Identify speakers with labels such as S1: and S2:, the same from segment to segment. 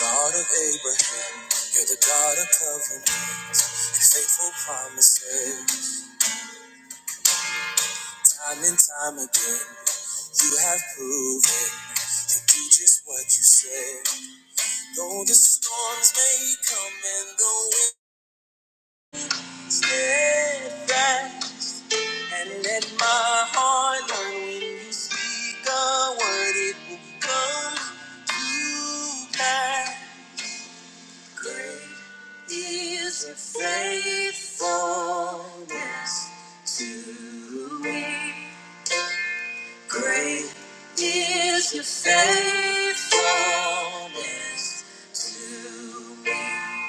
S1: God of Abraham, you're the God of covenants and faithful promises. Time and time again, you have proven you do just what you say. Though the storms may come and the winds steadfast, and let my heart learn when you speak a word, it will come to pass. Great is your faithfulness to me. Great is your faithfulness to me.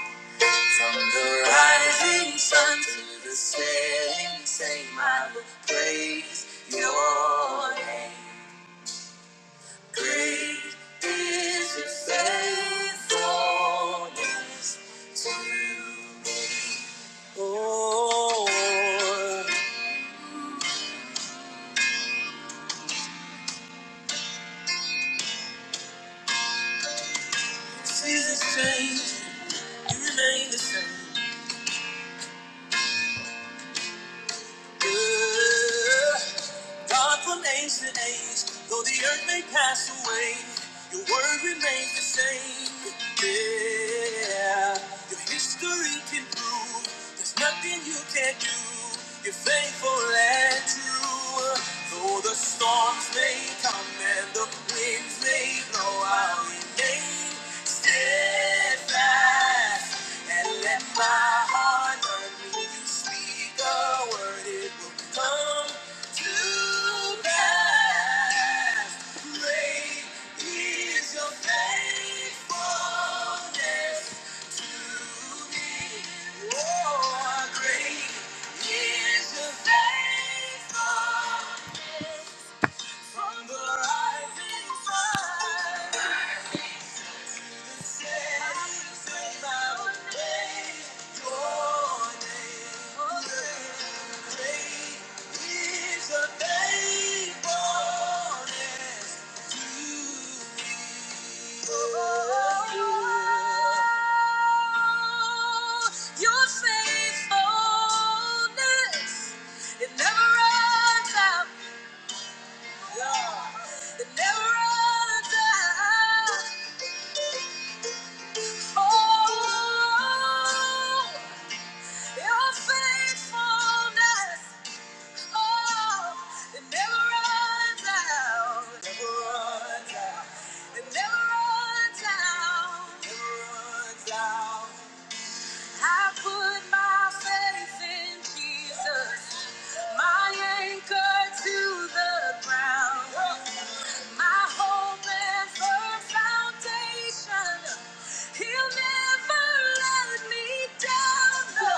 S1: From the rising sun to the setting, same I will praise your name. Great is your faithfulness to me. Oh, seasons change, you remain the same. Yeah. God from age to age, though the earth may pass away, your word remains the same. Yeah, your history can prove there's nothing you can't do. You're faithful and true. Though the storms may come and the winds may blow, I'll remain steadfast and let my heart learn when you Speak a word, it will come to pass. Great is your faithfulness to me. Oh, how great is your faithfulness from the rising sun. Your faithfulness. It never runs out. It never runs out. It never runs out. I put my faith in Jesus, my anchor to the ground, my hope and firm foundation. He'll never let me down. No,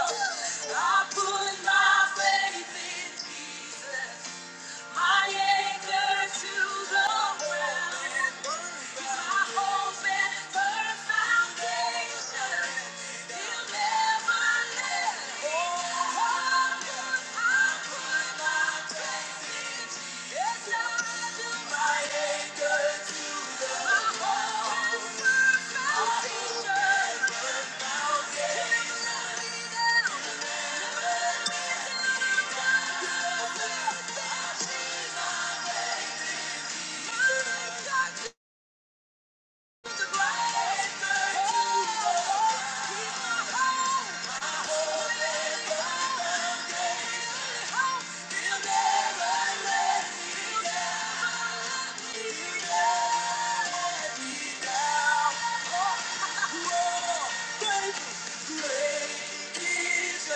S1: I put my faith in Jesus. My anchor to the well and my hope and firm foundation. He'll never let me down. I put my faith in Still never let me Yeah. Faithfulness to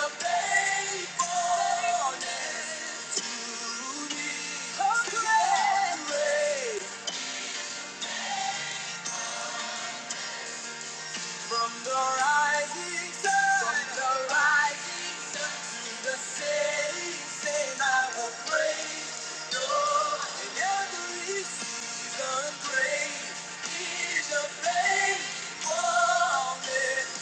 S1: me. From the rising sun, from the rising sun to the setting, sun, I will praise Your in every season. Great is Your faithfulness.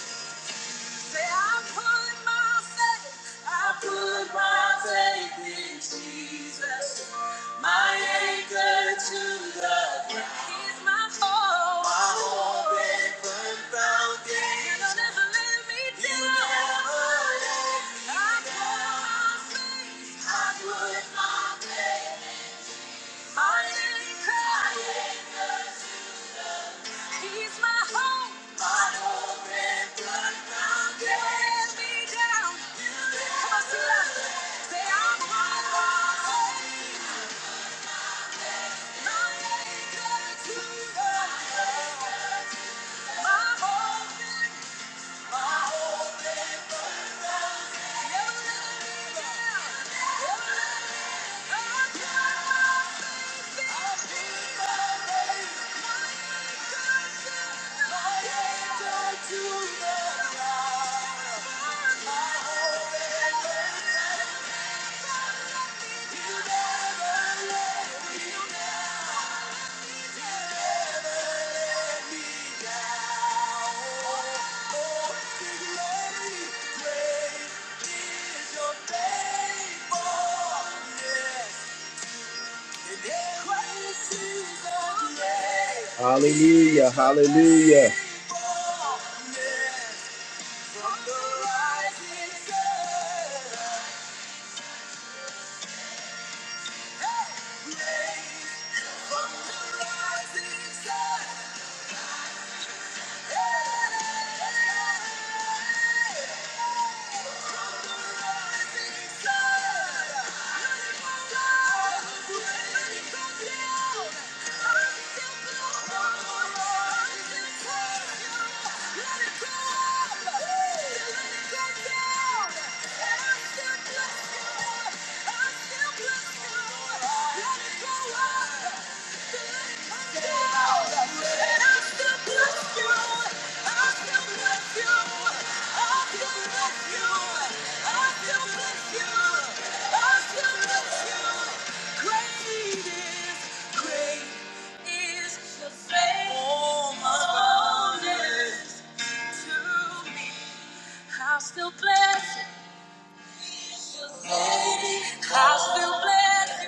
S1: Say, I put my faith, I put my faith in Jesus, my anchor to the ground. He's my hope, my hope and firm foundation. You'll never let me You down. You never let me I down. put my faith, I put my faith, my anchor. He's my hope. My hope and good ground. You let me down. You Come on, sing it Say, I'm on my way. My anchor to the Lord. My hope and you're never let me down. Hallelujah. Hallelujah. From the rising sun. Let it go down! I'll still bless you. I'll still bless you.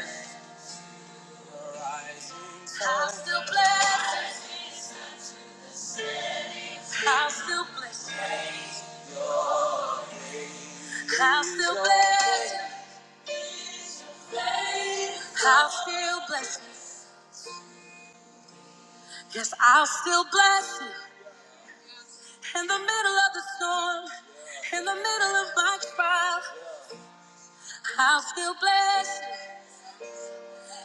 S1: I'll still bless you. I'll still bless you. I'll still bless you. I'll still bless you. Yes, I'll still bless you. In the middle of the storm, in the middle of my trial, I'll still bless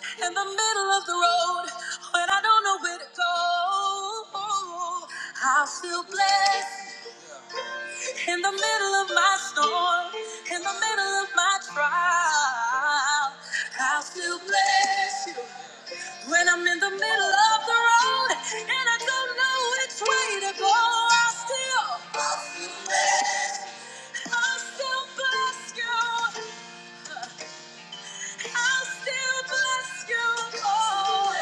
S1: you. In the middle of the road, when I don't know where to go, I'll still bless you. In the middle of my storm, in the middle of my trial, I'll still bless you. When I'm in the middle of the road and I don't know which way to go, I still, I still bless you. I still bless you. Oh,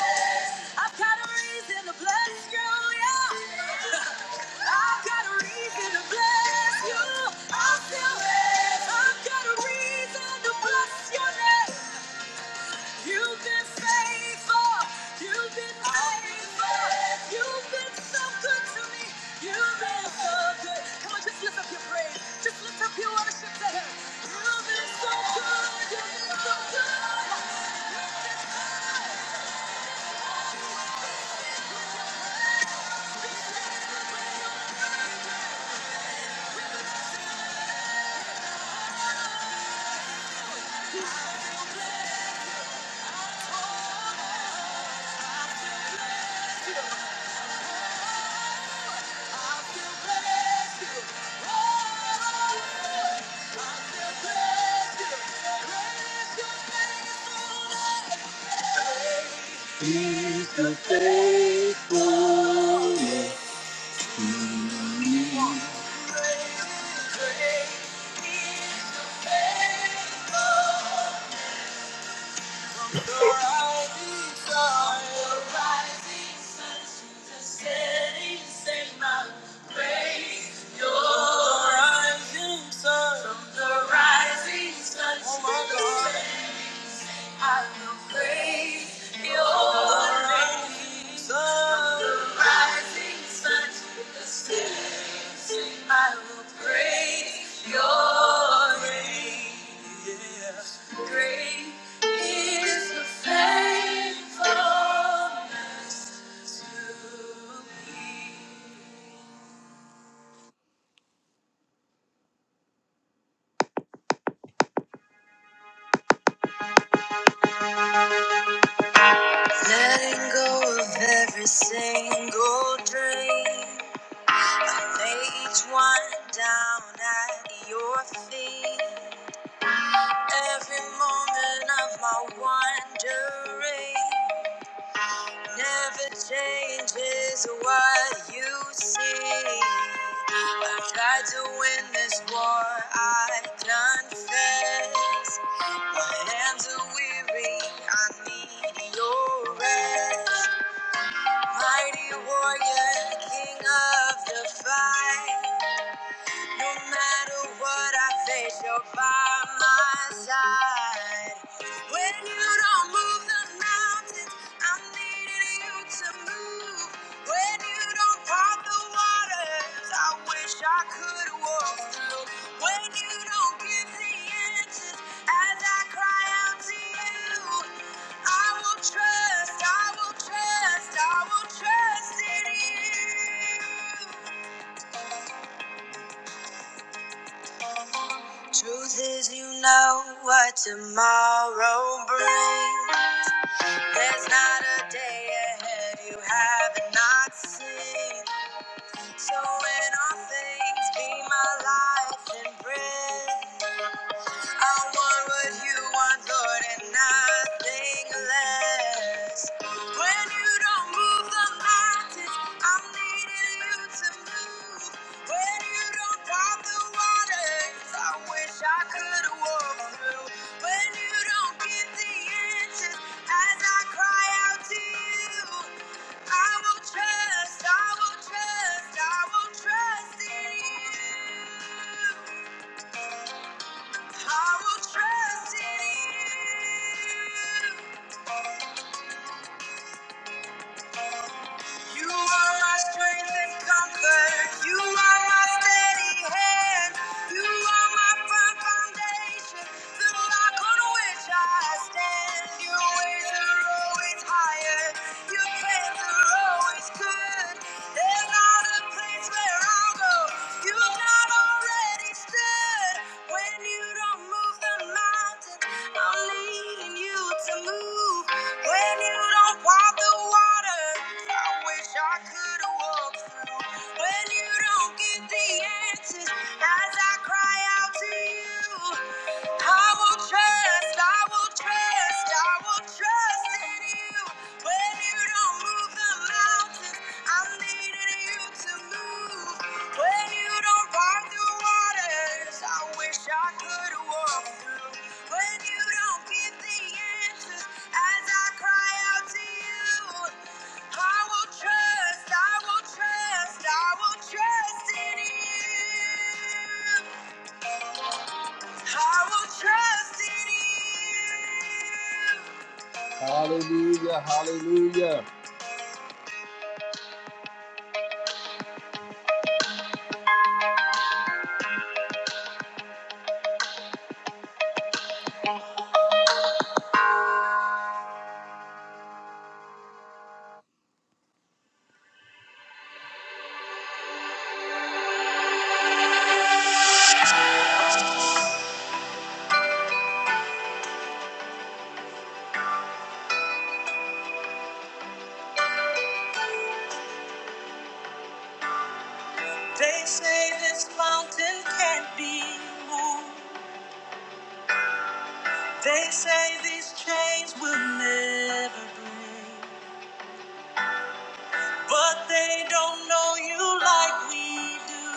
S1: I've got a reason to bless you, yeah. I've got a reason to bless you. I still, I've got a reason to bless your name. You've been faithful. You've been faithful. You've been so good to me. You've been so good. Come on, just lift up your praise. Just lift up your worship to Him. You've been so good. You've been so good. I still praise you. Oh, I still praise you. Praise your faithfulness. Great, great is, great is your faithfulness. I will praise your name. Great is the faithfulness. Letting go of every single dream. Lay each one down at your feet. Every moment of my wandering never changes what you see. I've tried to win this war, I confess. My hands are weary, I need your rest. Mighty warrior, king of the fight. No matter what I face, you're by my side. When you don't move the mountains, I'm needing you to move. When you don't part the waters, I wish I could walk through. When you don't give the answers, as I cry out to you, I will trust, I will trust, I will trust in you. Truth is, you know what tomorrow brings. There's not a day ahead you haven't seen. So, in all things, be my life and breath. I want what you want, Lord, and nothing less. When you don't move the mountains, I'm needing you to move. When you don't part the waters, I wish I could walk through. When you don't get the answers, as I cry out to you. I will trust, I will trust, I will trust in you. I will trust in you. You are my strength and comfort. You are my steady hand. You are my firm foundation, the rock on which I stand. Your ways are always higher. Your plans are always good. There's not a place where I'll go. You've not already stood. When you don't move the mountains, I'm leading you to move. When you don't walk the water, I wish I could walk through. When you don't get the answers, as I cry out to you, I will trust, I will trust, I will trust in you. Hallelujah, hallelujah. They say this mountain can't be moved. They say these chains will never break, but they don't know you like we do.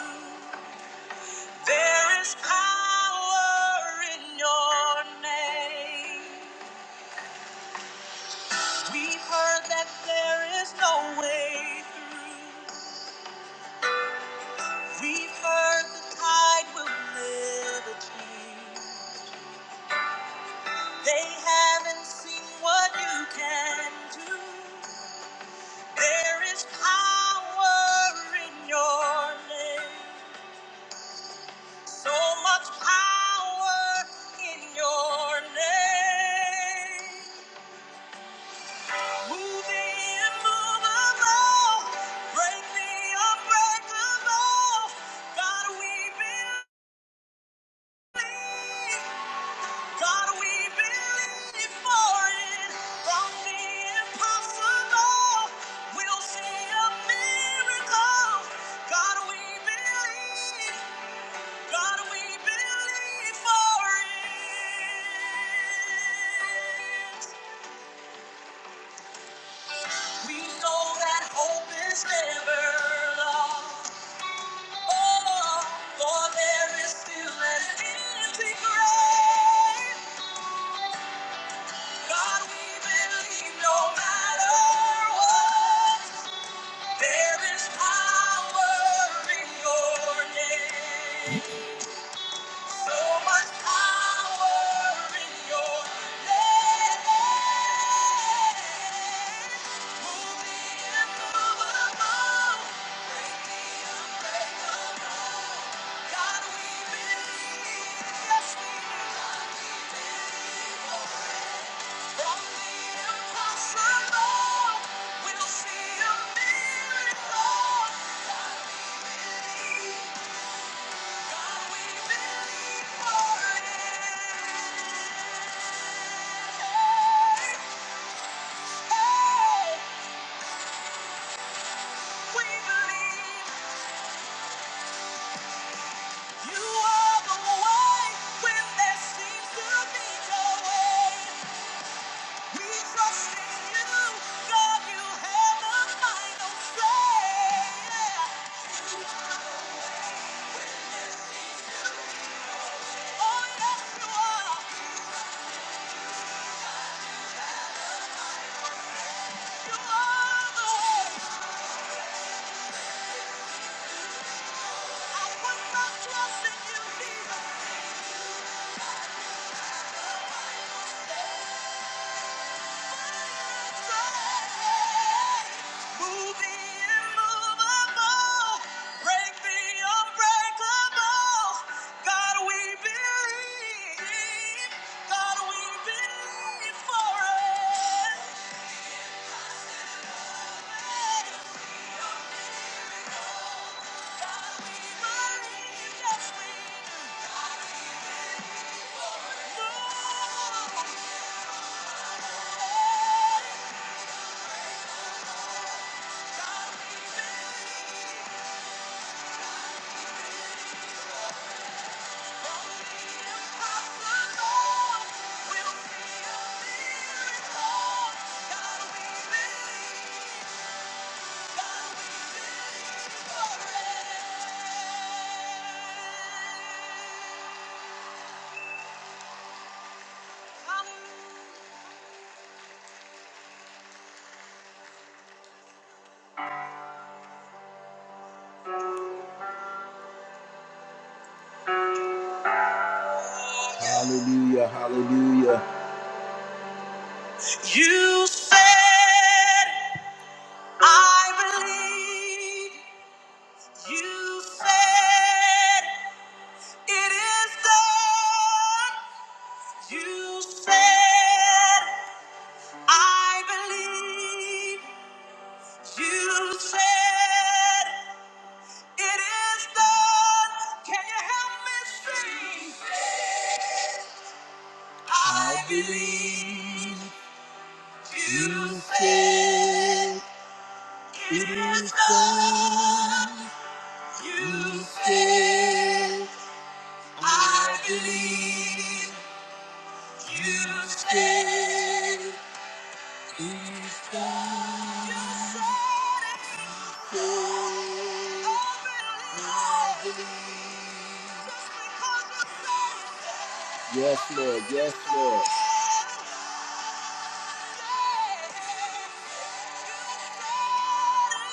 S1: There is power in your name. We've heard that there is no way through. We've heard the tide will never change. They haven't seen what you can do. There is power in your name. So much power in your name. Move the immovable. Break the unbreakable. God, we believe. God, we believe for it. From the impossible, we'll see a miracle. God, we believe. God, we believe for it. We know that hope is never lost. Oh, for there is still an empty grave. God, we believe no matter what, there is power in your name. So much power in your name. Move the immovable, break the unbreakable. God, we believe, yes we believe. From the impossible, we'll see a miracle. believe. You You, are the way I put my trust in Yeah. Thank you. Hallelujah, hallelujah. You said, I believe. You said, it is done. You said, I believe. You said, it is done. Can you help me sing? I believe you said it is done. You stay, I believe. You stay. You said it's open. I believe. Just because you said it. Yes, Lord. Yes, Lord. You said it. You said it.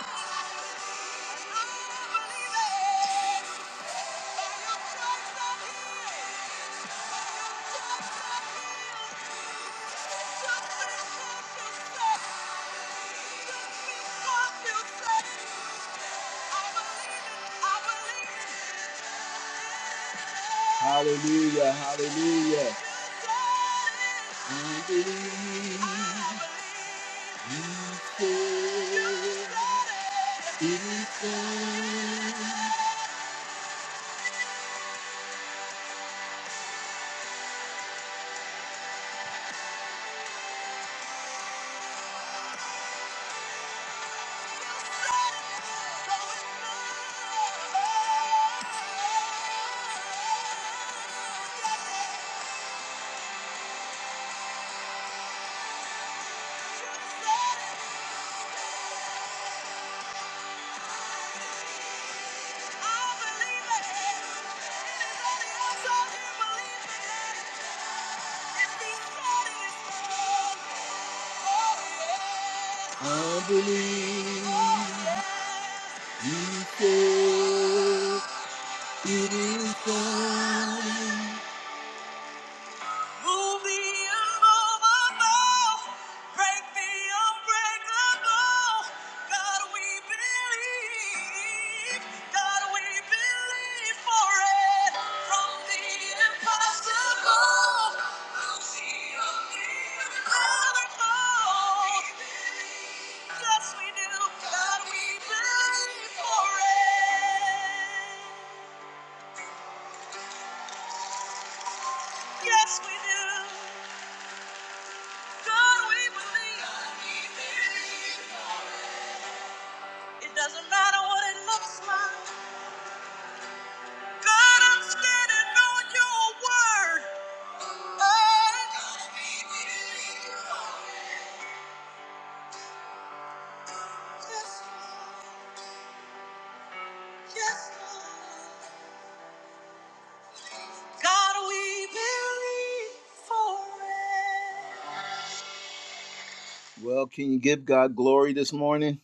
S1: Hallelujah, hallelujah. I believe you said it is done. I believe you said it is done. Move the immovable. Break the unbreakable. God, we believe. God, we believe for it. From the impossible, we'll see Yes, we do. God, we believe for it. Yes, we do. God, we believe. It doesn't matter what it looks like. God, I'm standing on your word. Oh, yes, yes. God, we believe for it. Well, can you give God glory this morning?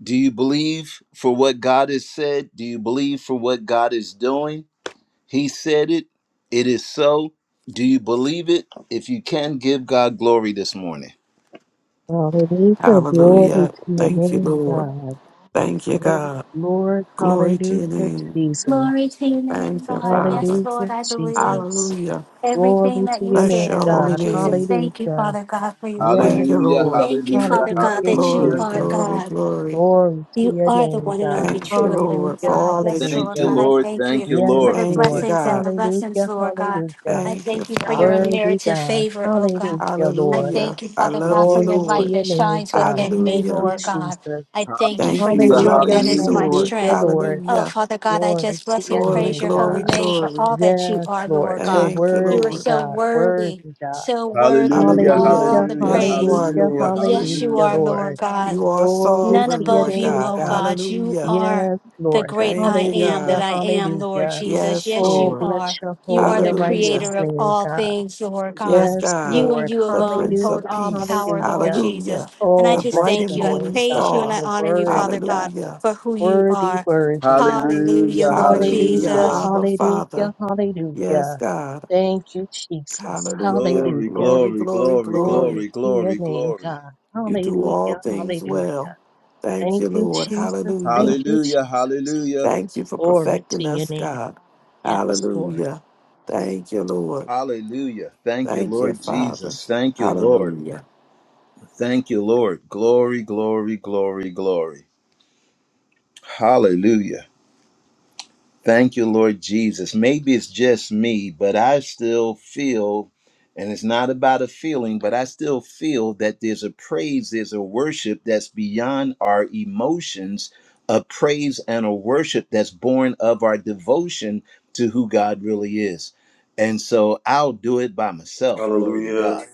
S1: Do you believe for what God has said? Do you believe for what God is doing? He said it. It is so. Do you believe it? If you can, give God glory this morning.
S2: Hallelujah. Glory
S3: Hallelujah.
S2: to your
S3: Thank you,
S2: name,
S3: Lord.
S2: God.
S3: Thank you,
S2: Yes,
S3: God.
S2: Lord.
S3: Glory to your
S2: Hallelujah,
S3: name.
S4: Glory
S2: Jesus.
S4: to your name,
S3: Thank you,
S4: God.
S3: Father.
S4: Yes, Lord,
S2: Hallelujah,
S4: I believe
S2: Jesus.
S3: Hallelujah.
S4: everything
S2: Glory
S4: that
S2: to
S4: you
S2: your
S3: Bless your
S2: name,
S4: said, Lord
S3: holy
S2: God.
S4: Jesus.
S3: name.
S4: Thank you,
S2: Hallelujah.
S4: Father God, for your
S3: Thank
S2: Yes,
S4: word.
S3: you,
S1: Hallelujah,
S3: Lord.
S2: Lord.
S4: Thank you,
S1: hallelujah,
S4: Father God,
S2: Hallelujah,
S4: that you
S3: Glory,
S1: hallelujah.
S4: are
S2: Jesus.
S3: glory,
S4: God.
S3: glory.
S2: Glory to
S4: You
S2: your
S4: are the
S2: name,
S4: one and
S2: God.
S4: only
S3: Thank you,
S4: true and living
S3: Lord, for
S2: Hallelujah,
S4: God.
S3: all
S4: Yes,
S3: that
S1: Thank
S3: you
S4: Lord
S1: you,
S2: hallelujah.
S4: God,
S3: do.
S4: I
S1: Lord.
S4: thank you
S1: Thank you,
S2: Yes,
S4: for
S1: Lord.
S4: the
S3: Thank you,
S2: Lord.
S4: blessings and
S3: God.
S4: the lessons,
S2: Hallelujah,
S4: Lord God.
S2: hallelujah.
S4: I
S3: Thank you,
S4: thank you for your
S3: Father.
S2: Worthy
S4: unmerited
S2: God.
S4: favor, oh God.
S2: Hallelujah,
S4: I
S2: Lord.
S4: thank
S3: Hallelujah.
S4: you,
S3: I
S4: Father
S3: love
S4: God, for
S3: you,
S4: your
S2: Glory to
S4: light
S3: Lord.
S2: your
S4: that
S2: name,
S4: shines
S2: God.
S4: within me,
S2: Thank
S3: Hallelujah.
S2: you,
S4: Lord God.
S2: Jesus.
S4: I thank you
S3: Thank
S4: for
S3: you
S4: your
S3: for
S1: Hallelujah,
S4: joy
S2: Hallelujah,
S3: loving
S4: that
S3: me,
S4: is
S1: hallelujah.
S4: my
S3: Lord.
S2: hallelujah,
S4: strength.
S2: Lord.
S4: Oh,
S3: Hallelujah.
S4: Father God, I
S2: Glory
S4: just
S2: to
S4: bless
S2: your
S4: and
S3: Glory,
S4: praise
S2: name,
S4: your
S3: glory,
S4: holy
S2: God.
S4: name for
S3: glory.
S4: all that you
S2: Yes,
S4: are,
S2: Lord,
S4: Lord
S2: you're
S4: God.
S3: Thank you,
S4: You are
S3: Lord.
S2: worthy,
S4: so
S2: God,
S4: worthy,
S2: worthy, God.
S4: so worthy of
S1: Hallelujah,
S4: all
S3: Hallelujah.
S2: Hallelujah,
S4: the
S1: hallelujah,
S3: Yes, you
S4: praise.
S3: are,
S2: hallelujah,
S1: hallelujah,
S3: Lord.
S4: Yes, you
S2: hallelujah,
S4: are,
S1: hallelujah.
S4: Lord
S2: Lord.
S4: God.
S3: You are
S2: Glory
S4: None
S2: to
S3: sovereign,
S2: your
S4: above
S3: Lord
S4: you,
S2: name,
S3: God.
S4: oh
S2: God.
S4: God. You
S3: Hallelujah.
S4: are
S2: Yes,
S4: the
S2: Lord.
S4: great
S3: Thank
S4: I
S3: you,
S4: am that
S2: Hallelujah,
S3: God.
S4: I am, Lord
S2: hallelujah.
S4: Jesus.
S3: Yes,
S4: Yes,
S2: Oh,
S4: you
S3: Lord.
S2: bless
S4: are.
S2: your
S4: You are
S2: holy
S4: the
S2: and righteous
S3: Hallelujah.
S4: creator of
S2: name,
S4: all
S2: God.
S4: things, Lord
S3: Yes,
S4: God.
S2: Yes,
S4: You
S3: God.
S4: and
S2: Lord.
S4: you
S3: The
S4: alone
S3: Prince
S2: Hallelujah,
S4: hold
S3: of
S4: all
S3: Peace.
S4: power, Lord
S2: hallelujah.
S4: Jesus.
S3: Hallelujah.
S4: And I
S3: The
S2: Oh,
S4: just
S2: bless
S3: bright
S4: thank
S3: and
S2: your
S4: you. I
S3: morning
S2: name, God.
S4: praise you and I
S3: star.
S2: You're
S4: honor you, Father
S2: worthy, God.
S4: God,
S3: Hallelujah.
S4: for who you
S2: Worthy,
S4: are.
S2: worthy God.
S4: Hallelujah,
S1: Hallelujah,
S4: Lord
S3: Hallelujah.
S2: Hallelujah,
S1: hallelujah.
S4: Jesus.
S3: Abba, Father.
S2: hallelujah,
S3: Yes,
S2: hallelujah.
S3: God.
S2: Thank you, Jesus.
S3: Hallelujah.
S1: Glory,
S2: Hallelujah.
S3: Glory,
S1: glory,
S3: glory,
S1: glory,
S3: glory.
S2: Glory
S1: glory,
S2: to your
S1: glory,
S2: name,
S1: glory.
S2: God.
S3: You do all
S2: Hallelujah,
S3: things well.
S2: hallelujah.
S3: Thank
S2: Thank
S3: you,
S2: you,
S3: Lord.
S2: Jesus.
S3: Hallelujah.
S2: Thank you,
S1: Hallelujah,
S2: Jesus.
S1: hallelujah,
S3: Thank you for
S2: Glory to
S3: perfecting
S2: your
S3: us,
S2: name.
S3: God.
S2: Yes, Lord.
S3: Hallelujah. Thank you, Lord.
S1: hallelujah. Thank you,
S3: Thank you,
S1: Lord
S3: Father.
S1: Jesus. Thank you, Lord.
S3: Hallelujah.
S1: Thank you, Lord. Glory, glory, glory, glory. Hallelujah. Thank you, Lord Jesus. Maybe it's just me, but I still feel, and it's not about a feeling, but I still feel that there's a praise, there's a worship that's beyond our emotions, a praise and a worship that's born of our devotion to who God really is. And so I'll do it by myself. Glory to
S5: Hallelujah.
S1: God.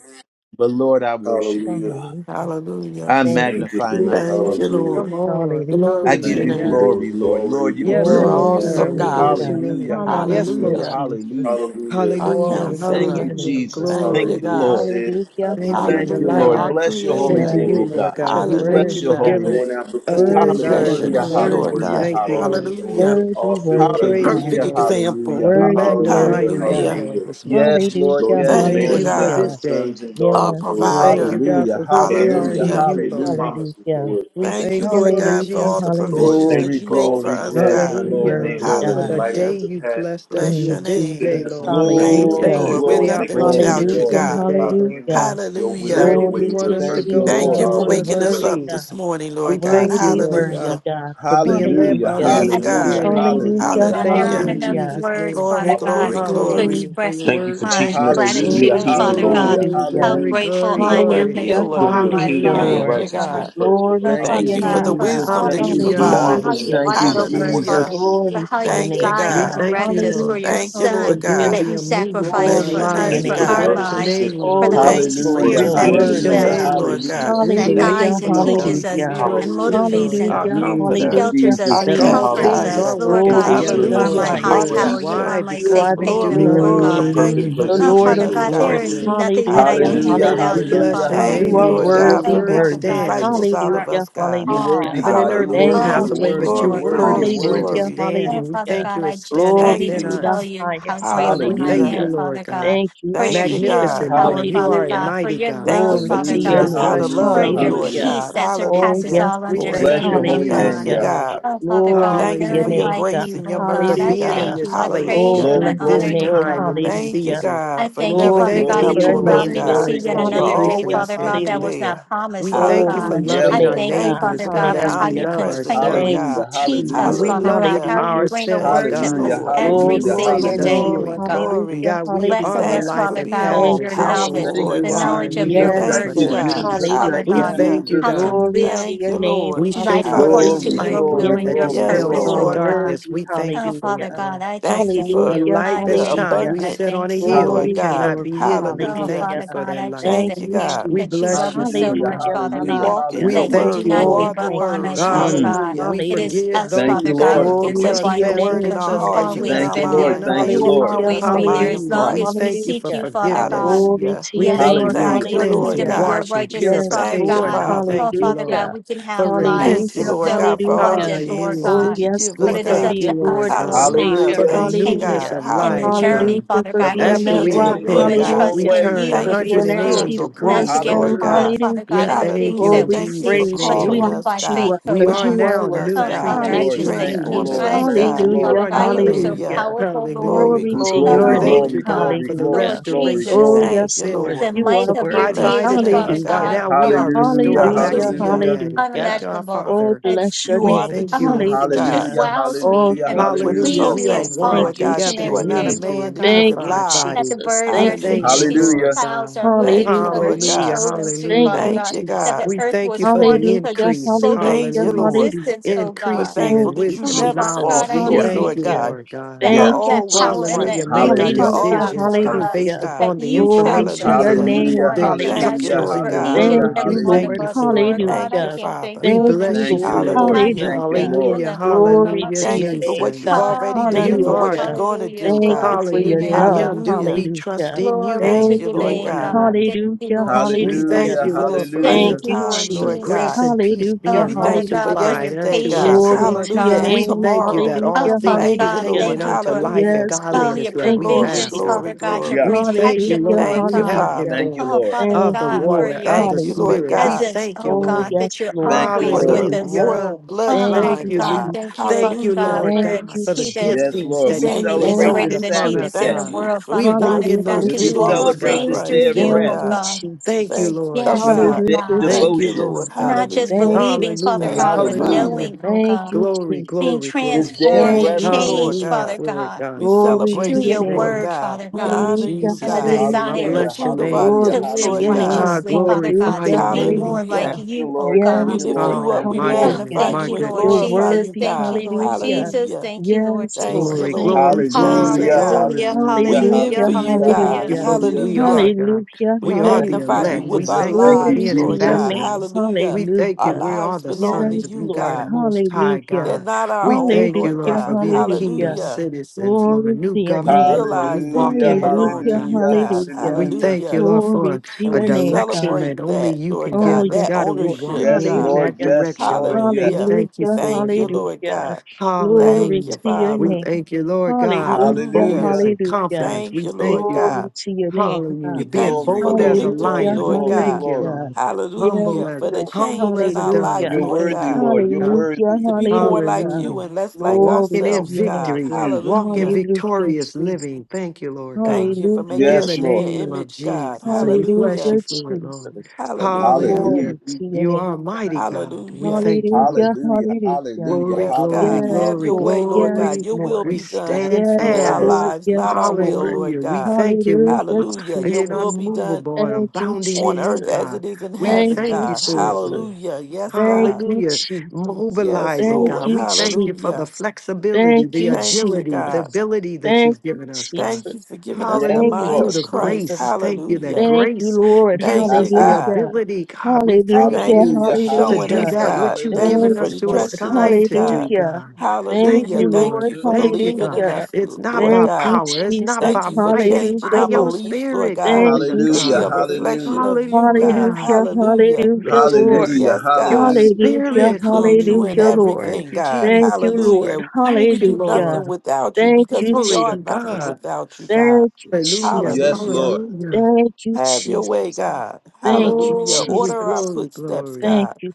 S1: But Lord, I worship you,
S5: Hallelujah.
S1: God.
S2: Hallelujah.
S3: Hallelujah.
S1: I
S2: Thank you,
S5: Thank you,
S1: magnify and I
S5: Lord.
S2: Jesus.
S3: Thank you,
S1: exalt your
S5: Hallelujah.
S1: name.
S3: Lord.
S6: Come on.
S2: Hallelujah,
S1: I
S3: Glory to
S1: give
S3: your
S1: you
S5: Thank you,
S3: name.
S6: Hallelujah.
S2: Jesus.
S5: Lord.
S1: glory,
S5: You
S1: Lord.
S5: already
S1: Lord,
S5: do
S1: you're
S5: the
S6: Yes,
S3: You
S1: worthy.
S2: Glory
S3: are
S2: to your
S5: supernatural,
S6: Lord.
S3: awesome,
S6: We
S2: name,
S3: God.
S6: bless
S5: Lord.
S6: your
S2: God.
S6: name.
S1: Hallelujah,
S6: Lord. Yes,
S2: Hallelujah,
S1: hallelujah,
S6: Lord.
S3: Hallelujah.
S2: Jesus.
S1: hallelujah.
S5: Hallelujah.
S3: Our
S6: Hallelujah.
S2: Glory to
S1: Thank
S2: your
S1: you,
S3: counselor.
S6: Hallelujah.
S2: name, God.
S1: Jesus.
S3: Thank
S1: Thank
S3: you,
S6: Glory.
S1: you,
S5: Hallelujah. He
S3: God.
S1: Lord.
S5: said, I
S2: Hallelujah,
S6: Thank you.
S5: believe.
S1: Thank you,
S3: Hallelujah.
S6: Delight
S2: hallelujah.
S1: Lord.
S3: Our
S6: our
S1: Bless your
S5: Thank you,
S6: sin
S1: holy
S6: to
S3: creator.
S1: name,
S2: Yes,
S6: you,
S1: oh
S5: Lord.
S6: Lord
S2: Lord,
S1: God.
S6: God.
S2: you're
S6: We
S1: We
S6: thank you
S1: bless your
S6: for
S2: worthy, God,
S3: Hallelujah.
S1: holy
S6: giving
S5: Going
S1: name.
S5: out
S6: us the
S5: before us,
S2: worthy,
S3: Bless
S6: desires
S5: Lord,
S3: your
S2: God,
S6: of
S5: and we
S6: our
S1: Hallelujah,
S3: name,
S5: see the
S6: hearts.
S3: Lord
S2: worthy,
S6: We
S5: work
S2: God,
S1: hallelujah,
S5: that
S3: God.
S5: you're
S6: thank you,
S1: hallelujah.
S6: Lord.
S5: already doing.
S3: Hallelujah.
S5: We'll
S2: worthy,
S5: all
S6: We
S5: feel
S2: worthy,
S5: reverence
S6: praise
S5: of
S2: God,
S6: you,
S3: Perfect
S5: you,
S1: Hallelujah,
S6: Lord.
S5: Lord.
S3: example.
S1: hallelujah,
S6: We
S2: worthy,
S1: hallelujah.
S6: magnify
S2: worthy,
S5: Hallelujah.
S6: your
S2: God.
S6: name,
S3: Hallelujah.
S6: Lord,
S5: Hallelujah.
S6: this
S1: Yes,
S6: morning.
S1: Lord,
S5: Lord,
S2: Hallelujah,
S6: We
S5: you have
S1: yes,
S3: Thank
S6: thank
S5: made
S3: you,
S5: us
S1: Lord,
S6: you
S5: to
S6: for
S1: yes.
S3: God.
S5: become
S2: hallelujah.
S6: this day.
S5: sons and
S3: our
S5: daughters,
S2: Yes,
S6: We
S5: Lord.
S2: Lord.
S6: thank you,
S3: provider.
S5: Hallelujah.
S6: God,
S1: Hallelujah,
S6: for who we
S5: Heirs
S6: are
S5: to
S1: hallelujah,
S5: the
S6: in
S3: Hallelujah.
S2: Mm,
S6: you,
S5: pre the
S6: Lord.
S1: hallelujah.
S5: promises,
S2: hallelujah,
S5: Lord.
S6: We
S3: Thank you,
S6: thank you,
S3: Lord
S6: Lord
S3: God, for
S2: hallelujah,
S3: all the
S6: Jesus.
S5: Lord,
S3: provisions
S2: hallelujah.
S5: thank
S3: that
S1: Glory,
S5: you
S3: you
S5: for
S3: make
S5: all
S3: for
S1: glory,
S5: that you
S3: us,
S1: glory,
S5: have
S3: God.
S5: done
S2: Worthy,
S5: in
S1: glory,
S6: Hallelujah.
S2: worthy,
S5: advance,
S1: glory.
S5: Lord,
S6: For
S5: the
S6: the
S2: God.
S5: lighting
S3: Hallelujah.
S6: day
S5: of the
S6: you
S5: path,
S6: blessed us
S3: Bless
S2: Mm,
S3: your
S6: with this
S3: name.
S6: day,
S5: sending
S2: Jesus,
S5: us in the
S6: Lord.
S5: direction
S6: We
S3: Thank
S5: that
S3: you,
S5: we
S1: Glory,
S6: thank
S2: hallelujah,
S6: you
S3: Lord.
S5: should
S6: for
S3: We're
S5: go
S6: the
S5: and
S1: glory,
S3: nothing
S5: making us
S1: glory,
S3: without you,
S5: remember
S6: opportunities
S5: that
S2: hallelujah,
S6: in
S1: glory.
S6: the
S5: it's
S3: God.
S6: day,
S5: about
S6: Lord
S5: you,
S2: hallelujah.
S6: God.
S5: your will,
S6: Where
S3: Hallelujah.
S1: Thank,
S5: your
S6: do you
S5: way,
S2: Glory
S5: and
S2: to
S6: want
S5: your
S6: us
S2: your
S6: to
S1: thank
S5: purpose,
S1: you,
S6: go?
S2: name,
S5: Lord.
S6: Who
S3: Thank
S1: Lord.
S3: you
S6: you
S2: God.
S3: for
S6: want
S2: You're
S6: us
S3: waking
S6: to
S3: us
S5: Hallelujah.
S2: worthy,
S3: up
S6: see?
S2: God.
S3: this morning,
S6: We
S3: Lord God.
S6: thank
S5: Hallelujah.
S6: you,
S2: Worthy,
S6: Lord
S2: worthy,
S6: God,
S3: Hallelujah.
S2: God.
S6: for being led
S1: Hallelujah,
S6: by the
S2: Hallelujah.
S5: Leading
S3: Yes,
S4: I
S6: Holy
S5: us
S4: bless your
S3: God.
S1: hallelujah,
S6: Spirit,
S4: name.
S6: Lord.
S5: in
S2: Hallelujah,
S1: hallelujah,
S4: Uh, there
S6: Thank
S5: action.
S6: you
S4: aren't
S3: Hallelujah.
S6: in
S4: enough
S1: hallelujah,
S2: hallelujah.
S6: Jesus'
S4: words,
S6: name.
S3: Glory,
S4: Father
S2: Glory
S4: God,
S3: glory,
S2: to
S5: Hallelujah.
S2: your
S4: to
S3: glory.
S6: Hallelujah.
S2: name.
S6: For
S4: express
S6: your
S5: Thank you
S6: word.
S5: for
S2: Thank
S4: my
S5: teaching us
S2: you,
S5: to submit
S1: hallelujah,
S6: Glory,
S5: to
S4: gratitude,
S3: Thank
S2: Jesus.
S5: you,
S3: you,
S4: Father
S6: glory,
S5: Lord,
S3: God.
S4: God.
S1: hallelujah,
S6: glory,
S4: How
S2: Hallelujah,
S6: glory,
S1: hallelujah.
S4: grateful
S6: glory,
S4: I
S3: Healer,
S4: am
S6: glory.
S4: that
S2: hallelujah,
S4: you
S3: healer.
S5: putting
S4: are
S5: your
S4: my
S2: hallelujah,
S5: kingdom and
S6: Hallelujah.
S5: your
S4: Father,
S3: Thank
S2: Lord.
S3: you,
S4: oh God.
S5: righteousness
S3: God.
S5: first, Lord.
S4: Oh,
S2: Glory
S1: Thank
S2: to
S1: you,
S3: Thank
S4: Father
S2: your
S3: you
S5: Hallelujah.
S3: for
S4: God,
S3: the
S2: name,
S4: for
S1: Jesus.
S2: God.
S3: wisdom
S4: all
S3: that
S1: Thank
S3: you
S4: that
S1: you,
S4: you
S6: Hallelujah.
S4: are, for
S2: Hallelujah,
S3: provide.
S4: how
S1: Jesus.
S5: Marveling
S4: you
S5: at
S1: Thank
S5: the
S4: watch
S1: you,
S2: Jesus.
S5: wonderful
S4: over us,
S5: works
S3: Hallelujah.
S4: Father,
S5: that
S1: Jesus.
S5: you are
S4: for
S5: doing in
S2: Glory
S5: the
S4: how
S2: to your
S4: you
S3: Thank
S5: mighty
S3: you,
S2: name,
S5: acts,
S4: guide
S6: We
S5: Lord.
S4: and
S3: God.
S2: God.
S6: thank you,
S4: direct
S5: Hallelujah.
S4: us, for
S6: Lord.
S4: your
S2: Hallelujah,
S3: Thank you,
S5: Thank
S6: for
S3: Lord
S4: Son
S5: you,
S2: hallelujah.
S6: being
S3: God.
S5: Lord.
S4: that
S6: the
S4: you
S6: immovable in
S4: sacrificed
S6: our
S3: Bless
S2: Glory
S4: for
S3: your
S2: to your
S4: us,
S5: Thank
S3: name,
S5: you
S6: lives.
S4: for
S5: for
S6: We
S2: name,
S5: the
S4: our
S3: God.
S2: God.
S6: bless
S5: brothers
S6: your
S5: and
S4: lives,
S6: name,
S5: sisters,
S4: for
S6: Lord.
S2: Oh,
S4: the
S5: Lord,
S4: Holy
S3: Thank
S2: yes,
S3: you for
S5: who are
S2: Lord,
S3: your
S1: Hallelujah,
S6: We
S4: Spirit
S2: you're
S3: son,
S4: that
S5: completing the
S4: you
S6: bless your
S2: worthy,
S1: hallelujah,
S5: task
S4: left,
S3: Jesus,
S2: God.
S6: name,
S5: that you have
S3: Lord
S6: Lord.
S5: sent
S3: God.
S5: us
S1: hallelujah.
S5: to
S6: We
S4: that
S5: do.
S3: Thank you
S2: Hallelujah,
S4: guides
S6: believe
S3: for
S4: and
S3: the
S6: you,
S3: Holy
S4: teaches
S6: God. We
S4: us
S2: hallelujah,
S4: and
S3: Spirit,
S6: trust
S5: Hallelujah.
S6: you,
S4: motivates
S6: Lord
S4: and
S3: our
S6: God,
S2: hallelujah,
S1: Jesus,
S3: comforter,
S2: hallelujah,
S4: shelters us
S3: our
S1: Jesus,
S4: and
S6: that all
S2: hallelujah.
S1: Jesus.
S4: comforts
S6: things
S5: Hallelujah.
S6: are
S4: us.
S3: chastiser.
S4: Lord
S6: working
S5: You're
S4: God,
S2: Glory to
S4: you
S6: together
S5: entering
S2: the
S4: are
S5: us
S6: for
S4: my
S6: our
S5: into
S3: Hallelujah.
S4: high
S3: Our
S2: highest
S5: your
S6: good.
S2: God.
S4: tower.
S5: rest,
S4: You
S3: teacher.
S6: Why?
S4: are my
S2: You
S6: Because
S4: safe
S2: are
S6: we
S2: the
S6: do
S3: Glory,
S4: haven,
S2: King of
S6: love
S4: Lord
S6: you,
S3: glory.
S5: a
S2: kings,
S4: God.
S6: Lord.
S3: Thank you
S5: perfect
S3: for
S1: Mm.
S2: the
S5: place of
S6: We
S4: Oh,
S2: Lord
S3: teaching
S5: peace,
S4: Father
S2: of
S6: thank
S3: us,
S6: you,
S5: Lord.
S4: God,
S3: God.
S4: there
S2: lords.
S4: is
S5: Hallelujah.
S6: Jesus.
S4: nothing that I
S2: Hallelujah,
S4: can
S5: Thank you,
S4: do
S1: Hallelujah,
S3: Hallelujah.
S5: Lord.
S6: We
S4: without you,
S2: hallelujah.
S6: bless
S1: hallelujah,
S4: Father
S6: your
S3: Thank
S2: You
S4: God.
S6: name,
S3: you,
S2: are
S6: Lord,
S3: Lord
S1: hallelujah.
S6: for your
S3: God, for
S2: worthy,
S4: Oh,
S6: word
S3: making
S4: Father
S2: worthy.
S4: God, you
S3: disciples
S6: stands.
S3: out of
S4: are
S2: Hallelujah,
S3: us, God.
S1: You're
S4: all,
S2: hallelujah.
S1: worthy,
S6: Heaven and
S1: God.
S6: earth
S1: You're
S6: may
S2: Thank
S1: worthy,
S4: all
S6: pass
S2: you,
S3: Hallelujah.
S1: you're
S6: away,
S4: things,
S1: worthy,
S6: but your
S1: you're
S2: Jesus.
S3: Glory,
S4: Lord
S1: worthy,
S6: word
S4: God.
S6: is
S3: glory,
S1: you're
S6: going to
S1: worthy.
S2: Hallelujah,
S3: glory.
S6: stand.
S4: Oh,
S6: And we
S4: Father
S2: hallelujah.
S6: thank you,
S4: God, I
S6: it's
S4: just
S6: standing
S4: can't
S3: Thank
S2: Glory
S6: within
S4: even
S2: to
S3: you.
S2: the
S4: tell
S6: us.
S4: you how
S2: highest.
S6: We
S4: grateful I
S3: Hallelujah.
S2: Hallelujah.
S6: thank
S1: Hallelujah.
S6: you,
S4: am,
S6: Lord
S4: Father
S6: God.
S4: God,
S2: Thank you,
S4: for your
S3: Thank you,
S2: Jesus.
S4: healing
S3: God.
S6: Magnificent
S1: Hallelujah,
S4: power,
S5: Thank
S6: one,
S5: you,
S6: you
S4: Father
S6: are
S5: Lord.
S6: a
S2: Hallelujah.
S4: God, for
S6: mighty
S4: your
S6: God,
S3: Thank you
S4: love,
S2: Glory
S3: for
S4: Father
S2: to
S6: and
S3: teaching
S2: your
S6: we
S4: God
S3: us how
S2: name.
S3: to
S6: bless you
S4: for
S1: hallelujah,
S3: love,
S6: for
S4: your
S6: it,
S3: Lord
S6: Lord.
S5: Mhm.
S1: hallelujah.
S2: Hallelujah.
S4: peace
S3: God.
S4: that
S2: Oh,
S4: surpasses
S3: Hallelujah.
S2: yes,
S4: all
S6: We
S2: Lord.
S6: thank
S1: Bless
S6: you
S1: your
S6: in
S4: understanding, O
S1: holy
S6: Jesus'
S3: Thank
S4: God.
S1: name,
S3: you,
S2: Hallelujah.
S1: God.
S6: name.
S3: God.
S4: Oh, Father
S2: Glory
S4: God,
S2: to
S3: Thank you
S2: your
S3: for
S4: none
S3: your
S2: name,
S6: Hallelujah.
S4: like
S2: God.
S3: grace
S4: you,
S3: and your
S4: O
S6: For
S4: God.
S3: mercy,
S4: I
S6: being in
S2: Hallelujah.
S3: God.
S4: thank
S6: this
S4: you. I
S6: place,
S4: praise
S2: Oh,
S4: you
S3: Hallelujah.
S4: and
S1: Glory,
S2: bless
S4: I
S2: the
S4: honor
S6: this
S1: glory,
S4: you,
S2: name.
S1: glory.
S6: time, and
S4: God.
S6: this
S3: Thank you,
S2: Hallelujah.
S6: season.
S4: I
S3: God, for
S4: thank
S6: We
S4: you,
S3: never
S4: Father
S2: Glory
S6: thank
S3: giving
S6: you
S2: to
S4: God,
S6: for
S3: up
S4: that
S1: Glory,
S6: the
S2: your
S4: you
S3: on us,
S4: allowed
S2: name,
S1: glory,
S6: wealthy
S4: me to
S3: God,
S2: God.
S4: see
S1: glory,
S6: place
S4: yet
S6: that you're
S3: for
S1: glory.
S4: another day,
S6: placing
S2: Hallelujah.
S3: always
S6: us
S4: Father God,
S3: being
S4: that
S6: into.
S4: was
S3: there.
S2: Hallelujah.
S4: not
S6: We
S4: promised, Lord
S2: Oh,
S6: thank you
S4: God.
S6: for
S2: bless
S3: Hallelujah.
S1: Yeah,
S2: your
S4: I
S6: loving our
S2: name,
S1: Lord.
S4: thank you,
S3: Thank
S2: God.
S3: you
S6: neighbors,
S3: for
S4: Father
S6: God,
S4: God,
S3: being
S4: for
S6: as
S4: how
S6: we
S4: you
S2: Hallelujah.
S6: love
S3: omnipresent, Lord
S2: Thank
S4: continually
S6: ourselves.
S2: you,
S1: Hallelujah,
S3: God.
S4: teach
S6: And
S4: us,
S1: hallelujah.
S6: we
S2: Jesus.
S4: Father
S6: love
S4: God,
S3: Hallelujah.
S2: Hallelujah,
S4: how you bring a
S6: ourselves,
S3: Thank
S4: word
S3: you,
S4: to
S2: Jesus.
S6: God.
S1: Hallelujah,
S4: us
S3: Lord.
S4: every
S6: You
S2: Glory
S1: hallelujah,
S2: to
S4: single
S3: Glory,
S6: placed
S2: your
S6: us
S4: day,
S1: hallelujah.
S2: name.
S6: here
S3: glory,
S4: Lord God
S6: And
S3: glory.
S2: Hallelujah.
S6: God, we are
S4: blessing
S6: the
S2: Hallelujah.
S4: us,
S3: Thank you for
S6: life
S4: Father
S6: and
S3: being
S4: God, with
S3: all
S6: pattern
S2: Thank
S4: your
S2: you,
S6: example of
S4: knowledge,
S3: powerful,
S6: who
S1: Thank
S3: Lord
S1: you,
S4: the
S6: you
S2: Jesus.
S3: God.
S6: are,
S4: knowledge
S6: and we
S4: of your
S6: love
S1: Jesus.
S6: you
S2: Yes,
S3: Thank
S6: for
S1: Thank
S4: word,
S3: you,
S1: you,
S6: that,
S2: Lord.
S4: teaching
S3: God.
S6: Lord.
S4: us,
S1: Jesus. Thank
S4: Father
S6: We
S1: you,
S2: Hallelujah.
S4: God,
S3: Hallelujah.
S6: thank you,
S4: how
S1: Jesus.
S4: to
S6: God.
S2: Glory to
S4: live
S3: Thank
S2: your
S3: you,
S2: name.
S3: Lord.
S6: We show
S4: life
S6: forth
S4: according
S2: Hallelujah.
S6: this
S4: to
S1: Glory,
S3: Hallelujah.
S4: your
S6: light,
S4: will
S1: glory,
S2: Yes,
S6: Lord,
S4: and
S6: that
S4: your
S1: glory,
S3: Yes,
S2: Lord.
S6: dispels
S4: purpose,
S6: all
S2: You're
S1: glory.
S4: Lord
S3: Lord.
S4: God.
S6: darkness.
S2: worthy.
S6: We thank you
S4: Oh,
S6: for it,
S4: Father
S2: Hallelujah.
S4: God,
S6: Lord.
S4: I just
S3: Thank you
S4: thank
S6: The
S3: for
S4: you.
S2: Hallelujah.
S6: light
S4: I
S6: that
S3: your
S4: thank
S6: shines,
S4: you.
S2: Hallelujah.
S6: we
S4: I
S6: sit
S3: abundance,
S6: on
S4: thank
S6: a
S4: you. I
S1: Ha-
S6: hill. We
S3: Lord
S4: thank
S2: Glory,
S4: you.
S3: God.
S6: cannot
S2: glory.
S6: be hidden. We
S4: Oh,
S3: Hallelujah.
S6: thank
S2: Hallelujah.
S6: you
S4: Father
S6: for
S4: God,
S6: that
S4: I
S6: light.
S4: just
S2: Thank
S3: Thank you,
S4: thank
S2: you,
S4: you
S3: God.
S6: We
S4: that you
S2: Jesus.
S6: bless
S4: love
S6: you
S4: us
S6: for
S4: so
S6: it,
S1: Hallelujah,
S4: much,
S6: God.
S2: Hallelujah.
S4: Father
S3: We
S1: hallelujah,
S4: God,
S3: walk in
S6: We
S2: Hallelujah.
S3: your
S4: that you
S1: hallelujah.
S4: do
S6: thank
S3: word.
S6: you,
S3: You
S4: not
S6: Lord.
S2: Oh,
S3: are
S4: give
S3: the
S4: up
S2: thank
S4: on
S2: you,
S3: word.
S4: us, Lord
S2: Jesus.
S1: Mm.
S4: God.
S6: Hallelujah.
S3: Hallelujah.
S6: We
S4: It is
S2: Hallelujah.
S6: forgive
S4: us,
S1: Thank you,
S4: Father
S6: those,
S4: God,
S3: Thank
S1: Lord.
S4: who
S3: you
S6: God,
S3: for
S6: who
S4: gives
S2: Glory
S4: up
S2: to
S3: placing
S4: on
S2: your
S3: your
S4: you
S6: trespass
S3: word in
S2: name.
S6: against
S4: because
S3: our
S6: us
S4: you've
S6: as
S3: hearts and
S6: you
S3: in
S4: always
S6: have
S1: Thank
S3: our
S2: Hallelujah.
S1: you,
S4: been
S6: forgiven
S4: there.
S1: Lord.
S3: minds.
S1: Thank
S4: You
S3: Thank
S1: you,
S6: us.
S3: you
S4: will
S3: for
S1: Lord.
S3: giving
S2: Hallelujah.
S3: us
S4: always
S3: the
S4: be there
S3: mind of
S4: as
S6: Hallelujah.
S2: Hallelujah.
S4: long
S6: We
S4: as we
S3: Christ.
S6: thank you for
S4: seek you,
S2: Hallelujah.
S4: Father God.
S6: forgiveness.
S2: Glory
S3: Hallelujah.
S2: to
S6: We
S2: your
S4: Yes,
S6: thank you
S2: name.
S4: Lord
S6: for
S4: God,
S1: Hallelujah.
S3: Thank you,
S4: your
S3: Lord
S4: kingdom
S6: cleansing,
S2: Hallelujah.
S4: and your
S3: God.
S6: washing,
S4: righteousness,
S2: Yes,
S4: Father
S3: Thank you,
S2: Lord.
S6: purification.
S4: God.
S6: We
S3: Father.
S4: Oh,
S6: thank you,
S4: Father
S2: Hallelujah.
S4: God,
S6: Lord,
S4: we can
S6: for
S4: have lives
S1: Mm.
S3: Thank you,
S2: Hallelujah,
S3: Lord
S6: repentance.
S4: so
S3: God, for all the
S2: hallelujah.
S4: abundant, Lord
S3: chances
S6: Hallelujah.
S2: Oh,
S3: that
S4: God.
S3: you
S2: yes,
S3: give
S6: We
S4: But
S3: us,
S2: Lord,
S4: it
S2: for
S4: is
S3: God.
S6: thank
S4: up
S6: you,
S2: being
S4: to
S2: Lord
S6: Lord
S4: us,
S2: and
S4: Lord
S6: God,
S4: God,
S3: Hallelujah.
S2: Savior.
S6: for
S4: to
S1: Hallelujah.
S6: the
S3: Thank you,
S4: continue
S6: newness
S3: God.
S2: Hallelujah.
S6: of
S4: and the
S6: life,
S3: Hallelujah.
S4: journey,
S6: God.
S2: Hallelujah,
S4: Father
S2: for
S4: God.
S2: being
S3: Bless
S6: After
S2: that
S3: your
S4: Continue
S6: we
S4: to
S2: rock.
S3: name,
S1: Appreciation
S4: believe
S3: Lord
S1: goes
S6: repent,
S1: a
S4: and
S3: God.
S1: long
S6: we
S4: trust
S2: Hallelujah.
S4: in
S1: way.
S6: turn
S4: you
S2: For
S3: Thank you
S4: and
S3: for
S4: you
S2: being that
S6: 180
S4: alone,
S2: chief
S3: spiritual
S4: not
S6: degree,
S4: to
S3: growth,
S4: get
S6: Lord
S3: Lord
S2: cornerstone.
S4: caught up,
S1: Hallelujah.
S3: God.
S6: God.
S4: Father
S6: We
S4: God,
S2: Hallelujah.
S4: in the
S6: thank
S4: things
S6: you
S2: Oh,
S3: Hallelujah.
S6: in
S4: that
S2: we
S4: we
S3: Thank you
S4: see,
S3: for
S6: Jesus'
S2: praise
S4: but
S2: you.
S4: to
S2: We
S3: calling
S6: name.
S4: walk
S3: us,
S4: by
S2: lift you
S3: God,
S4: faith,
S2: up
S4: oh
S6: We
S3: for
S2: because
S6: are
S2: you
S4: God.
S2: are
S6: now
S3: using us,
S6: new
S4: Oh,
S2: worthy.
S1: Thank you,
S3: God,
S4: Father, I
S6: creatures
S1: Lord.
S4: just
S6: in
S1: Thank
S6: you,
S2: Hallelujah.
S4: thank
S1: you,
S6: new
S4: you.
S3: transforming
S1: Lord.
S3: us,
S4: I
S1: Thank
S4: thank
S6: species.
S1: you,
S4: you,
S3: God.
S6: We
S1: Lord.
S4: Father
S2: Hallelujah,
S6: are
S4: God.
S6: new
S4: You are so
S6: man.
S3: Hallelujah.
S2: hallelujah.
S4: powerful, Lord.
S3: Glory,
S6: Hallelujah.
S2: Glory to
S3: glory,
S6: We
S1: Glory,
S2: your
S4: Oh,
S2: name.
S6: thank
S4: my
S1: glory,
S3: glory.
S6: you, God,
S4: God.
S1: glory,
S6: for the
S1: glory,
S4: Lord
S2: Hallelujah.
S1: glory,
S6: restoration
S2: Oh,
S4: Jesus,
S1: glory.
S6: that has
S3: Thank
S2: yes,
S3: you,
S6: been
S2: Lord,
S3: Lord.
S4: the
S2: you
S4: might
S2: are
S6: so
S4: of your
S2: worthy.
S3: Bless your
S6: provided
S4: deity,
S6: to
S3: name,
S4: Father
S6: us. God,
S2: Hallelujah.
S3: God.
S4: God.
S6: now we
S4: Oh,
S6: are
S1: Hallelujah,
S6: restored
S4: it's
S6: back
S2: Hallelujah,
S6: to
S4: just
S6: you,
S3: Hallelujah.
S1: hallelujah,
S6: Daddy, back
S2: hallelujah.
S6: to our
S4: unimaginable.
S2: Oh,
S6: Father.
S2: bless
S4: It's.
S2: your
S3: You
S6: We
S3: are the
S2: name.
S6: thank you,
S4: Uh,
S3: truth,
S6: Lord
S4: it
S3: God.
S4: just
S2: Hallelujah.
S1: hallelujah,
S6: Jesus.
S4: wows
S2: Oh,
S4: me
S1: hallelujah,
S4: and
S2: thank
S3: We're
S2: you,
S6: Hallelujah.
S4: leaves
S1: hallelujah.
S3: so
S6: We
S4: me
S6: are
S4: in
S2: Jesus.
S3: thankful,
S2: Thank
S4: awe
S6: one
S3: Lord
S2: you,
S3: God,
S4: each and
S3: that
S6: together
S3: you are
S4: every
S6: in
S3: not a
S4: day,
S2: Jesus.
S1: Mm,
S6: unity
S3: man
S4: Lord
S6: and
S3: that you
S4: God
S3: could
S2: Thank you,
S6: unified
S3: lie.
S4: that the
S6: body.
S2: Jesus.
S4: birds
S6: We
S2: Thank
S4: are
S2: you,
S6: thank
S4: singing
S6: you,
S3: Hallelujah.
S4: to you, the
S6: Lord
S1: hallelujah.
S2: Jesus.
S4: clouds
S6: God.
S4: are moving
S3: Thank you,
S4: because
S2: Hallelujah,
S3: Lord
S4: you
S3: God.
S6: Hallelujah.
S4: told them
S2: Jesus.
S4: to,
S2: Thank
S6: Hallelujah.
S4: Father
S2: you,
S3: Thank
S4: God,
S3: you,
S4: that
S3: God.
S4: the
S2: Jesus.
S6: We
S4: earth
S6: thank you
S4: was
S6: for
S4: formed
S6: the
S4: because
S2: Hallelujah,
S4: you
S6: increase.
S4: spoke it
S3: Thank
S2: hallelujah,
S3: you,
S4: into
S6: Hallelujah.
S3: Lord.
S4: existence,
S2: hallelujah.
S4: oh
S3: We're
S4: God.
S6: Increasing
S3: thankful
S2: Thank
S6: in
S3: that
S2: you,
S3: you
S6: wisdom
S4: Oh,
S6: and
S3: never
S4: Father
S3: fall
S2: Jesus.
S6: knowledge.
S4: God, I
S6: We
S4: just
S3: short,
S1: Yeah,
S6: thank
S3: Lord
S4: thank
S6: you,
S4: you
S2: Hallelujah.
S3: God.
S6: Lord God.
S4: that
S3: You're
S2: Thank
S4: all
S1: yeah.
S4: of
S2: you,
S4: that
S3: always
S4: power and
S3: right,
S2: Jesus.
S6: Hallelujah.
S4: that
S3: Lord
S4: you,
S6: Making
S3: God. You're
S4: Father
S1: Hallelujah.
S2: Hallelujah.
S4: God,
S3: always
S6: decisions,
S4: loved
S6: God,
S4: us,
S3: perfect,
S6: based
S2: Hallelujah.
S3: God.
S4: that
S6: upon the
S4: you
S2: Glory
S4: chose
S2: to
S4: us,
S6: information,
S2: your
S6: uh,
S4: that
S3: Hallelujah.
S4: you
S2: name.
S1: Hallelujah,
S6: the
S4: wanted the
S3: Thank you,
S4: best
S1: hallelujah,
S2: Hallelujah.
S6: instructions
S3: Lord
S6: in
S4: for
S6: your
S3: God.
S4: each and
S1: hallelujah,
S2: Thank
S6: word. We
S4: every
S2: you,
S4: one
S6: thank
S4: of
S2: Lord.
S6: you
S1: hallelujah.
S4: us,
S6: for it,
S4: Lord
S6: Lord.
S4: God.
S3: Thank
S4: I
S3: you,
S2: Hallelujah.
S4: can't
S3: Father.
S4: thank
S6: We
S4: you
S2: Thank
S4: enough.
S2: you,
S6: bless you
S1: Thank you,
S2: Lord.
S6: for it,
S1: Lord.
S4: I
S6: God.
S3: Hallelujah.
S1: Thank
S4: can't
S1: you,
S4: thank
S2: Hallelujah.
S4: you
S1: Lord.
S6: Hallelujah.
S4: enough, Lord
S2: Glory
S4: God.
S6: Hallelujah,
S2: to
S3: Thank
S2: your
S3: you for
S2: name,
S3: what you've
S6: Jesus.
S2: God.
S3: already done and
S6: You
S3: for
S4: Hallelujah,
S6: are
S3: what you're
S2: Hallelujah.
S6: God.
S3: going to
S4: hallelujah.
S3: do,
S2: Thank you
S4: Glory
S3: God.
S4: to
S2: for
S4: your
S2: your
S6: Hallelujah.
S4: name,
S6: In
S2: love.
S6: Him
S4: God.
S6: do
S3: Hallelujah.
S6: we trust
S2: Hallelujah.
S6: in you,
S4: Glory to
S3: Thank
S2: Thank
S6: God.
S3: you,
S4: your
S2: you,
S3: Lord
S6: Thank
S4: name,
S2: Lord.
S6: you,
S3: God.
S4: God.
S6: Lord.
S4: Thank you,
S2: Hallelujah.
S4: Lord
S6: We
S3: We
S2: Hallelujah.
S3: thank
S4: Jesus.
S6: thank
S3: you
S1: Hallelujah,
S6: you,
S3: for
S6: Lord,
S3: this
S6: for
S2: Thank
S1: hallelujah.
S4: Thank
S3: present
S6: being
S4: you,
S2: you,
S4: Lord
S3: time,
S6: the
S3: Lord
S2: Jesus.
S3: God.
S6: grace
S4: Jesus.
S6: and peace
S4: Oh,
S2: Hallelujah.
S3: We
S6: being
S4: Father
S3: thank you for
S4: God, for
S2: Hallelujah.
S6: multiplied
S4: your
S3: yesterday,
S6: unto us,
S3: God.
S4: patience,
S2: Glory
S6: God.
S4: Lord
S2: to
S3: Hallelujah.
S2: your
S4: God.
S3: And
S6: We
S2: name.
S6: thank you
S3: tomorrow.
S6: that all
S4: Oh,
S2: Hallelujah.
S6: things
S4: Father
S3: Thank you,
S4: God,
S3: Lord.
S2: Hallelujah.
S6: pertaining
S4: thank you
S6: unto
S4: for
S6: life and
S3: Hallelujah.
S2: Yes,
S4: oh,
S2: Lord.
S6: godliness
S4: your
S6: that
S2: Thank
S6: we
S2: you,
S3: Glory,
S6: have,
S4: provisions,
S6: God.
S3: glory,
S4: Father
S2: Jesus.
S4: God, your
S3: glory.
S1: Yeah.
S6: We thank you,
S4: protection,
S2: Hallelujah.
S6: Lord.
S4: Lord
S3: Thank
S6: We
S3: you,
S6: have
S4: God.
S6: been
S2: Hallelujah.
S3: Father.
S1: Thank you,
S6: born
S4: Oh,
S1: Lord.
S4: Father
S6: of
S2: Thank
S6: the
S2: you,
S4: God, for
S6: water,
S2: Lord.
S4: your
S6: of the
S3: Thank you, Lord
S6: spirit.
S2: Hallelujah.
S6: We
S3: God,
S4: presence,
S6: thank you,
S4: oh
S2: Oh,
S4: God,
S6: Lord.
S2: yes,
S4: that you're
S2: Lord.
S1: Thank you,
S3: for
S4: always
S1: Lord.
S3: the
S4: with us.
S2: Hallelujah.
S6: Hallelujah.
S3: royal
S4: Oh,
S2: Thank
S6: Thank
S4: Father
S3: bloodline,
S2: you,
S6: you,
S4: God,
S3: God.
S6: Lee.
S4: thank you,
S2: Jesus.
S4: Father
S6: Thank you,
S4: God,
S3: Hallelujah.
S6: Lord
S4: for
S2: Thank
S6: God,
S4: it's
S2: you,
S6: for the
S4: he that
S1: Yes,
S6: giftings
S2: Jesus.
S1: Lord.
S4: is
S1: We
S6: that you
S4: in
S3: Thank
S4: me
S3: you,
S4: that's
S1: celebrate
S2: Thank
S3: God.
S6: bestowed
S4: greater
S1: this
S2: you,
S4: than
S6: upon
S4: he
S1: Sabbath
S6: us,
S4: that's in
S1: day.
S4: the
S3: Thank
S2: Jesus.
S6: God.
S3: you
S4: world,
S3: for
S6: We
S4: Father
S3: making
S4: God,
S6: walk
S4: and
S3: us
S2: Hallelujah,
S6: in
S4: that I
S6: those
S1: And
S3: sons
S4: can
S3: and
S1: we
S4: do all
S6: giftings,
S3: daughters of
S2: Jesus.
S1: celebrate
S6: God,
S4: things
S1: this
S6: that
S1: day
S4: through
S6: you've
S3: Christ,
S1: of
S4: you,
S6: given
S3: Lord
S2: Thank
S1: rest,
S4: oh
S2: you,
S3: God.
S6: us.
S4: God.
S6: Thank you,
S2: Jesus.
S3: Thank
S6: Lord
S3: of
S4: Yes,
S1: this
S6: Jesus.
S3: God.
S4: Lord
S1: day of
S2: Hallelujah,
S4: God.
S6: Thank
S3: Thank you,
S6: you,
S1: devotion.
S3: Lord.
S2: Jesus.
S6: Lord
S4: Not
S6: God.
S4: just
S2: Thank
S3: Hallelujah.
S2: you,
S4: believing, Father
S6: Hallelujah.
S3: Thank
S4: God,
S3: you,
S2: Jesus.
S4: but
S1: Hallelujah.
S3: Father.
S6: Hallelujah.
S4: knowing, oh
S2: Thank you,
S4: God.
S6: Glory,
S4: Being
S6: glory,
S2: Jesus.
S1: This
S6: glory.
S1: day of
S4: transformed
S2: Thank
S4: and
S3: Thank
S2: you,
S3: you,
S1: reverence.
S3: Lord
S2: Jesus.
S4: changed,
S6: Hallelujah
S4: Father
S3: God.
S6: for it,
S4: God,
S3: We
S6: God. In
S2: Glory to
S4: through
S3: celebrate
S2: your
S4: your
S3: you,
S6: Jesus'
S3: Lord
S6: name.
S2: name.
S4: word,
S3: God.
S4: Father
S3: We
S6: In
S4: God,
S3: honor
S2: Hallelujah,
S3: you,
S4: and
S6: Jesus'
S4: the
S3: God,
S6: name. I
S2: hallelujah.
S3: with
S4: desire
S3: the
S1: Hallelujah.
S6: bless your
S3: fruit of our
S6: name.
S1: Hallelujah.
S4: to
S2: Glory
S3: lips,
S2: to
S4: live
S3: Lord
S2: your
S1: Hallelujah.
S3: God.
S6: I
S2: name.
S4: righteously, Father God,
S6: glorify
S4: to
S2: Hallelujah.
S6: your
S4: be
S6: name.
S4: more like
S2: Hallelujah.
S1: Thank
S3: Hallelujah.
S1: you,
S4: you, oh
S1: Lord.
S4: God.
S1: Thank
S3: We
S2: Yes,
S1: you,
S3: lift
S1: Lord.
S2: Lord.
S3: you up.
S6: Oh,
S1: Thank
S3: We
S1: you,
S6: my
S1: Lord.
S4: Oh,
S6: goodness.
S3: magnify
S2: Hallelujah.
S6: My
S4: thank
S3: you
S4: you,
S3: and
S4: Lord
S2: You're
S6: goodness.
S3: glorify
S4: Jesus.
S3: you,
S2: worthy.
S4: Thank you,
S3: God.
S4: Lord
S2: Hallelujah.
S4: Jesus.
S3: Hallelujah.
S4: Thank you, Lord
S2: Yes,
S3: Thank
S2: Lord.
S3: you,
S6: Glory,
S4: Jesus.
S2: Thank
S3: Lord.
S2: you,
S6: glory,
S3: Thank
S6: glory,
S3: you,
S1: Hallelujah.
S2: Jesus.
S3: God.
S6: glory.
S4: Hallelujah.
S3: We
S1: Hallelujah.
S3: live
S4: Hallelujah.
S2: Hallelujah.
S3: for you,
S1: Hallelujah.
S6: Thank
S3: God.
S4: Hallelujah.
S6: you
S2: Hallelujah.
S6: for who
S1: Hallelujah.
S6: we are,
S3: Hallelujah.
S6: God.
S2: Hallelujah.
S3: We
S6: We are
S1: Thank
S6: the
S1: you,
S3: magnify
S2: Hallelujah.
S3: you
S6: elect.
S3: with
S6: We
S3: our
S1: Jesus.
S6: thank you
S1: Thank
S6: for
S1: you,
S2: Glory
S3: lives,
S6: being
S2: to
S3: Lord
S2: your
S1: Jesus.
S3: God.
S2: name.
S6: ambassadors.
S3: Hallelujah.
S6: We thank
S3: Our
S6: you.
S2: Hallelujah.
S6: We are
S3: lives
S6: the
S3: belong to
S6: sons
S2: Yes,
S6: of
S3: you,
S6: you, God,
S2: Lord.
S6: the
S3: God.
S6: Most High
S2: Hallelujah.
S3: They're
S6: God.
S3: not our
S6: We
S3: own,
S6: thank
S2: Hallelujah.
S6: you,
S3: Lord
S6: Lord, for
S3: God.
S6: being
S2: Hallelujah.
S6: kingdom
S3: Hallelujah.
S6: citizens, Lord, a
S2: Glory
S6: new
S2: to your
S3: We
S2: name.
S6: government, Lord. We
S3: realize that
S6: walk
S3: we
S1: Hallelujah.
S6: in it,
S3: belong
S6: Lord
S3: to
S2: Hallelujah,
S6: God.
S3: you,
S1: Hallelujah.
S3: God.
S6: We
S2: hallelujah.
S1: Hallelujah.
S6: thank you,
S3: Hallelujah.
S6: Lord,
S2: Glory
S6: for
S2: to
S3: And
S6: a
S2: your
S3: we
S2: name,
S6: direction
S2: God.
S3: celebrate
S6: that only
S3: that,
S6: you
S3: Lord
S6: can
S2: Oh,
S6: give
S3: God,
S6: us,
S2: yes,
S3: that
S6: God, and we
S2: Lord.
S3: ownership,
S6: walking
S1: Yes,
S6: in in
S3: God.
S1: Lord.
S6: that
S2: Hallelujah.
S1: Yes,
S6: direction,
S1: Lord.
S6: Lord.
S1: Yes.
S6: We
S3: Hallelujah.
S6: thank you
S2: Hallelujah,
S6: for it,
S3: Thank you,
S6: Lord.
S3: Lord
S2: hallelujah.
S3: God.
S2: Glory
S3: Thank you,
S6: Hallelujah.
S2: to your
S6: We
S3: Father.
S2: name.
S6: thank you, Lord God, in
S2: Hallelujah,
S3: Hallelujah.
S6: boldness
S1: Hallelujah.
S6: and
S2: hallelujah.
S6: confidence.
S3: Thank
S6: We
S3: you,
S6: thank
S3: Lord
S6: you,
S3: God.
S2: Glory
S6: God.
S2: to your name, God.
S3: We
S6: Hallelujah. Being
S3: thank you
S1: Glory,
S3: for
S6: bold
S3: the
S6: as a
S1: glory,
S3: victory,
S2: Hallelujah,
S1: glory,
S6: lion. We
S3: Lord
S1: glory,
S6: thank
S3: God.
S6: you,
S1: glory.
S2: hallelujah.
S6: Lord.
S2: Yes,
S6: Humble
S3: Hallelujah.
S6: as
S3: For the
S2: Lord.
S6: humble
S3: change in
S6: as a
S3: our
S6: dove.
S3: life,
S2: Hallelujah.
S1: You're
S6: We
S3: Lord
S6: thank
S1: worthy,
S6: you,
S3: God,
S1: Lord.
S6: Lord
S1: You're
S6: God.
S2: Hallelujah,
S1: worthy.
S3: to be more like
S2: hallelujah.
S3: you
S6: Hallelujah.
S3: and less like
S2: Glory
S6: Walking
S2: to
S6: in
S3: ourselves,
S2: your
S3: God.
S2: name.
S6: victory,
S1: Mm.
S6: walking
S3: Hallelujah.
S2: Hallelujah,
S6: victorious living.
S2: Jesus.
S6: Thank you, Lord
S3: Thank
S6: God.
S3: you for
S2: Hallelujah,
S3: making
S6: In
S1: Yes,
S6: the
S3: us in
S1: Lord.
S3: your
S6: name
S2: Jesus.
S6: of
S3: image, God.
S6: Jesus. And we bless you
S3: Hallelujah.
S2: Hallelujah,
S6: for it, Lord.
S2: Jesus.
S3: Hallelujah.
S1: Hallelujah.
S6: Hallelujah.
S2: Glory to your
S6: You are
S2: name.
S6: a mighty God. We
S3: Hallelujah.
S6: thank you, Lord.
S2: Hallelujah,
S1: Hallelujah.
S2: hallelujah.
S1: Hallelujah.
S6: Glory,
S3: Yes,
S6: glory,
S3: God.
S1: Hallelujah.
S2: Yes,
S3: Have
S6: glory,
S3: your
S2: Lord.
S3: way, Lord
S2: Yes,
S3: God.
S6: glory.
S3: Your will
S2: Lord.
S6: We
S3: be done
S1: Thank
S6: stand
S1: you,
S3: in
S2: Yes,
S3: our
S1: Lord.
S6: fast.
S2: Lord.
S3: lives,
S2: Yes,
S3: not our will,
S2: Lord.
S3: Lord
S6: Hallelujah. We
S3: God.
S6: thank you. We
S2: Hallelujah,
S3: Hallelujah. Your
S6: are
S3: will
S2: Jesus.
S3: be done
S6: unmovable and
S2: Thank you,
S6: abounding
S3: on
S6: in you,
S3: earth
S2: Jesus.
S3: as it
S6: God.
S3: is in
S6: We
S2: Thank
S3: heaven,
S2: you,
S6: thank you
S3: God.
S6: for it,
S2: Jesus.
S6: Lord.
S3: Hallelujah. Yes,
S2: Thank
S3: God.
S2: you,
S6: Hallelujah.
S2: Jesus.
S3: Yes,
S6: Mobilizing,
S2: Thank
S3: Lord.
S6: God.
S2: you,
S6: We thank you for the
S3: Hallelujah.
S2: Jesus.
S6: flexibility,
S2: Thank
S6: the
S2: you,
S3: Thank
S2: Jesus.
S3: you,
S6: agility, the
S3: God.
S6: ability that
S2: Thank
S6: you've
S2: you,
S6: given us, God.
S3: Thank you
S2: Jesus.
S3: for giving us
S1: Yes,
S3: the
S2: Thank
S6: Hallelujah.
S2: you,
S3: mind
S6: Through
S1: Lord.
S3: of
S6: the
S3: Christ.
S2: Jesus.
S6: grace. Thank you that
S3: Hallelujah.
S2: Thank you,
S6: grace
S2: Lord.
S6: gives
S3: Thank
S1: Ha,
S3: you,
S6: us the
S1: ha.
S3: God.
S2: Hallelujah.
S6: ability, God. We thank
S2: Hallelujah.
S3: Thank you
S6: you
S3: for
S1: hallelujah.
S6: to
S3: showing
S6: do
S2: Hallelujah.
S3: us,
S1: Hallelujah.
S6: that
S3: God.
S6: which you've
S3: Thank you
S1: Hallelujah.
S6: given
S2: Thank
S3: for
S6: us
S2: you,
S6: to
S2: Lord.
S3: stretching
S6: assign
S3: us,
S6: to
S3: God.
S6: do,
S2: Hallelujah.
S6: God.
S2: Thank
S6: Thank
S2: you,
S3: Hallelujah.
S6: you,
S1: Mm,
S3: Thank
S6: Lord.
S2: Lord.
S3: you
S1: mm.
S3: for
S6: Thank you,
S3: believing
S6: God.
S3: in
S2: Hallelujah.
S3: us,
S6: It's
S3: L-
S6: not
S3: Lord
S6: by
S2: Thank
S3: God.
S2: you,
S6: power, it's not
S2: Jesus.
S3: Thank
S6: by
S3: you for
S6: might, it's
S3: changing
S2: Hallelujah,
S6: by
S3: our
S6: your
S2: Lord.
S3: beliefs, Lord
S6: spirit.
S3: God,
S2: Thank
S6: Glory to
S2: you,
S3: to be
S1: Hallelujah.
S3: a
S6: God.
S2: Jesus.
S3: reflection
S1: Hallelujah.
S3: of you, God.
S6: Hallelujah
S2: Hallelujah,
S3: Hallelujah.
S2: hallelujah, Lord.
S6: richness,
S1: Hallelujah.
S3: Yes,
S6: your
S3: God.
S1: Hallelujah.
S3: We
S2: Hallelujah,
S6: spirit.
S3: include you in
S2: hallelujah,
S6: Hallelujah.
S2: Lord.
S3: everything,
S6: Thank you,
S3: God.
S2: Thank
S6: Jesus.
S2: you, Lord.
S3: Hallelujah. We
S6: Thank you,
S3: do
S2: Hallelujah.
S3: nothing
S6: Lord.
S3: without you
S2: Thank
S3: because
S2: you,
S3: we
S6: Glory
S3: are
S6: to
S3: nothing
S2: Jesus.
S6: God.
S3: without you, God.
S2: Thank you,
S6: Hallelujah.
S1: Yes,
S2: Jesus.
S3: Hallelujah.
S1: Lord.
S6: Hallelujah.
S2: Thank you,
S3: Have your way,
S2: Jesus.
S3: God.
S2: Thank you,
S3: Hallelujah.
S1: Mm.
S6: Glory,
S3: Order our
S2: Jesus.
S6: glory,
S3: footsteps,
S6: glory.
S2: Thank
S3: God.
S2: you,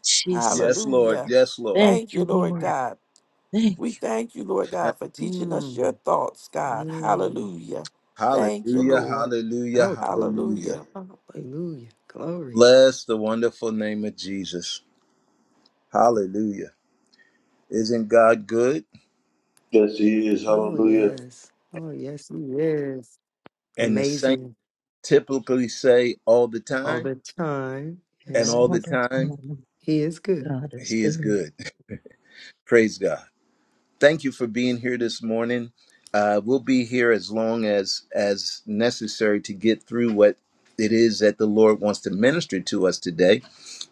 S1: Yes,
S2: Jesus.
S1: Lord.
S3: Hallelujah.
S1: Yes, Lord.
S2: Thank
S3: Thank you,
S2: you,
S3: Lord
S2: Lord.
S3: God.
S2: Thank
S3: We thank you, Lord God, for teaching us your
S6: Mm,
S3: thoughts, God.
S6: mm.
S3: Hallelujah. Thank you,
S1: Hallelujah.
S3: Lord.
S1: Hallelujah.
S6: Elton.
S1: Hallelujah.
S3: Hallelujah.
S6: Hallelujah. Glory.
S1: Bless the wonderful name of Jesus. Hallelujah. Isn't God good?
S5: Yes, he is.
S6: Oh,
S5: Hallelujah.
S6: yes. Oh, yes, he is.
S1: And the saints
S6: Amazing
S1: typically say all the
S6: all
S1: time,
S6: the time.
S2: you.
S1: and
S2: Yes,
S6: Yeah,
S1: all
S6: he,
S1: the
S2: all the
S1: time,
S2: time.
S6: he is good.
S2: God is
S1: He is
S2: good.
S1: good. Praise God. Thank you for being here this morning. Uh, we'll be here as long as as necessary to get through what it is that the Lord wants to minister to us today.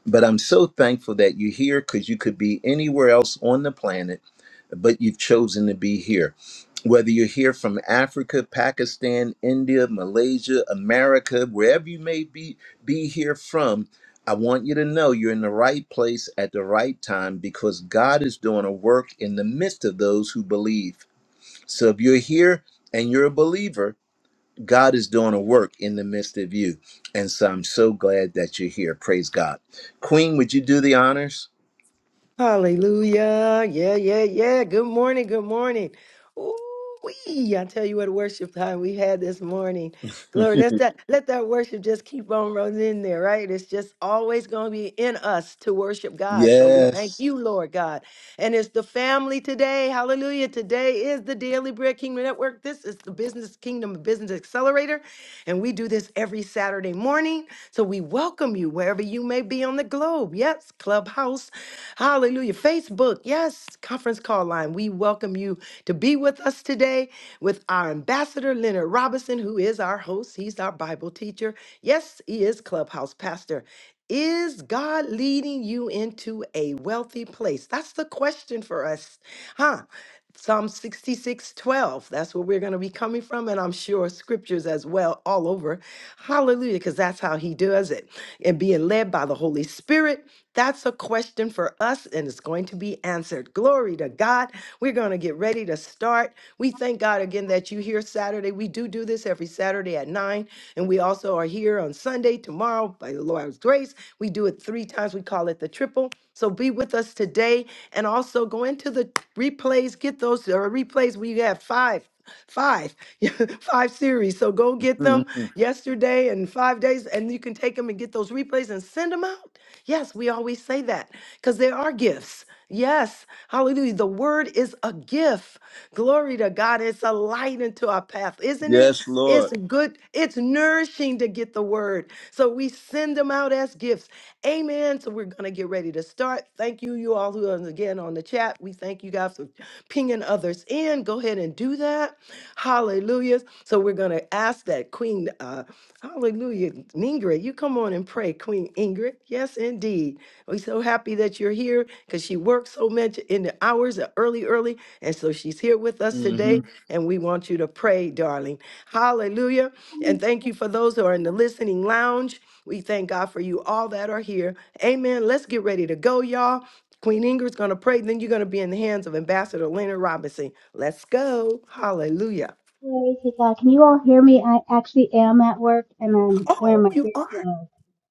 S1: But I'm so thankful that you're here because you could be anywhere else on the planet, but you've chosen to be here. Whether you're here from Africa, Pakistan, India, Malaysia, America, wherever you may be, be here from, I want you to know you're in the right place at the right time because God is doing a work in the midst of those who believe. So if you're here and you're a believer, God is doing a work in the midst of you. And so I'm so glad that you're here. Praise God. Queen, would you do the honors?
S6: Hallelujah. Yeah, yeah, yeah. Good morning. Good morning. Ooh, wee. I tell you what worship time we had this morning. Glory. That's that let that worship just keep on running in there, right? It's just always gonna be in us to worship God. So we thank
S1: Yes.
S6: you, Lord God. And it's the family today. Hallelujah. Today is the Daily Bread Kingdom Network. This is the Business Kingdom Business Accelerator. And we do this every Saturday morning. So we welcome you wherever you may be on the globe. Yes, Clubhouse. Hallelujah. Facebook, yes, conference call line. We welcome you to be with us today with our ambassador, Leonard Robinson, who is our host. He's our Bible teacher. Yes, he is clubhouse pastor. Is God leading you into a wealthy place? That's the question for us, huh? Psalm 66, 12. That's where we're going to be coming from, and I'm sure scriptures as well, all over. Hallelujah, because that's how he does it. And being led by the Holy Spirit that's a question for us, and it's going to be answered. Glory to God. We're going to get ready to start. We thank God again that you here Saturday. We do do this every Saturday at 9, and we also are here on Sunday, tomorrow, by the Lord's grace. We do it three times. We call it the triple. So be with us today, and also go into the replays. Get those uh, replays. We have five five five series so go get them yesterday and five days and you can take them and get those replays and send them out Yes, we always say that because there are gifts. Yes, hallelujah. The word is a gift. Glory to God. It's a light into our path, isn't it?
S1: Yes,
S6: It's
S1: Lord.
S6: good, it's nourishing to get the word. So we send them out as gifts. Amen. So we're going to get ready to start. Thank you, you all who are again on the chat. We thank you guys for pinging others in. Go ahead and do that. Hallelujah. So we're going to ask that Queen. uh, Hallelujah. Ingrid, you come on and pray, Queen Ingrid. Yes, indeed. We're so happy that you're here because she works so much in the hours uh, early, early. And so she's here with us
S1: hmm
S6: today. And we want you to pray, darling. Hallelujah. And thank you for those who are in the listening lounge. We thank God for you all that are here. Amen. Let's get ready to go, y'all. Queen Ingrid's going to pray. Then you're going to be in the hands of Ambassador Leonard Robinson. Let's go. Hallelujah.
S4: Glory to God. Can you all hear me? I actually am at work and I'm wearing
S6: Oh,
S4: my
S6: you are?
S4: earphones.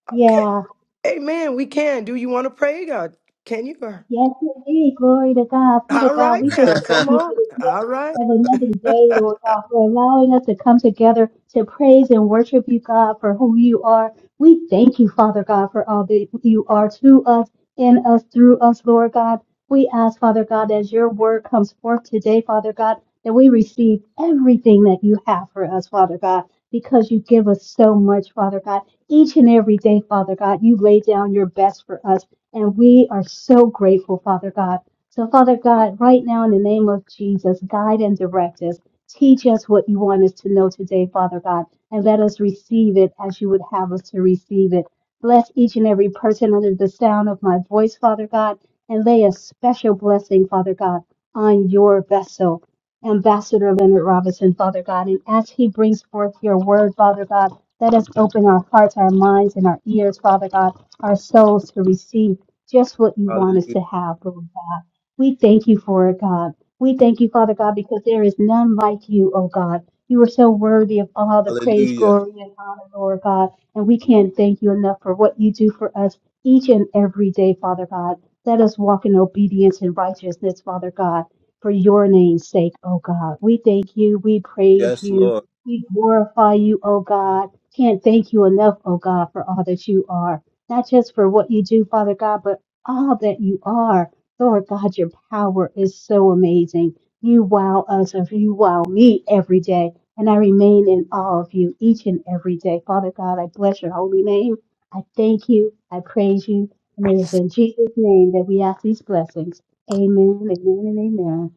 S4: Yeah.
S6: Amen. We can. Do you want to pray, God? Can you?
S4: Yes, indeed. Glory to God. Father
S6: All
S4: God,
S6: right
S4: we just
S6: now.
S4: thank
S6: Come
S4: you
S6: on.
S4: for the gift
S6: All right.
S4: of another day, Lord God, for allowing us to come together to praise and worship you, God, for who you are. We thank you, Father God, for all that you are to us, in us, through us, Lord God. We ask, Father God, as your word comes forth today, Father God, that we receive everything that you have for us, Father God, because you give us so much, Father God. Each and every day, Father God, you lay down your best for us. And we are so grateful, Father God. So, Father God, right now in the name of Jesus, guide and direct us. Teach us what you want us to know today, Father God, and let us receive it as you would have us to receive it. Bless each and every person under the sound of my voice, Father God, and lay a special blessing, Father God, on your vessel. Ambassador Leonard Robinson, Father God, and as he brings forth your word, Father God, let us open our hearts, our minds, and our ears, Father God, our souls to receive just what you want
S1: Hallelujah.
S4: us to have, Lord God. We thank you for it, God. We thank you, Father God, because there is none like you, oh God. You are so worthy of all the praise,
S1: Hallelujah.
S4: glory, and honor, Lord God. And we can't thank you enough for what you do for us each and every day, Father God. Let us walk in obedience and righteousness, Father God, for your name's sake, oh God. We thank you. We praise
S1: Yes,
S4: you.
S1: Lord.
S4: We glorify you, oh God. Can't thank you enough, oh God, for all that you are not just for what you do, Father God, but all that you are. Lord God, your power is so amazing. You wow us and you wow me every day. And I remain in awe of you each and every day. Father God, I bless your holy name. I thank you. I praise you. And it is in Jesus' name that we ask these blessings. Amen, amen, and amen.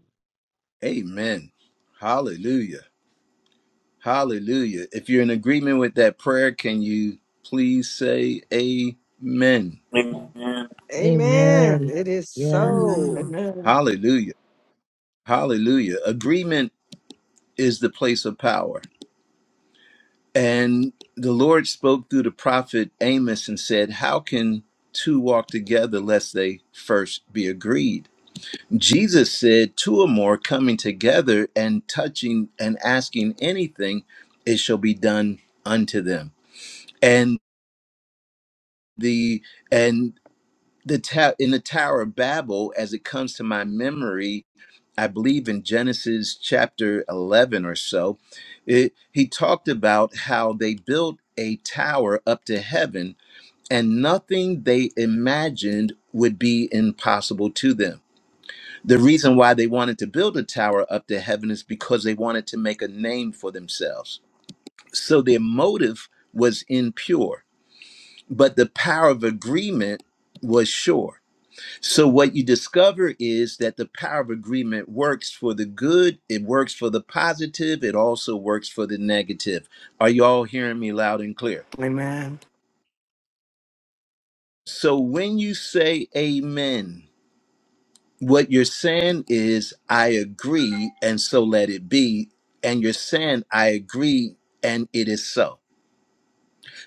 S1: Amen. Hallelujah. Hallelujah. If you're in agreement with that prayer, can you please say amen?
S5: Amen.
S6: Amen.
S2: Amen.
S6: It is
S2: Yeah.
S6: so.
S7: Amen.
S3: Amen.
S1: Hallelujah. Hallelujah. Agreement is the place of power. And the Lord spoke through the prophet Amos and said, How can two walk together lest they first be agreed? Jesus said, Two or more coming together and touching and asking anything, it shall be done unto them. And the and the ta- in the Tower of Babel, as it comes to my memory, I believe in Genesis chapter eleven or so, it, he talked about how they built a tower up to heaven, and nothing they imagined would be impossible to them. The reason why they wanted to build a tower up to heaven is because they wanted to make a name for themselves. So their motive was impure, but the power of agreement was sure so, what you discover is that the power of agreement works for the good, it works for the positive, it also works for the negative. Are you all hearing me loud and clear? So, when you say amen, what you're saying is, I agree, and so let it be. And you're saying, I agree, and it is so.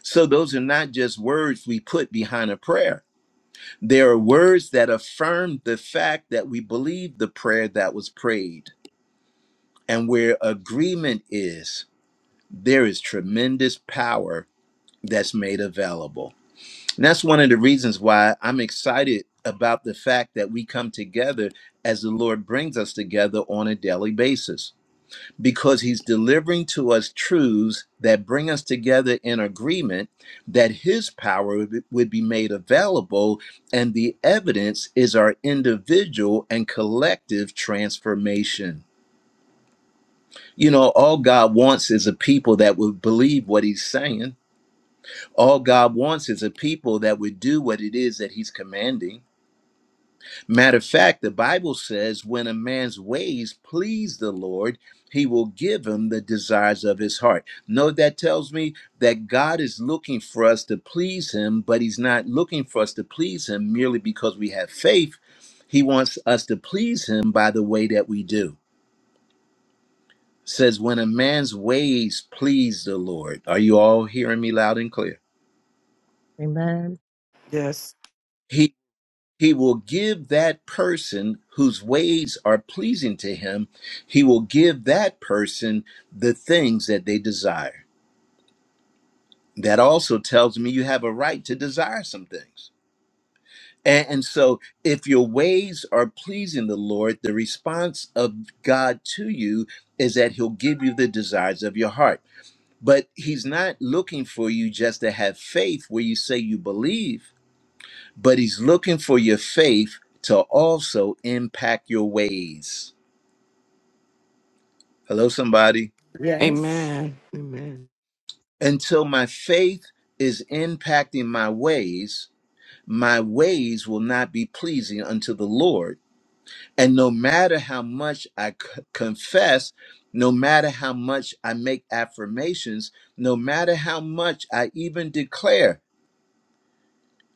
S1: So, those are not just words we put behind a prayer. They are words that affirm the fact that we believe the prayer that was prayed. And where agreement is, there is tremendous power that's made available. And that's one of the reasons why I'm excited about the fact that we come together as the Lord brings us together on a daily basis, because He's delivering to us truths that bring us together in agreement that His power would be would be made available. And the evidence is our individual and collective transformation. You know, all God wants is a people that would believe what he's saying. All God wants is a people that would do what it is that he's commanding. Matter of fact, the Bible says when a man's ways please the Lord, he will give him the desires of his heart. Know that tells me that God is looking for us to please him, but he's not looking for us to please him merely because we have faith. He wants us to please him by the way that we do. says, When a man's ways please the Lord, are you all hearing me loud and clear?
S2: Amen.
S3: Yes.
S1: He he will give that person whose ways are pleasing to him, he will give that person the things that they desire. That also tells me you have a right to desire some things. And, and so, if your ways are pleasing the Lord, the response of God to you is that He'll give you the desires of your heart. But he's not looking for you just to have faith where you say you believe, but he's looking for your faith to also impact your ways. Hello, somebody.
S6: Yes.
S3: Amen.
S6: Amen.
S1: Until my faith is impacting my ways, my ways will not be pleasing unto the Lord. And no matter how much I c- confess, no matter how much I make affirmations, no matter how much I even declare,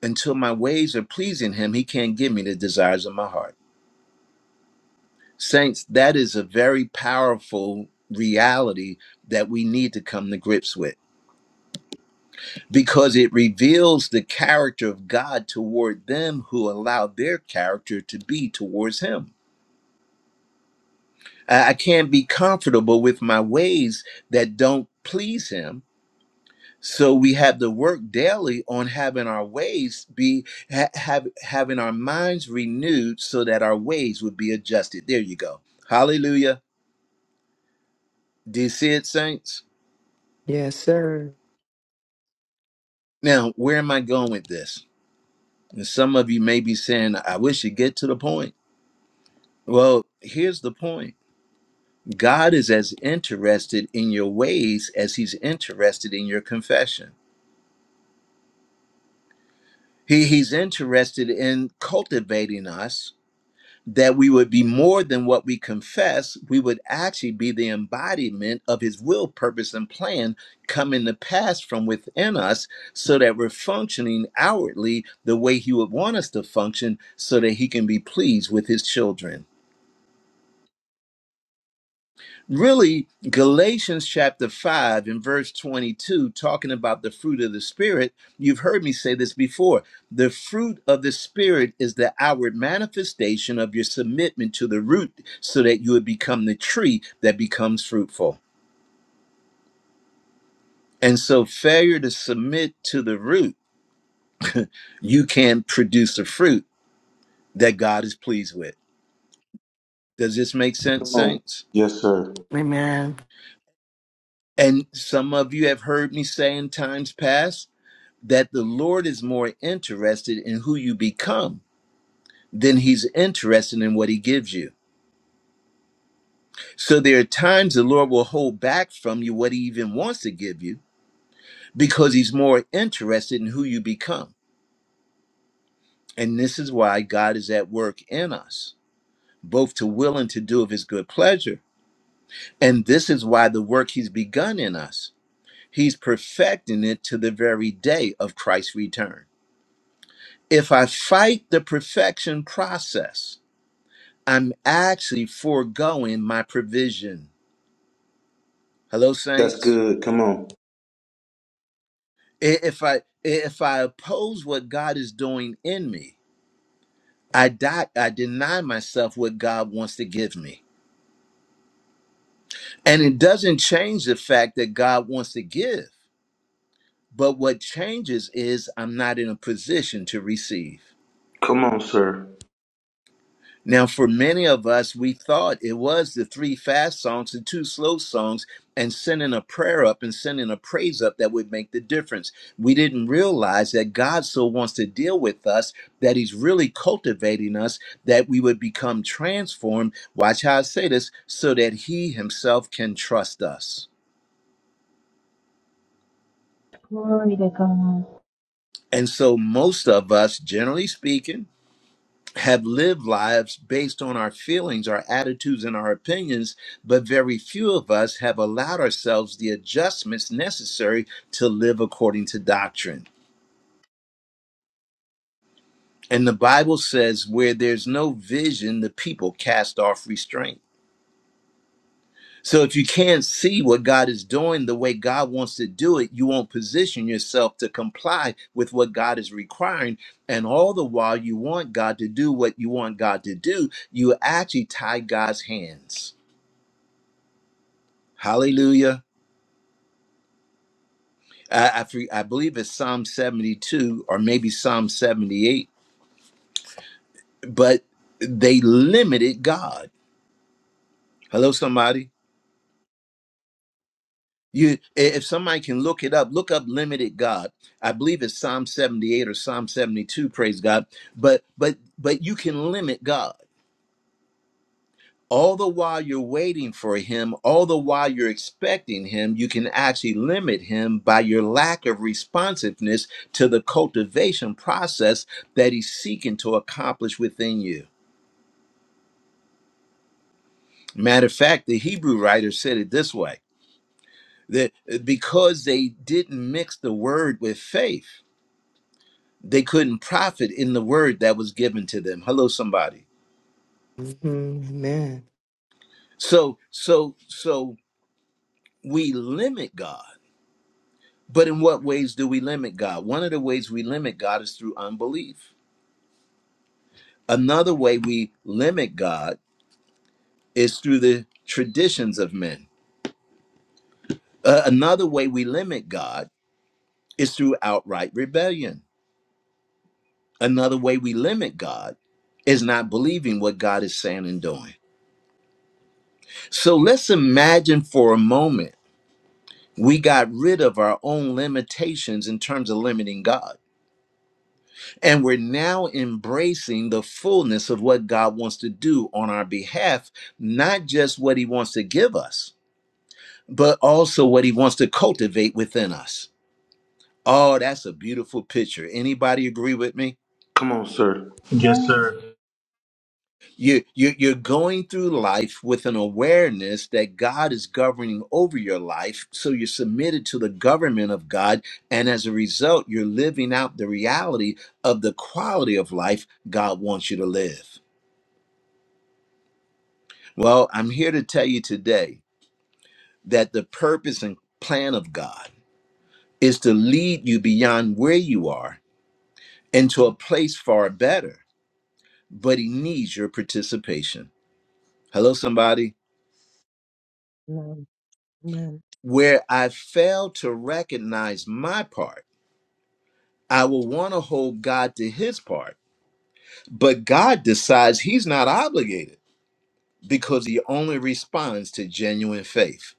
S1: until my ways are pleasing him, he can't give me the desires of my heart. Saints, that is a very powerful reality that we need to come to grips with because it reveals the character of God toward them who allow their character to be towards him. I I can't be comfortable with my ways that don't please him So we have to work daily on having our ways be ha- have having our minds renewed so that our ways would be adjusted. There you go. Hallelujah. Do you see it, saints?
S6: Yes, sir.
S1: Now, where am I going with this? And some of you may be saying, I wish you get to the point. Well, here's the point. God is as interested in your ways as he's interested in your confession. He, he's interested in cultivating us that we would be more than what we confess, we would actually be the embodiment of his will, purpose, and plan coming to pass from within us so that we're functioning outwardly the way he would want us to function so that he can be pleased with his children. Really, Galatians chapter 5 and verse 22, talking about the fruit of the Spirit, you've heard me say this before. The fruit of the Spirit is the outward manifestation of your submitment to the root so that you would become the tree that becomes fruitful. And so, failure to submit to the root, you can't produce the fruit that God is pleased with. Does this make sense,
S5: Come on.
S1: saints?
S5: Yes, sir.
S3: Amen.
S1: And some of you have heard me say in times past, that the Lord is more interested in who you become than he's interested in what he gives you. So there are times the Lord will hold back from you what he even wants to give you because he's more interested in who you become. And this is why God is at work in us, both to will and to do of his good pleasure. And this is why the work he's begun in us, he's perfecting it to the very day of Christ's return. If I fight the perfection process, I'm actually foregoing my provision. Hello,
S5: That's
S1: saints.
S5: good. Come on.
S1: I- If I if I oppose what God is doing in me, I die, I deny myself what God wants to give me. And it doesn't change the fact that God wants to give, but what changes is I'm not in a position to receive.
S5: Come on, sir.
S1: Now, for many of us, we thought it was the three fast songs and two slow songs and sending a prayer up and sending a praise up that would make the difference. We didn't realize that God so wants to deal with us that He's really cultivating us that we would become transformed. Watch how I say this so that He Himself can trust us.
S4: Glory to God.
S1: And so, most of us, generally speaking, have lived lives based on our feelings, our attitudes, and our opinions, but very few of us have allowed ourselves the adjustments necessary to live according to doctrine. And the Bible says, where there's no vision, the people cast off restraint. So if you can't see what God is doing the way God wants to do it, you won't position yourself to comply with what God is requiring. And all the while you want God to do what you want God to do, you actually tie God's hands. Hallelujah. I, I, I believe it's Psalm 72 or maybe Psalm 78, but they limited God. Hello, somebody. You, if somebody can look it up, look up limited God. I believe it's Psalm 78 or Psalm 72, praise God. But but but you can limit God. all the while you're waiting for him, all the while you're expecting him, you can actually limit him by your lack of responsiveness to the cultivation process that he's seeking to accomplish within you. Matter of fact, the Hebrew writer said it this way that uh, because they didn't mix the word with faith, they couldn't profit in the word that was given to them. Hello, somebody.
S6: Mhm. Amen.
S1: So, so, so we limit God But in what ways do we limit God? One of the ways we limit God is through unbelief. Another way we limit God is through the traditions of men. Uh, another way we limit God is through outright rebellion. Another way we limit God is not believing what God is saying and doing. So let's imagine for a moment we got rid of our own limitations in terms of limiting God. And we're now embracing the fullness of what God wants to do on our behalf, not just what He wants to give us, but also what He wants to cultivate within us. Oh, that's a beautiful picture. Anybody agree with me?
S5: Come on, sir. Yes,
S4: Amen.
S5: sir.
S1: You, you, you're going through life with an awareness that God is governing over your life. So you're submitted to the government of God. And as a result, you're living out the reality of the quality of life God wants you to live. Well, I'm here to tell you today that the purpose and plan of God is to lead you beyond where you are into a place far better, but He needs your participation. Hello, somebody.
S2: Amen. Amen.
S1: Where I fail to recognize my part, I will want to hold God to His part, but God decides He's not obligated because He only responds to genuine faith.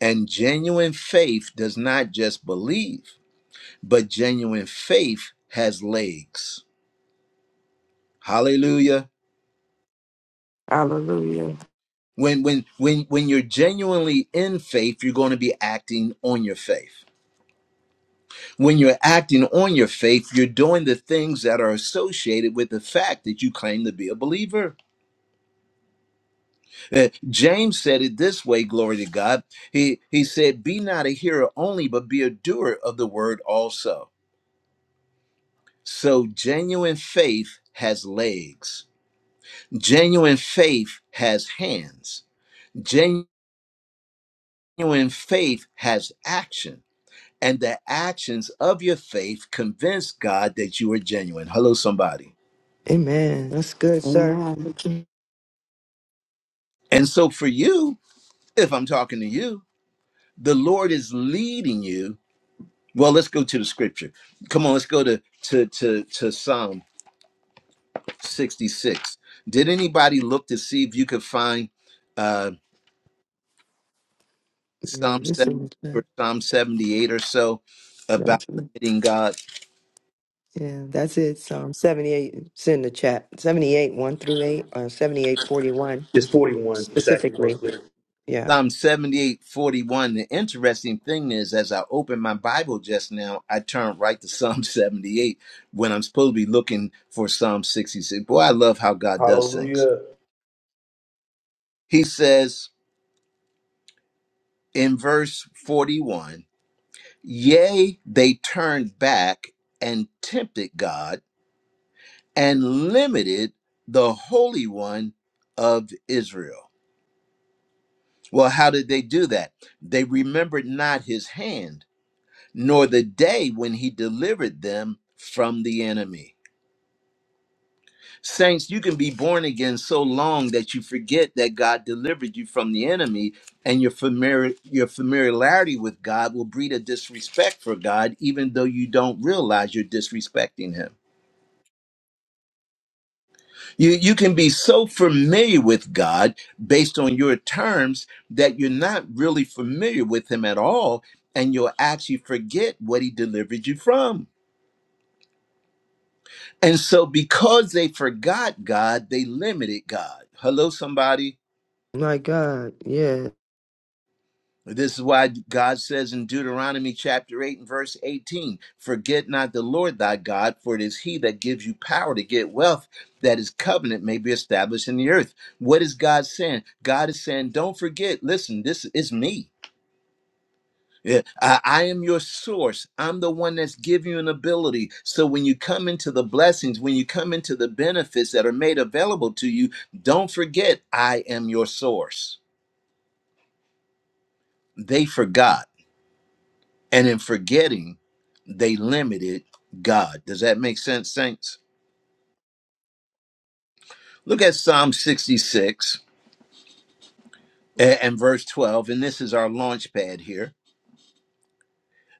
S1: And genuine faith does not just believe. but genuine faith has legs hallelujah
S3: Hallelujah.
S1: when when when when you're genuinely in faith you're going to be acting on your faith when you're acting on your faith you're doing the things that are associated with the fact that you claim to be a believer Uh, james said it this way glory to god he he said be not a hearer only but be a doer of the word also so genuine faith has legs genuine faith has hands Genuine. genuine faith has action, and the actions of your faith convince God that you are genuine. Hello, somebody.
S6: Amen. That's good, sir.
S3: Amen.
S1: And so, for you, if I'm talking to you, the Lord is leading you. Well, let's go to the scripture. Come on, let's go to to to, to Psalm 66. Did anybody look to see if you could find uh,
S6: Yeah,
S1: Psalm
S6: this
S1: 7
S6: is good.
S1: or Psalm 78 or so about
S6: that's it.
S1: limiting God?
S6: yeah, that's it. Psalm 78. It's in the chat. 78, 1 through 8, or 78, forty-one
S5: It's 41. It's actually more
S6: specifically.
S5: clear.
S6: Yeah.
S1: Psalm 78 41. The interesting thing is, as I opened my Bible just now, I turned right to Psalm 78 when I'm supposed to be looking for Psalm 66. Boy, I love how God does things.
S5: Hallelujah.
S1: He says in verse 41 Yea, they turned back and tempted God and limited the Holy One of Israel. Well, how did they do that? They remembered not his hand nor the day when he delivered them from the enemy. Saints, you can be born again so long that you forget that God delivered you from the enemy, and your familiar your familiarity with God will breed a disrespect for God, even though you don't realize you're disrespecting Him. You you can be so familiar with God based on your terms that you're not really familiar with Him at all, and you'll actually forget what He delivered you from. And so, because they forgot God, they limited God. Hello, somebody.
S6: My God. Yeah.
S1: This is why God says in Deuteronomy chapter 8 and verse 18 Forget not the Lord thy God, for it is he that gives you power to get wealth, that his covenant may be established in the earth. What is God saying? God is saying, Don't forget, listen, this is me. Yeah, I, I am your source. I'm the one that's giving you an ability. So when you come into the blessings, when you come into the benefits that are made available to you, don't forget I am your source. They forgot. And in forgetting, they limited God. Does that make sense, saints? Look at Psalm 66 a- and verse 12, and this is our launch pad here.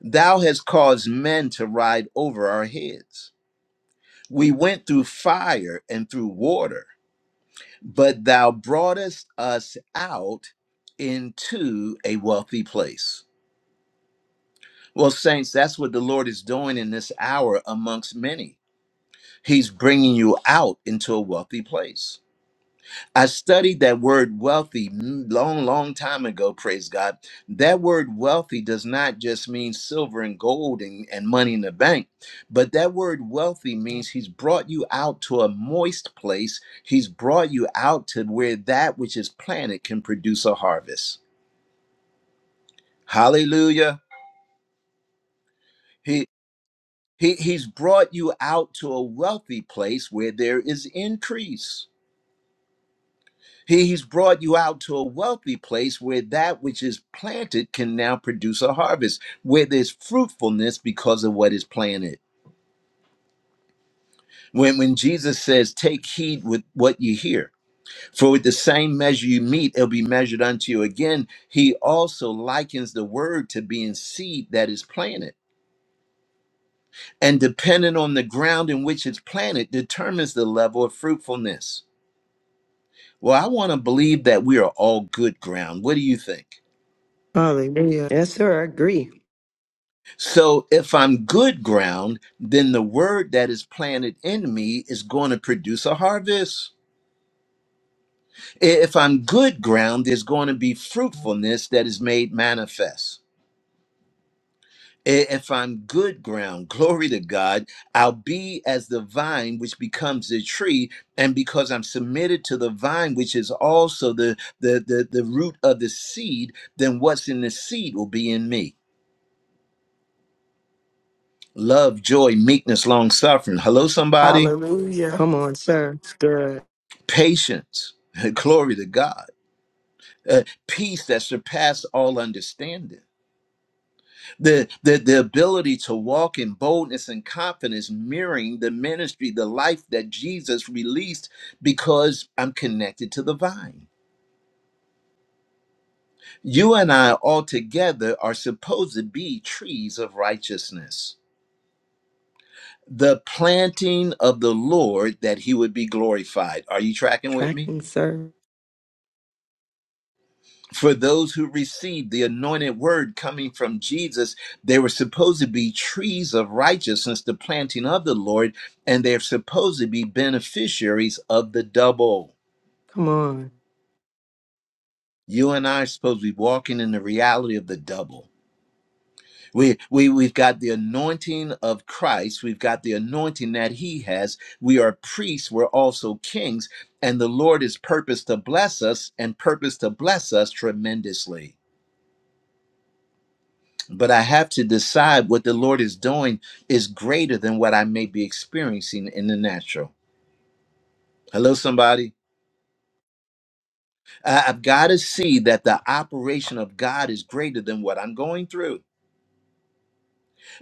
S1: Thou hast caused men to ride over our heads. We went through fire and through water but thou broughtest us out into a wealthy place. Well, saints, that's what the Lord is doing in this hour amongst many. He's bringing you out into a wealthy place. I studied that word wealthy mm, long, long time ago, praise God. That word wealthy does not just mean silver and gold and, and money in the bank, but that word wealthy means he's brought you out to a moist place. He's brought you out to where that which is planted can produce a harvest. Hallelujah. He, he, he's brought you out to a wealthy place where there is increase. He's brought you out to a wealthy place where that which is planted can now produce a harvest, where there's fruitfulness because of what is planted. When, when Jesus says, Take heed with what you hear, for with the same measure you meet, it'll be measured unto you again, he also likens the word to being seed that is planted. And depending on the ground in which it's planted, determines the level of fruitfulness. Well, I want to believe that we are all good ground. What do you think?
S6: Hallelujah. Yes, sir. I agree.
S1: So if I'm good ground, then the word that is planted in me is going to produce a harvest. If I'm good ground, there's going to be fruitfulness that is made manifest. I- If I'm good ground, glory to God, I'll be as the vine which becomes the tree. And because I'm submitted to the vine, which is also the, the, the, the root of the seed, then what's in the seed will be in me. Love, joy, meekness, long suffering. Hello, somebody.
S3: Hallelujah.
S6: Come on, sir. It's good.
S1: patience, glory to God, uh, peace that surpasses all understanding, the, the, the ability to walk in boldness and confidence, mirroring the ministry, the life that Jesus released because I'm connected to the vine. You and I altogether are supposed to be trees of righteousness. The planting of the Lord that he would be glorified. Are you tracking with me?
S6: Tracking, sir.
S1: For those who received the anointed word coming from Jesus, they were supposed to be trees of righteousness, the planting of the Lord, and they're supposed to be beneficiaries of the double.
S6: Come on.
S1: You and I are supposed to be walking in the reality of the double. We, we, we've got the anointing of Christ. We've got the anointing that he has. We are priests. We're also kings. And the Lord is purposed to bless us and purposed to bless us tremendously. but I have to decide what the Lord is doing is greater than what I may be experiencing in the natural. Hello, somebody. I- I've got to see that the operation of God is greater than what I'm going through.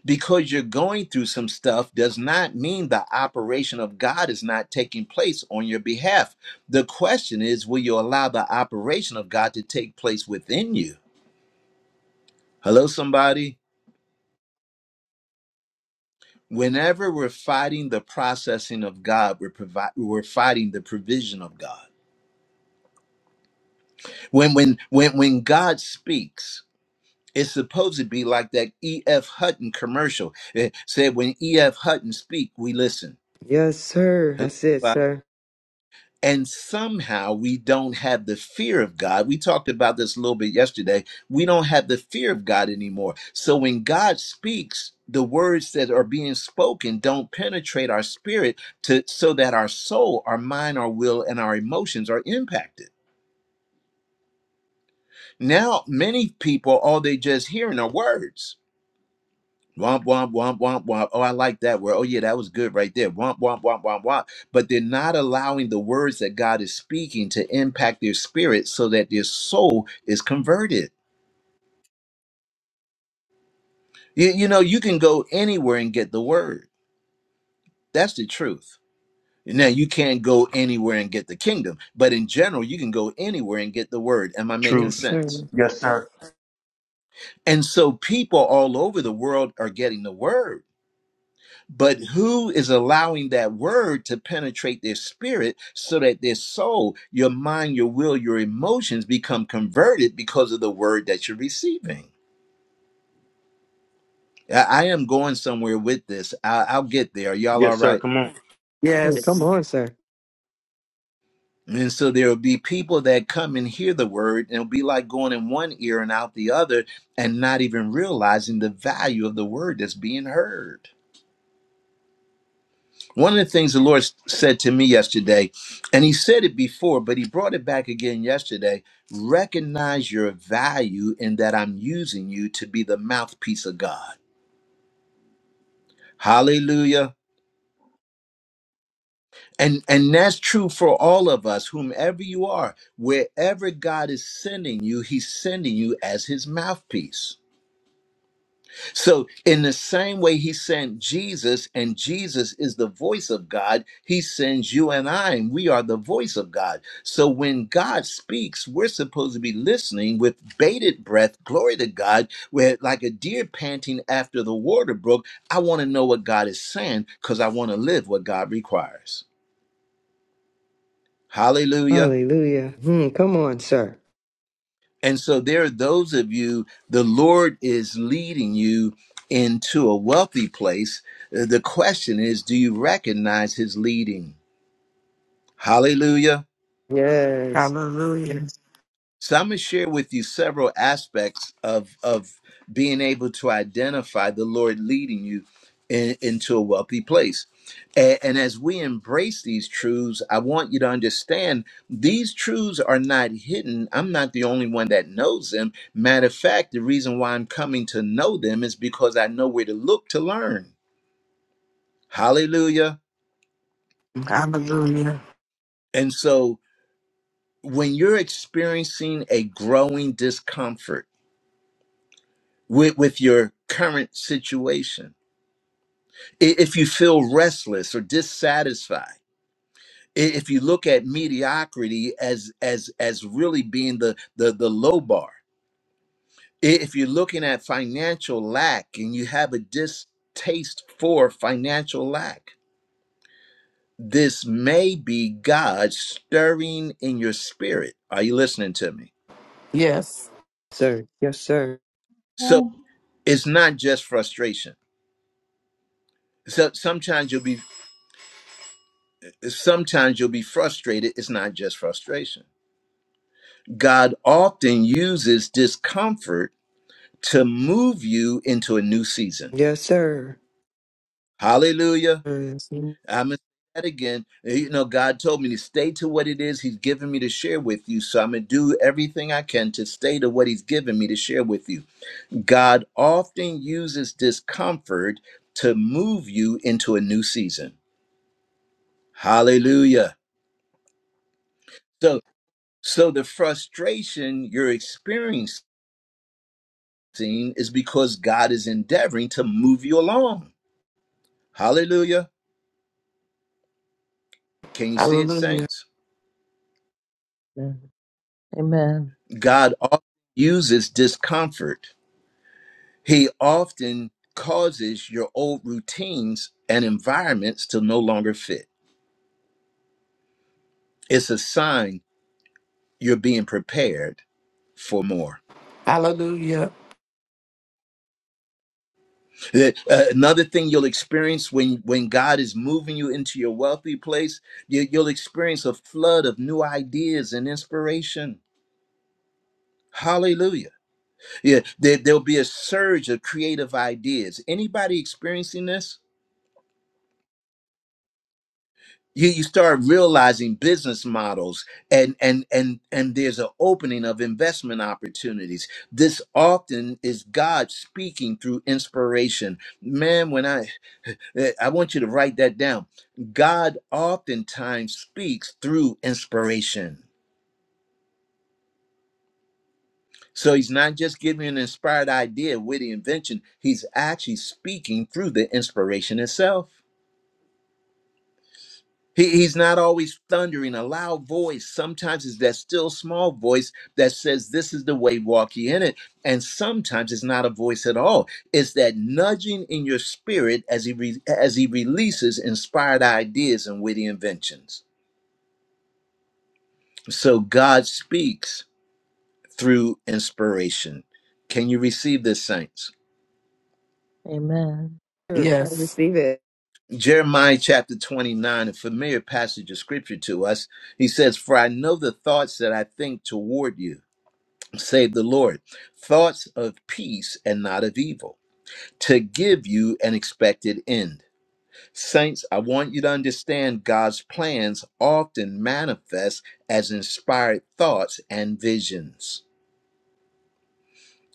S1: Because you're going through some stuff does not mean the operation of God is not taking place on your behalf. The question is, will you allow the operation of God to take place within you? Hello, somebody. Whenever we're fighting the processing of God, we're provi- we're fighting the provision of God. When when when when God speaks, it's supposed to be like that E.F. Hutton commercial. It said when E.F. Hutton speak, we listen.
S6: Yes, sir. That's it,
S1: Hello?
S6: sir.
S1: and somehow we don't have the fear of God. We talked about this a little bit yesterday. We don't have the fear of God anymore. So when God speaks, the words that are being spoken don't penetrate our spirit to so that our soul, our mind, our will, and our emotions are impacted. Now, many people all they just hearing are words Womp womp womp womp womp. Oh, I like that word. Oh yeah, that was good right there. Womp womp womp womp womp. But they're not allowing the words that God is speaking to impact their spirit so that their soul is converted. You, you know, you can go anywhere and get the word. That's the truth. Now you can't go anywhere and get the kingdom, but in general, you can go anywhere and get the word. Am I making
S6: Yes,
S5: Truth.
S1: sense?
S6: sir.
S5: Yes, sir.
S1: And so people all over the world are getting the word But who is allowing that word to penetrate their spirit so that their soul, your mind, your will, your emotions become converted because of the word that you're receiving? I I am going somewhere with this. I- I'll get there. Are Y'all all
S5: Yes, sir.
S1: right?
S5: Come on.
S6: Hmm, Come
S3: Yes.
S6: on, sir.
S1: And so there will be people that come and hear the word, and it'll be like going in one ear and out the other, and not even realizing the value of the word that's being heard. One of the things the Lord said to me yesterday, and He said it before, but He brought it back again yesterday recognize your value in that I'm using you to be the mouthpiece of God. Hallelujah. And, and that's true for all of us, whomever you are, wherever God is sending you, He's sending you as His mouthpiece. So, in the same way he sent Jesus, and Jesus is the voice of God, he sends you and I, and we are the voice of God. So, when God speaks, we're supposed to be listening with bated breath. Glory to God. We're like a deer panting after the water brook. I want to know what God is saying because I want to live what God requires. Hallelujah.
S6: Hallelujah. Hmm, come on, sir.
S1: And so there are those of you, the Lord is leading you into a wealthy place. Uh, The question is, do you recognize his leading? Hallelujah.
S6: Yes,
S3: Hallelujah.
S1: So I'm going to share with you several aspects of of being able to identify the Lord leading you in, into a wealthy place. And, and as we embrace these truths, I want you to understand these truths are not hidden. I'm not the only one that knows them. Matter of fact, the reason why I'm coming to know them is because I know where to look to learn. Hallelujah.
S3: Hallelujah.
S1: And so when you're experiencing a growing discomfort, with, with your current situation. If you feel restless or dissatisfied, if you look at mediocrity as as as really being the the, the low bar, if you're looking at financial lack and you have a distaste for financial lack, this may be God stirring in your spirit. Are you listening to me?
S3: Yes.
S6: sir. Yes, sir.
S1: So
S4: Thank
S1: it's not just frustration. So sometimes you'll be sometimes you'll be frustrated. It's not just frustration. God often uses discomfort to move you into a new season.
S6: Yes, sir.
S1: Hallelujah.
S6: Yes, sir.
S1: I'm going to say that again. You know, God told me to stay to what it is He's given me to share with you. So I'm going to do everything I can to stay to what He's given me to share with you. God often uses discomfort to move you into a new season. Hallelujah. So, so the frustration you're experiencing seen is because God is endeavoring to move you along. Hallelujah. Can you see it,
S3: Hallelujah.
S1: saints?
S2: Amen.
S1: God often uses discomfort, He often causes your old routines and environments to no longer fit. It's a sign you're being prepared for more.
S3: Hallelujah.
S1: Uh, another thing you'll experience when when God is moving you into your wealthy place, you, you'll experience a flood of new ideas and inspiration. Hallelujah Yeah, there, there'll be a surge of creative ideas. Anybody experiencing this? You, you start realizing business models and and and and there's an opening of investment opportunities. This often is God speaking through inspiration. Man, when I eh, I want you to write that down. God oftentimes speaks through inspiration. So he's not just giving an inspired idea, witty invention. He's actually speaking through the inspiration itself. He, he's not always thundering, a loud voice. Sometimes it's that still small voice that says, This is the way, walk ye in it. And sometimes it's not a voice at all. It's that nudging in your spirit as he, re- as he releases inspired ideas and witty inventions. So God speaks through inspiration. Can you receive this, saints?
S2: Amen.
S6: I
S3: Yes.
S6: receive it.
S1: Jeremiah chapter 29, a familiar passage of scripture to us. He says, For I know the thoughts that I think toward you Say the Lord, thoughts of peace and not of evil, to give you an expected end. Saints, I want you to understand God's plans often manifest as inspired thoughts and visions.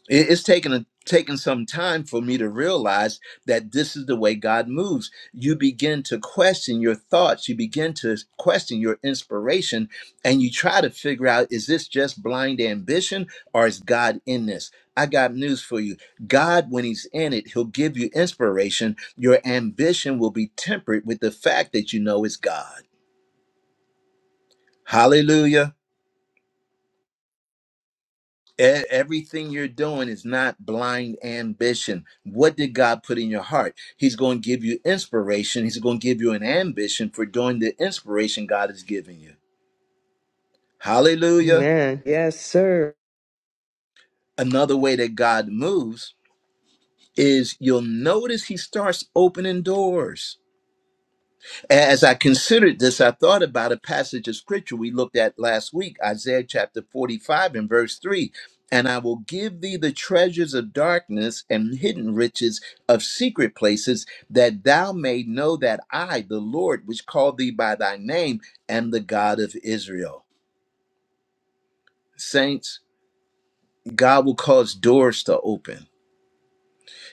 S1: It- It's taken a taken some time for me to realize that this is the way God moves. You begin to question your thoughts, you begin to question your inspiration, and you try to figure out is this just blind ambition or is God in this? I got news for you. God, when He's in it, He'll give you inspiration. Your ambition will be tempered with the fact that you know it's God. Hallelujah. E- Everything you're doing is not blind ambition. What did God put in your heart? He's going to give you inspiration. He's going to give you an ambition for doing the inspiration God is giving you. Hallelujah.
S6: Amen. Yes, sir.
S1: Another way that God moves is you'll notice he starts opening doors. As I considered this, I thought about a passage of scripture we looked at last week, Isaiah chapter 45 and verse 3. And I will give thee the treasures of darkness and hidden riches of secret places, that thou may know that I, the Lord, which called thee by thy name, am the God of Israel. Saints, God will cause doors to open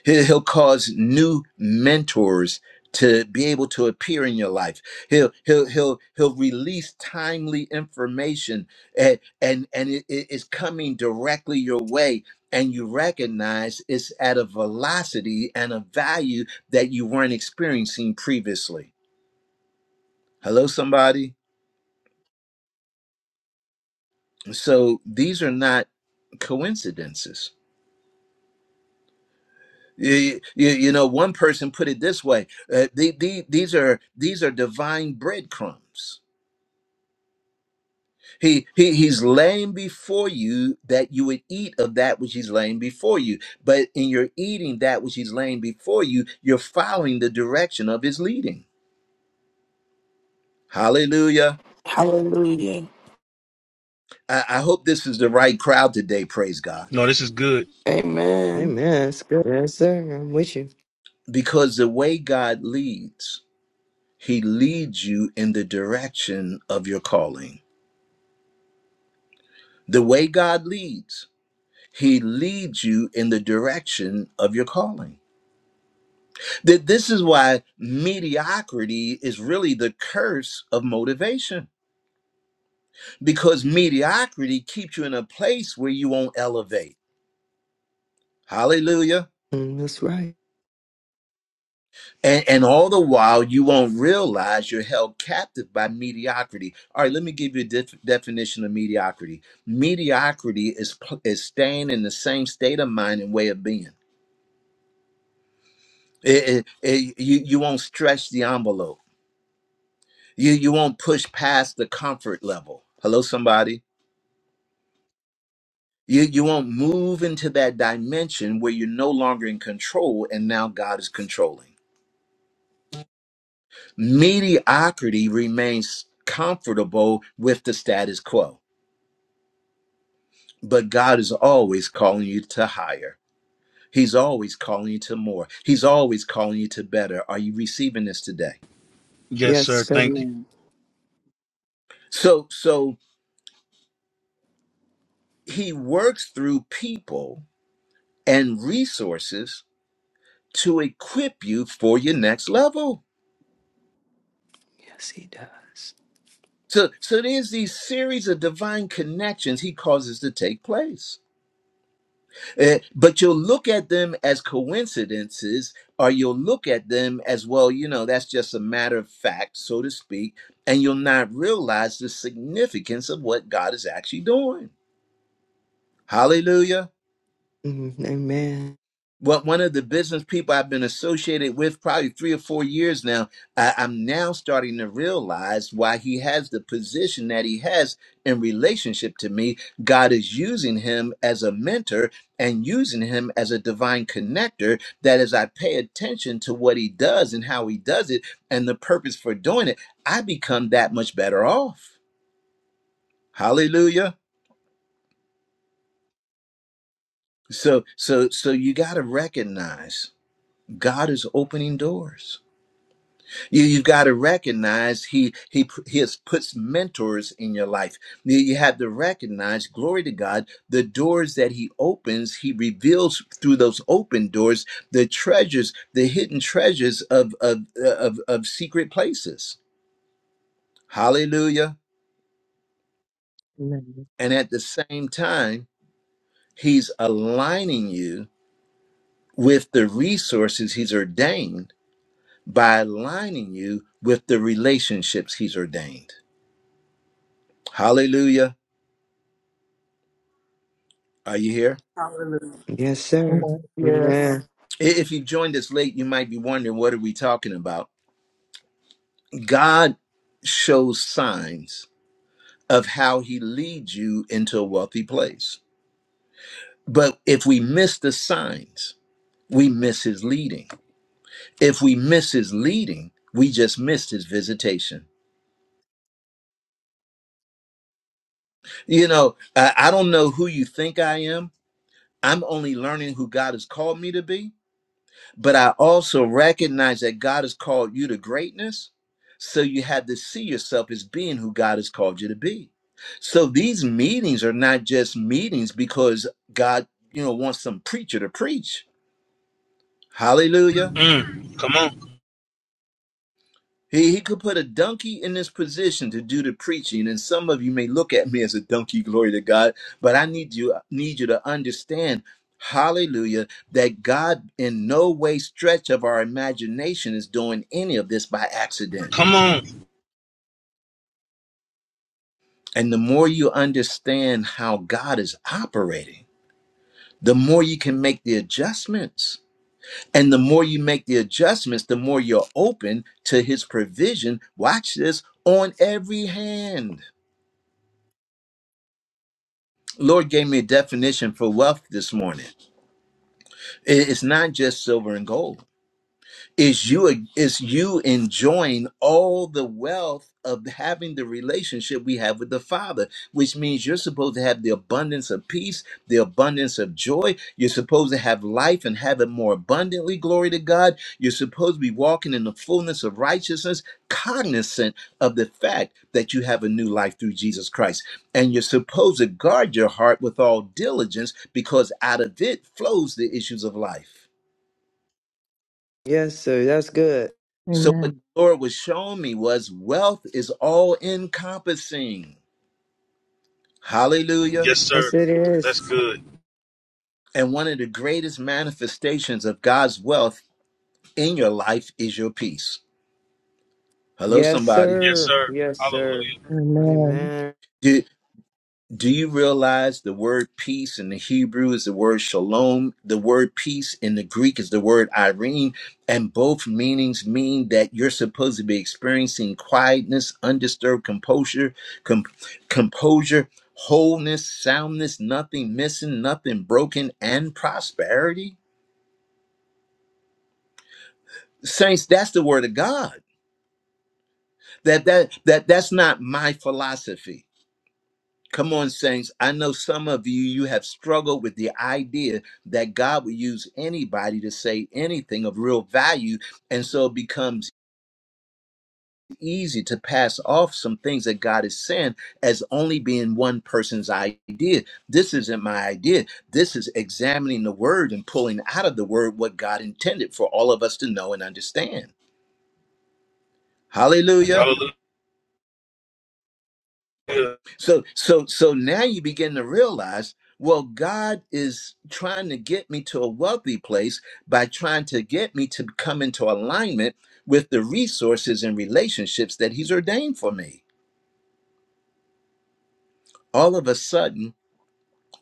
S1: He- He'll cause new mentors to be able to appear in your life. He'll he'll he'll he'll release timely information and and, and it it is coming directly your way and you recognize it's at a velocity and a value that you weren't experiencing previously. Hello somebody. So these are not coincidences you, you, you know one person put it this way uh, the, the, these are these are divine breadcrumbs He, he he's laying before you that you would eat of that which he's laying before you. But in your eating that which he's laying before you, you're following the direction of his leading. Hallelujah.
S3: Hallelujah.
S1: I, I hope this is the right crowd today, praise God.
S5: No, this is good.
S3: Amen.
S6: Amen. That's good. Yes, sir. I'm with you.
S1: Because the way God leads, he leads you in the direction of your calling. The way God leads, he leads you in the direction of your calling. That this is why mediocrity is really the curse of motivation because mediocrity keeps you in a place where you won't elevate. Hallelujah.
S6: Mm, that's right.
S1: And, and all the while, you won't realize you're held captive by mediocrity. All right, let me give you a def- definition of mediocrity. Mediocrity is, pl- is staying in the same state of mind and way of being. It- it- it- you, you won't stretch the envelope, you, you won't push past the comfort level. Hello, somebody You, you won't move into that dimension where you're no longer in control and now God is controlling. Mediocrity remains comfortable with the status quo, but God is always calling you to higher. He's always calling you to more. He's always calling you to better. Are you receiving this today?
S5: Yes,
S6: Yes,
S5: sir.
S6: sir.
S5: Thank you.
S1: So, so he works through people and resources to equip you for your next level.
S6: Yes, he does.
S1: So, so there's these series of divine connections he causes to take place. Eh, but you'll look at them as coincidences, or you'll look at them as, well, you know, that's just a matter of fact, so to speak, and you'll not realize the significance of what God is actually doing. Hallelujah.
S6: Mm, amen.
S1: What one of the business people I've been associated with probably three or four years now, I, I'm now starting to realize why he has the position that he has in relationship to me. God is using him as a mentor and using him as a divine connector. That as I pay attention to what he does and how he does it and the purpose for doing it, I become that much better off. Hallelujah. So, so, so you got to recognize God is opening doors. You you got to recognize he he p- he has puts mentors in your life. You, you have to recognize, glory to God, the doors that he opens, he reveals through those open doors the treasures, the hidden treasures of of uh, of, of secret places. Hallelujah!
S2: Amen.
S1: And at the same time, he's aligning you with the resources he's ordained by aligning you with the relationships he's ordained. Hallelujah! Are you here?
S7: Hallelujah.
S6: Yes, sir.
S2: Amen.
S3: Yes.
S6: Amen.
S1: If you joined us late, you might be wondering what are we talking about? God shows signs of how he leads you into a wealthy place. But if we miss the signs, we miss his leading. If we miss his leading, we just missed his visitation. You know, I, I don't know who you think I am. I'm only learning who God has called me to be. but I also recognize that God has called you to greatness. So you had to see yourself as being who God has called you to be. So these meetings are not just meetings because God, you know, wants some preacher to preach. Hallelujah
S5: Mm, come on.
S1: He, he could put a donkey in this position to do the preaching, and some of you may look at me as a donkey, glory to God, but I need you need you to understand, hallelujah, that God in no way stretch of our imagination is doing any of this by accident.
S5: Come on.
S1: And the more you understand how God is operating, the more you can make the adjustments. And the more you make the adjustments, the more you're open to his provision. Watch this on every hand. Lord gave me a definition for wealth this morning. It's not just silver and gold is you is you enjoying all the wealth of having the relationship we have with the father which means you're supposed to have the abundance of peace the abundance of joy you're supposed to have life and have it more abundantly glory to god you're supposed to be walking in the fullness of righteousness cognizant of the fact that you have a new life through jesus christ and you're supposed to guard your heart with all diligence because out of it flows the issues of life
S6: Yes, sir. That's good.
S1: So what
S2: Amen.
S1: the Lord was showing me was wealth is all encompassing. Hallelujah.
S5: Yes, sir.
S6: Yes, it
S5: That's
S6: is.
S5: good.
S1: And one of the greatest manifestations of God's wealth in your life is your peace. Hello,
S6: Yes,
S1: somebody.
S5: Yes,
S6: sir.
S5: sir.
S6: Yes, sir.
S5: Hallelujah.
S2: Amen.
S6: Amen.
S1: Do, Do you realize the word peace in the Hebrew is the word shalom? The word peace in the Greek is the word irene, and both meanings mean that you're supposed to be experiencing quietness, undisturbed composure, com- composure, wholeness, soundness, nothing missing, nothing broken, and prosperity. Saints, that's the word of God. That that that that's not my philosophy Come on, saints. I know some of you, you have struggled with the idea that God would use anybody to say anything of real value. And so it becomes easy to pass off some things that God is saying as only being one person's idea. This isn't my idea. This is examining the word and pulling out of the word what God intended for all of us to know and understand. Hallelujah.
S5: Hallelujah.
S1: So so so now you begin to realize, well, God is trying to get me to a wealthy place by trying to get me to come into alignment with the resources and relationships that he's ordained for me. All of a sudden,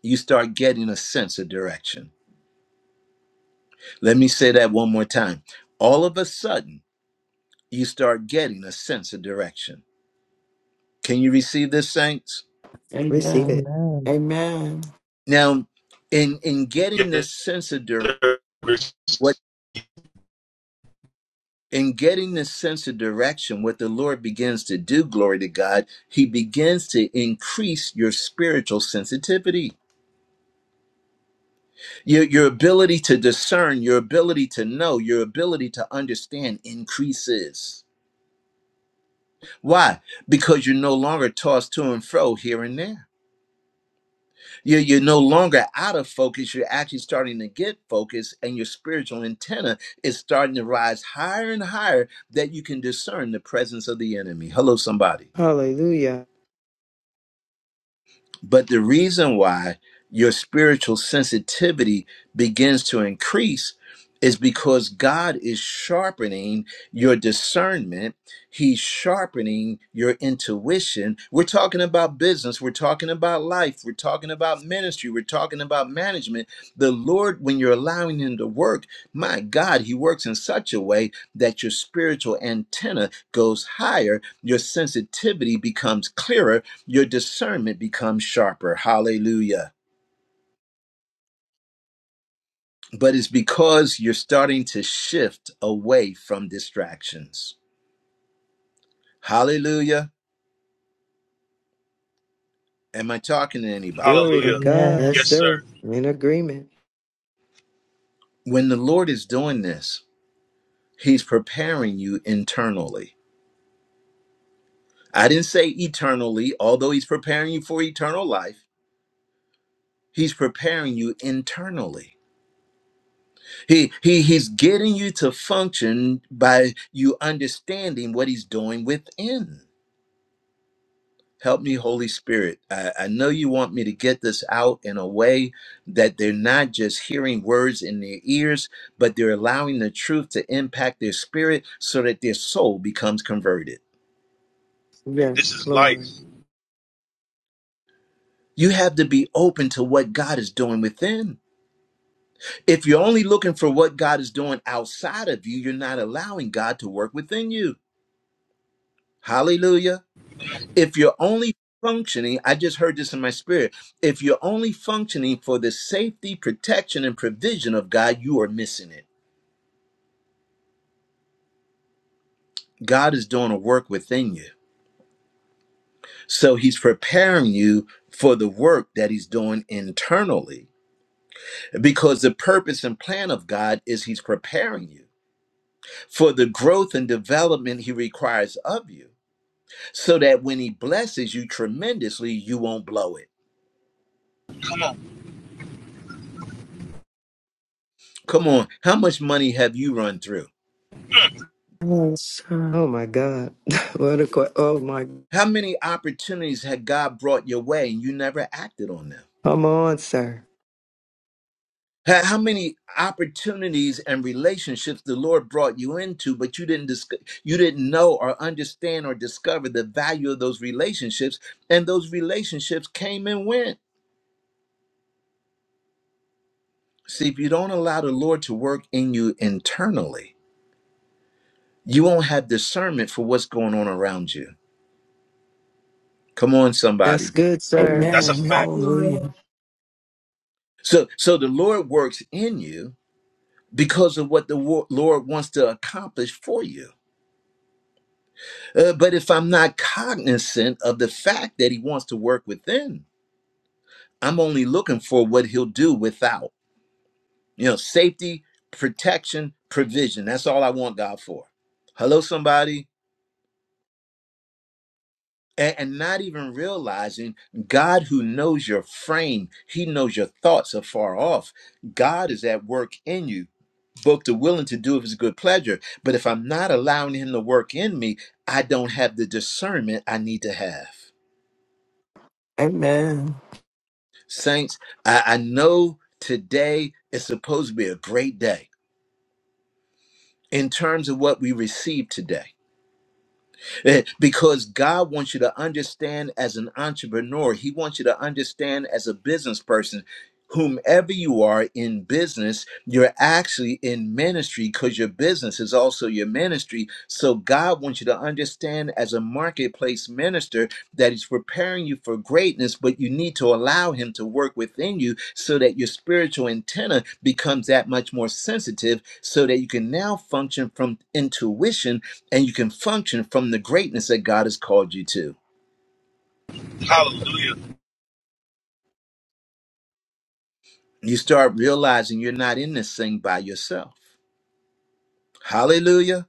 S1: you start getting a sense of direction. Let me say that one more time. All of a sudden, you start getting a sense of direction. Can you receive this, saints?
S6: Receive
S3: Amen.
S6: it.
S2: Amen.
S3: Amen.
S1: Now, in in
S5: Yes,
S1: getting this sense of direction,
S5: sir.
S1: in getting this sense of direction, what the Lord begins to do, glory to God, He begins to increase your spiritual sensitivity, your, your ability to discern, your ability to know, your ability to understand increases. Why? Because you're no longer tossed to and fro here and there. You're, you're no longer out of focus. You're actually starting to get focused, and your spiritual antenna is starting to rise higher and higher that you can discern the presence of the enemy. Hello, somebody.
S6: Hallelujah.
S1: But the reason why your spiritual sensitivity begins to increase is because God is sharpening your discernment. He's sharpening your intuition. We're talking about business. We're talking about life. We're talking about ministry. We're talking about management. The Lord, when you're allowing Him to work, my God, He works in such a way that your spiritual antenna goes higher. Your sensitivity becomes clearer your discernment becomes sharper. Hallelujah. But it's because you're starting to shift away from distractions. Hallelujah. Am I talking to anybody?
S6: Glory to
S5: Hallelujah.
S6: God. Yes,
S2: Amen.
S5: Yes, sir.
S6: sir. In agreement.
S1: When the Lord is doing this, He's preparing you internally. I didn't say eternally, although He's preparing you for eternal life. He's preparing you internally. He, he he's getting you to function by you understanding what he's doing within. Help me, Holy Spirit. I, I know you want me to get this out in a way that they're not just hearing words in their ears, but they're allowing the truth to impact their spirit so that their soul becomes converted.
S5: This
S6: Yes,
S5: is life.
S6: Lord.
S1: You have to be open to what God is doing within. If you're only looking for what God is doing outside of you, you're not allowing God to work within you. Hallelujah. if you're only functioning, I just heard this in my spirit. If you're only functioning for the safety, protection, and provision of God, you are missing it. God is doing a work within you. So he's preparing you for the work that he's doing internally because the purpose and plan of God is he's preparing you for the growth and development he requires of you so that when he blesses you tremendously, you won't blow it.
S5: Come on.
S1: Come on, how much money have you run through?
S6: Yes, sir. Oh, my God. what a que- Oh, my.
S1: How many opportunities had God brought your way and you never acted on them?
S6: Come on, sir.
S1: How how many opportunities and relationships the Lord brought you into, but you didn't disco- you didn't know or understand or discover the value of those relationships, and those relationships came and went. See, if you don't allow the Lord to work in you internally, you won't have discernment for what's going on around you. Come on,
S6: That's
S1: somebody.
S6: good, sir.
S5: That's a
S3: Amen.
S5: fact.
S4: you,
S3: Hallelujah.
S1: So, so the Lord works in you because of what the wo- Lord wants to accomplish for you. Uh, but if I'm not cognizant of the fact that he wants to work within, I'm only looking for what he'll do without. You know, safety, protection, provision. That's all I want God for. Hello, somebody. A- And not even realizing God, who knows your frame, He knows your thoughts are far off. God is at work in you, both the willing to do of His good pleasure. But if I'm not allowing Him to work in me, I don't have the discernment I need to have.
S3: Amen.
S1: Saints, I, I know today is supposed to be a great day in terms of what we receive today. Eh, because God wants you to understand as an entrepreneur, He wants you to understand as a business person. Whomever you are in business, you're actually in ministry because your business is also your ministry. So, God wants you to understand as a marketplace minister that He's preparing you for greatness, but you need to allow Him to work within you so that your spiritual antenna becomes that much more sensitive so that you can now function from intuition and you can function from the greatness that God has called you to.
S5: Hallelujah.
S1: You start realizing you're not in this thing by yourself. Hallelujah.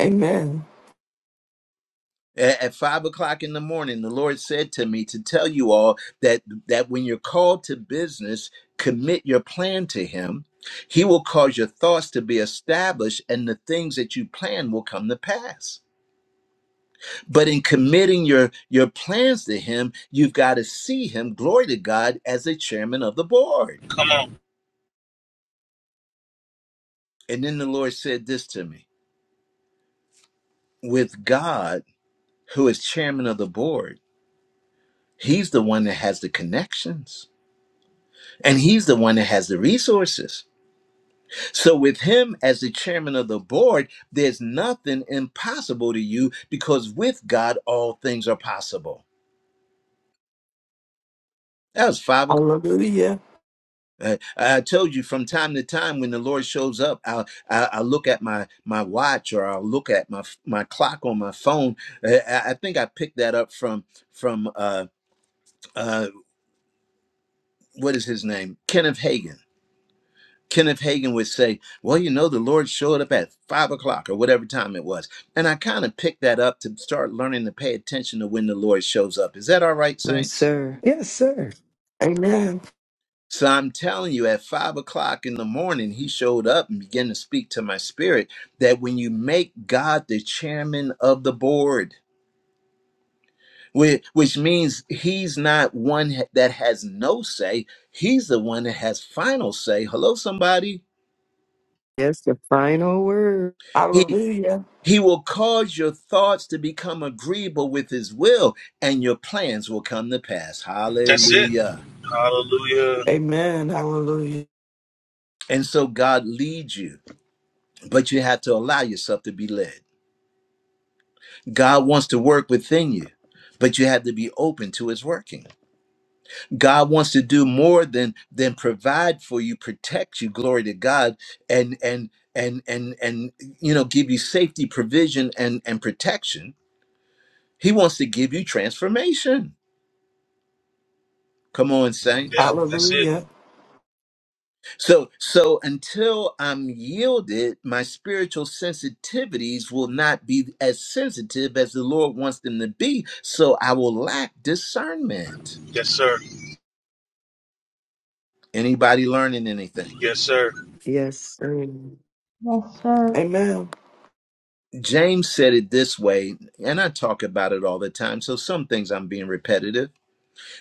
S3: Amen.
S1: A- At five o'clock in the morning, the Lord said to me to tell you all that, that when you're called to business, commit your plan to Him. He will cause your thoughts to be established, and the things that you plan will come to pass. But in committing your, your plans to Him, you've got to see Him, glory to God, as the chairman of the board.
S5: Come on.
S1: And then the Lord said this to me with God, who is chairman of the board, he's the one that has the connections and he's the one that has the resources. So, with him as the chairman of the board, there's nothing impossible to you because with God, all things are possible. That was five o'clock.
S3: Hallelujah.
S1: Uh, I told you from time to time when the Lord shows up, I'll, I'll, I'll look at my, my watch or I'll look at my my clock on my phone. Uh, I, I think I picked that up from from uh, uh, what is his name? Kenneth Hagan. Kenneth Hagan would say, Well, you know, the Lord showed up at five o'clock or whatever time it was. And I kind of picked that up to start learning to pay attention to when the Lord shows up. Is that all right,
S6: Yes,
S1: Saints?
S6: sir. Yes, sir.
S3: Amen.
S1: So I'm telling you, at five o'clock in the morning, he showed up and began to speak to my spirit that when you make God the chairman of the board, whi- which means he's not one ha- that has no say, he's the one that has final say. Hello, somebody.
S6: Yes, the final word.
S1: He.
S3: Hallelujah.
S1: He will cause your thoughts to become agreeable with His will, and your plans will come to pass.
S5: That's it.
S1: Hallelujah.
S5: Hallelujah.
S3: Amen. Hallelujah.
S1: And so God leads you, but you have to allow yourself to be led. God wants to work within you, but you have to be open to His working. God wants to do more than than provide for you, protect you. Glory to God, and and and and and you know, give you safety, provision, and and protection. He wants to give you transformation. Come on,
S5: Yeah,
S1: saints.
S5: that's it.
S3: Hallelujah.
S1: So, so until I'm yielded, my spiritual sensitivities will not be as sensitive as the Lord wants them to be. So I will lack discernment.
S5: Yes, sir.
S1: Anybody learning anything?
S5: Yes, sir.
S6: Yes, sir.
S4: Yes, sir.
S3: Amen.
S1: James said it this way, and I talk about it all the time. So some things I'm being repetitive.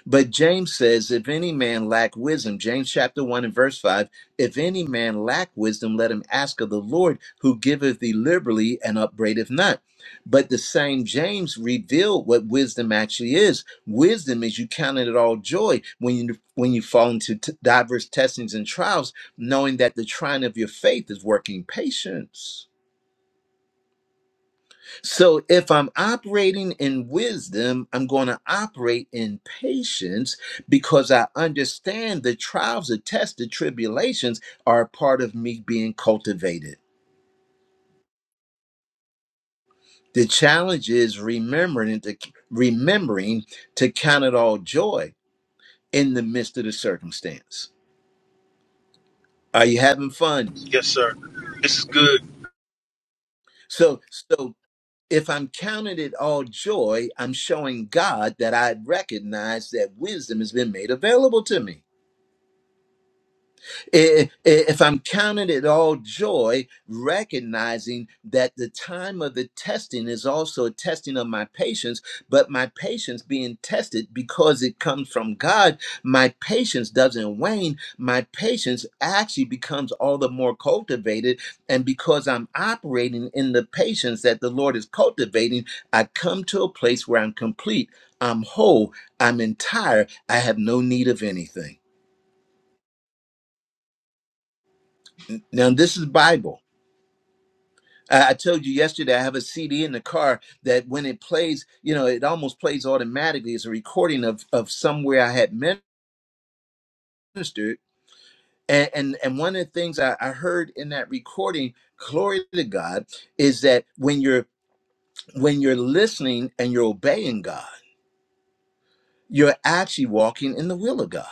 S1: But James says, if any man lack wisdom, James chapter 1 and verse 5, if any man lack wisdom, let him ask of the Lord, who giveth thee liberally and upbraideth not. But the same James revealed what wisdom actually is. Wisdom is you counting it all joy when you when you fall into t- diverse testings and trials, knowing that the trying of your faith is working patience. So if I'm operating in wisdom, I'm going to operate in patience because I understand the trials, the tests, the tribulations are a part of me being cultivated. The challenge is remembering to remembering to count it all joy in the midst of the circumstance. Are you having fun?
S5: Yes, sir. This is good.
S1: So so if I'm counting it all joy, I'm showing God that I recognize that wisdom has been made available to me. I- i- If I'm counting it all joy, recognizing that the time of the testing is also a testing of my patience, but my patience being tested because it comes from God, my patience doesn't wane. My patience actually becomes all the more cultivated. And because I'm operating in the patience that the Lord is cultivating, I come to a place where I'm complete, I'm whole, I'm entire, I have no need of anything. Now, this is Bible I I told you yesterday I have a CD in the car that when it plays, you know, it almost plays automatically. It's a recording of of somewhere I had ministered. And and, and one of the things I, I heard in that recording, glory to God, is that when you're when you're listening and you're obeying God, you're actually walking in the will of God.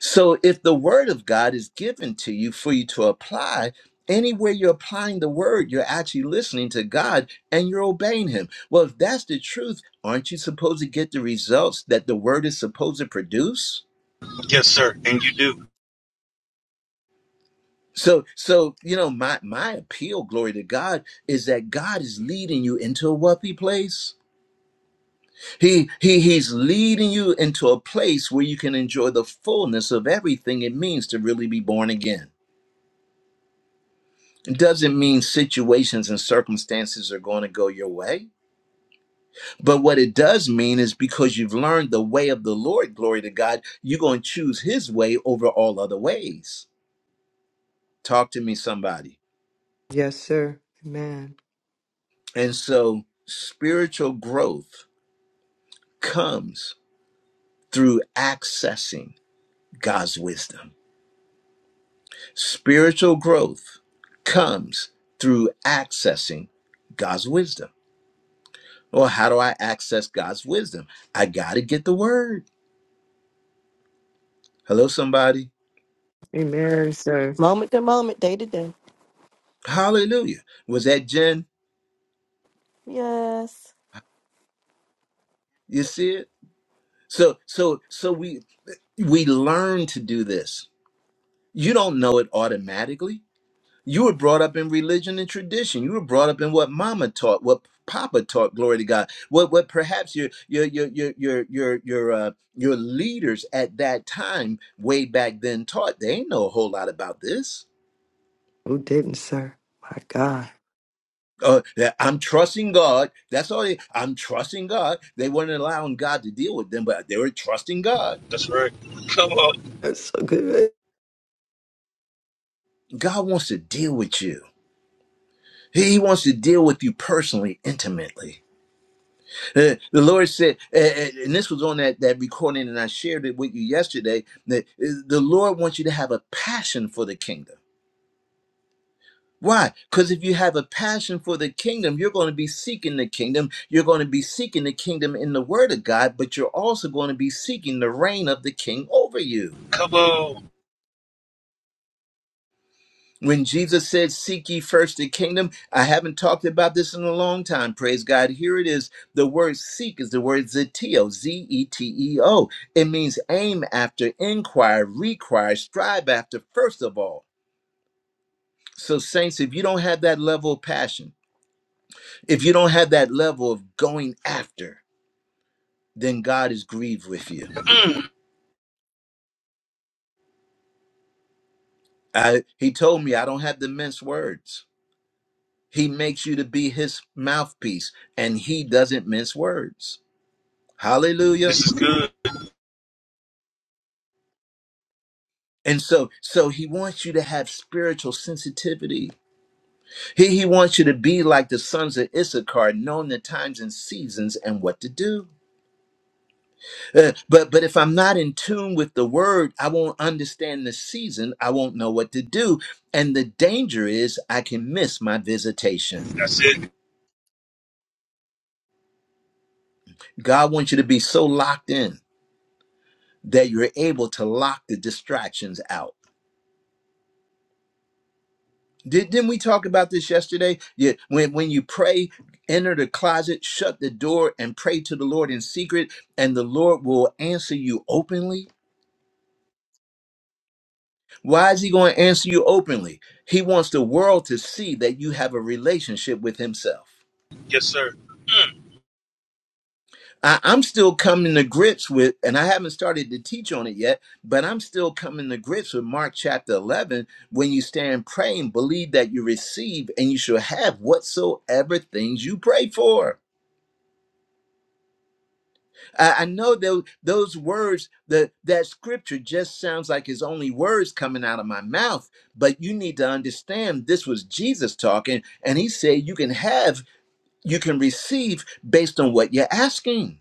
S1: So if the word of God is given to you for you to apply, anywhere you're applying the word, you're actually listening to God and you're obeying him. Well, if that's the truth, aren't you supposed to get the results that the word is supposed to produce?
S5: Yes, sir. And you do.
S1: So so you know my my appeal glory to God is that God is leading you into a wealthy place. He he he's leading you into a place where you can enjoy the fullness of everything it means to really be born again. It doesn't mean situations and circumstances are going to go your way. But what it does mean is because you've learned the way of the Lord, glory to God, you're going to choose his way over all other ways. Talk to me, somebody.
S6: Yes, sir. Amen.
S1: And so spiritual growth comes through accessing God's wisdom. Spiritual growth comes through accessing God's wisdom. Well, how do I access God's wisdom? I got to get the word. Hello, somebody.
S6: Amen, sir.
S8: Moment to moment, day to day.
S1: Hallelujah. Was that Jen?
S8: Yes.
S1: You see it? So so so we we learn to do this. You don't know it automatically. You were brought up in religion and tradition. You were brought up in what mama taught, what papa taught, glory to God. What what perhaps your your your your your your your uh your leaders at that time way back then taught. They ain't know a whole lot about this
S6: Who didn't, sir? My God.
S1: uh, that I'm trusting God. That's all. They, I'm trusting God. They weren't allowing God to deal with them, but they were trusting God.
S5: That's right. Come on.
S6: That's so good.
S1: God wants to deal with you. He wants to deal with you personally, intimately. Uh, the Lord said, uh, uh, and this was on that, that recording, and I shared it with you yesterday, that uh, the Lord wants you to have a passion for the kingdom. Why? Because if you have a passion for the kingdom, you're going to be seeking the kingdom. You're going to be seeking the kingdom in the word of God, but you're also going to be seeking the reign of the king over you.
S5: Come on.
S1: When Jesus said, Seek ye first the kingdom, I haven't talked about this in a long time. Praise God. Here it is. The word seek is the word zeteo, Z E T E O. It means aim after, inquire, require, strive after, first of all. So, saints, if you don't have that level of passion, if you don't have that level of going after, then God is grieved with you.
S5: Mm,
S1: I, he told me I don't have to mince words. He makes you to be his mouthpiece, and he doesn't mince words.
S5: this
S1: Hallelujah.
S5: is good.
S1: And so, so he wants you to have spiritual sensitivity. He, he wants you to be like the sons of Issachar, knowing the times and seasons and what to do. Uh, but but if I'm not in tune with the word, I won't understand the season. I won't know what to do, and the danger is I can miss my visitation.
S5: That's it.
S1: God wants you to be so locked in that you're able to lock the distractions out. Did, didn't we talk about this yesterday? Yeah, when when you pray, enter the closet, shut the door, and pray to the Lord in secret, and the Lord will answer you openly. Why is he going to answer you openly? He wants the world to see that you have a relationship with himself.
S5: Yes, sir.
S1: I, I'm still coming to grips with, and I haven't started to teach on it yet, but I'm still coming to grips with Mark chapter 11. When you stand praying, believe that you receive and you shall have whatsoever things you pray for. I, I know those those words, that that scripture just sounds like his only words coming out of my mouth. But you need to understand this was Jesus talking, and he said you can have, you can receive based on what you're asking.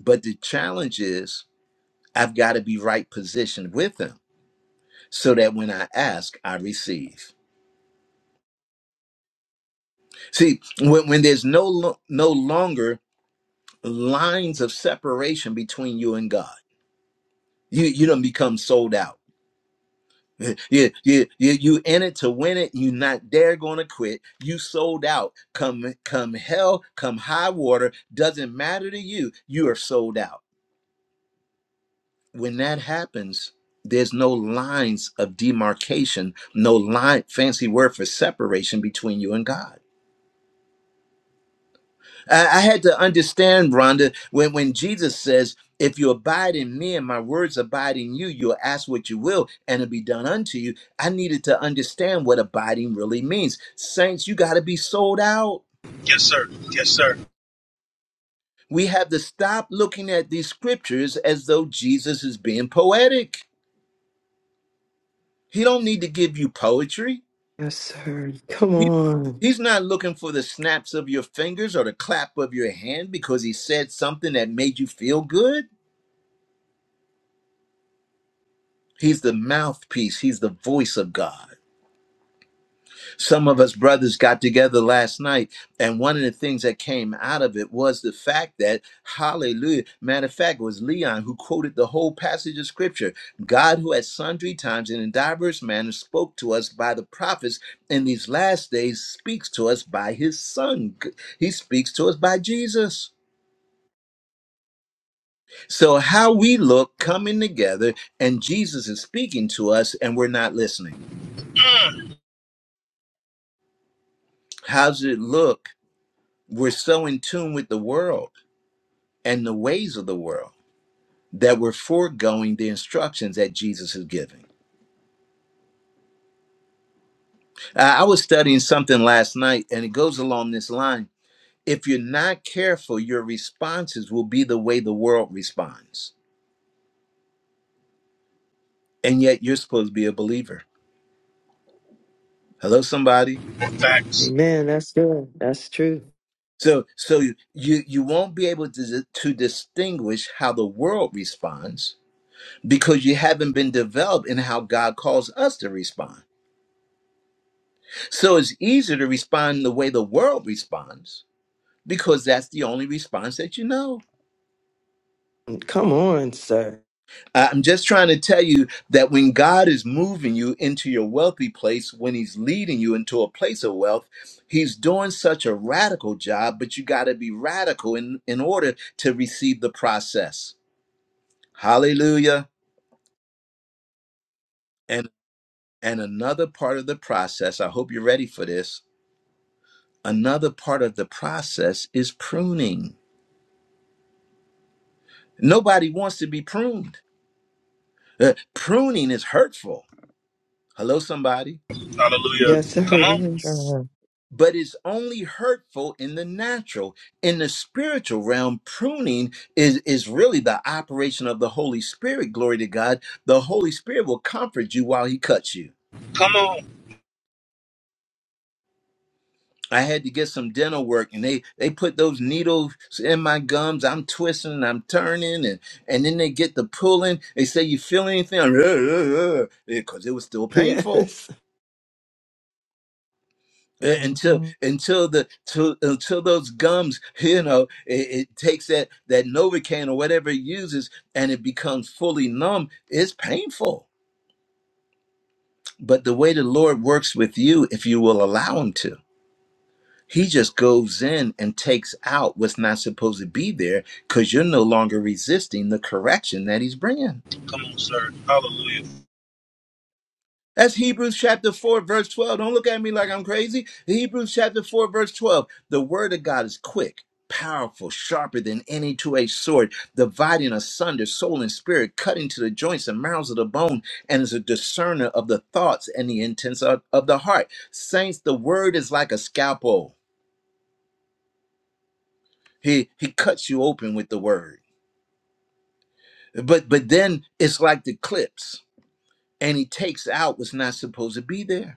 S1: But the challenge is I've got to be right positioned with him so that when I ask, I receive. See, when, when there's no lo- no longer lines of separation between you and God, you you don't become sold out You, you, you, you in it to win it. You not dare going to quit. You sold out. Come, come hell, come high water. Doesn't matter to you. You are sold out. When that happens, there's no lines of demarcation, no line, fancy word for separation between you and God. I, I had to understand, Rhonda, when, when Jesus says, If you abide in me and my words abide in you, you'll ask what you will and it'll be done unto you. I needed to understand what abiding really means. Saints, you got to be sold out.
S5: Yes, sir. Yes, sir.
S1: We have to stop looking at these scriptures as though Jesus is being poetic. He don't need to give you poetry.
S6: Yes, sir. Come
S1: He-
S6: on.
S1: He's not looking for the snaps of your fingers or the clap of your hand because he said something that made you feel good. He's the mouthpiece, he's the voice of God. Some of us brothers got together last night, and one of the things that came out of it was the fact that, hallelujah, matter of fact, it was Leon who quoted the whole passage of scripture God, who at sundry times and in diverse manners spoke to us by the prophets, in these last days speaks to us by his son. He speaks to us by Jesus. So, how we look coming together, and Jesus is speaking to us, and we're not listening. How's it look? we're so in tune with the world and the ways of the world that we're foregoing the instructions that Jesus is giving. I I was studying something last night, and it goes along this line. If you're not careful, your responses will be the way the world responds. And yet you're supposed to be a believer. Hello, somebody.
S5: Facts.
S6: Amen. That's good. That's true.
S1: So so you you won't be able to, to distinguish how the world responds because you haven't been developed in how God calls us to respond. So it's easier to respond the way the world responds because that's the only response that you know.
S6: Come on, sir.
S1: I- I'm just trying to tell you that when God is moving you into your wealthy place, when He's leading you into a place of wealth, He's doing such a radical job, but you got to be radical in, in order to receive the process. Hallelujah. And and another part of the process, I hope you're ready for this. Another part of the process is pruning. Nobody wants to be pruned. Uh, pruning is hurtful. Hello, somebody.
S5: Hallelujah.
S6: Yes, sir,
S5: Come
S6: it
S5: on.
S6: is.
S2: Sure.
S1: But it's only hurtful in the natural. In the spiritual realm, pruning is, is really the operation of the Holy Spirit. Glory to God. The Holy Spirit will comfort you while He cuts you.
S5: Come on.
S1: I had to get some dental work and they, they put those needles in my gums. I'm twisting and I'm turning and, and then they get the pulling. They say, you feel anything? Because it was still painful.
S6: Yes.
S1: Uh, until
S2: hmm
S1: until the till, until those gums you know it, it takes that that novocaine or whatever it uses and it becomes fully numb it's painful but the way the lord works with you if you will allow him to he just goes in and takes out what's not supposed to be there because you're no longer resisting the correction that he's bringing
S5: Come on, sir. Hallelujah.
S1: That's Hebrews chapter 4, verse 12. Don't look at me like I'm crazy. Hebrews chapter 4, verse 12. The word of God is quick, powerful, sharper than any two edged sword, dividing asunder soul and spirit, cutting to the joints and marrows of the bone, and is a discerner of the thoughts and the intents of, of the heart. Saints, the word is like a scalpel. He, he cuts you open with the word. But, but then it's like the clips, and he takes out what's not supposed to be there.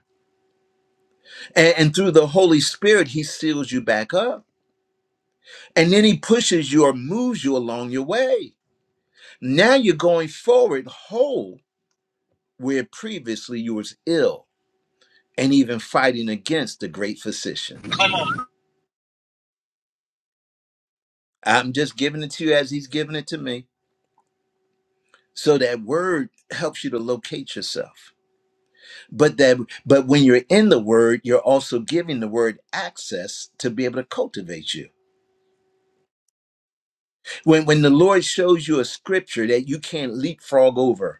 S1: And, and through the Holy Spirit, He seals you back up. And then He pushes you or moves you along your way. Now you're going forward whole, where previously you was ill and even fighting against the great physician.
S5: Come on.
S1: I'm just giving it to you as He's giving it to me. So that word helps you to locate yourself. But that but when you're in the word, you're also giving the word access to be able to cultivate you. When when the Lord shows you a scripture that you can't leapfrog over,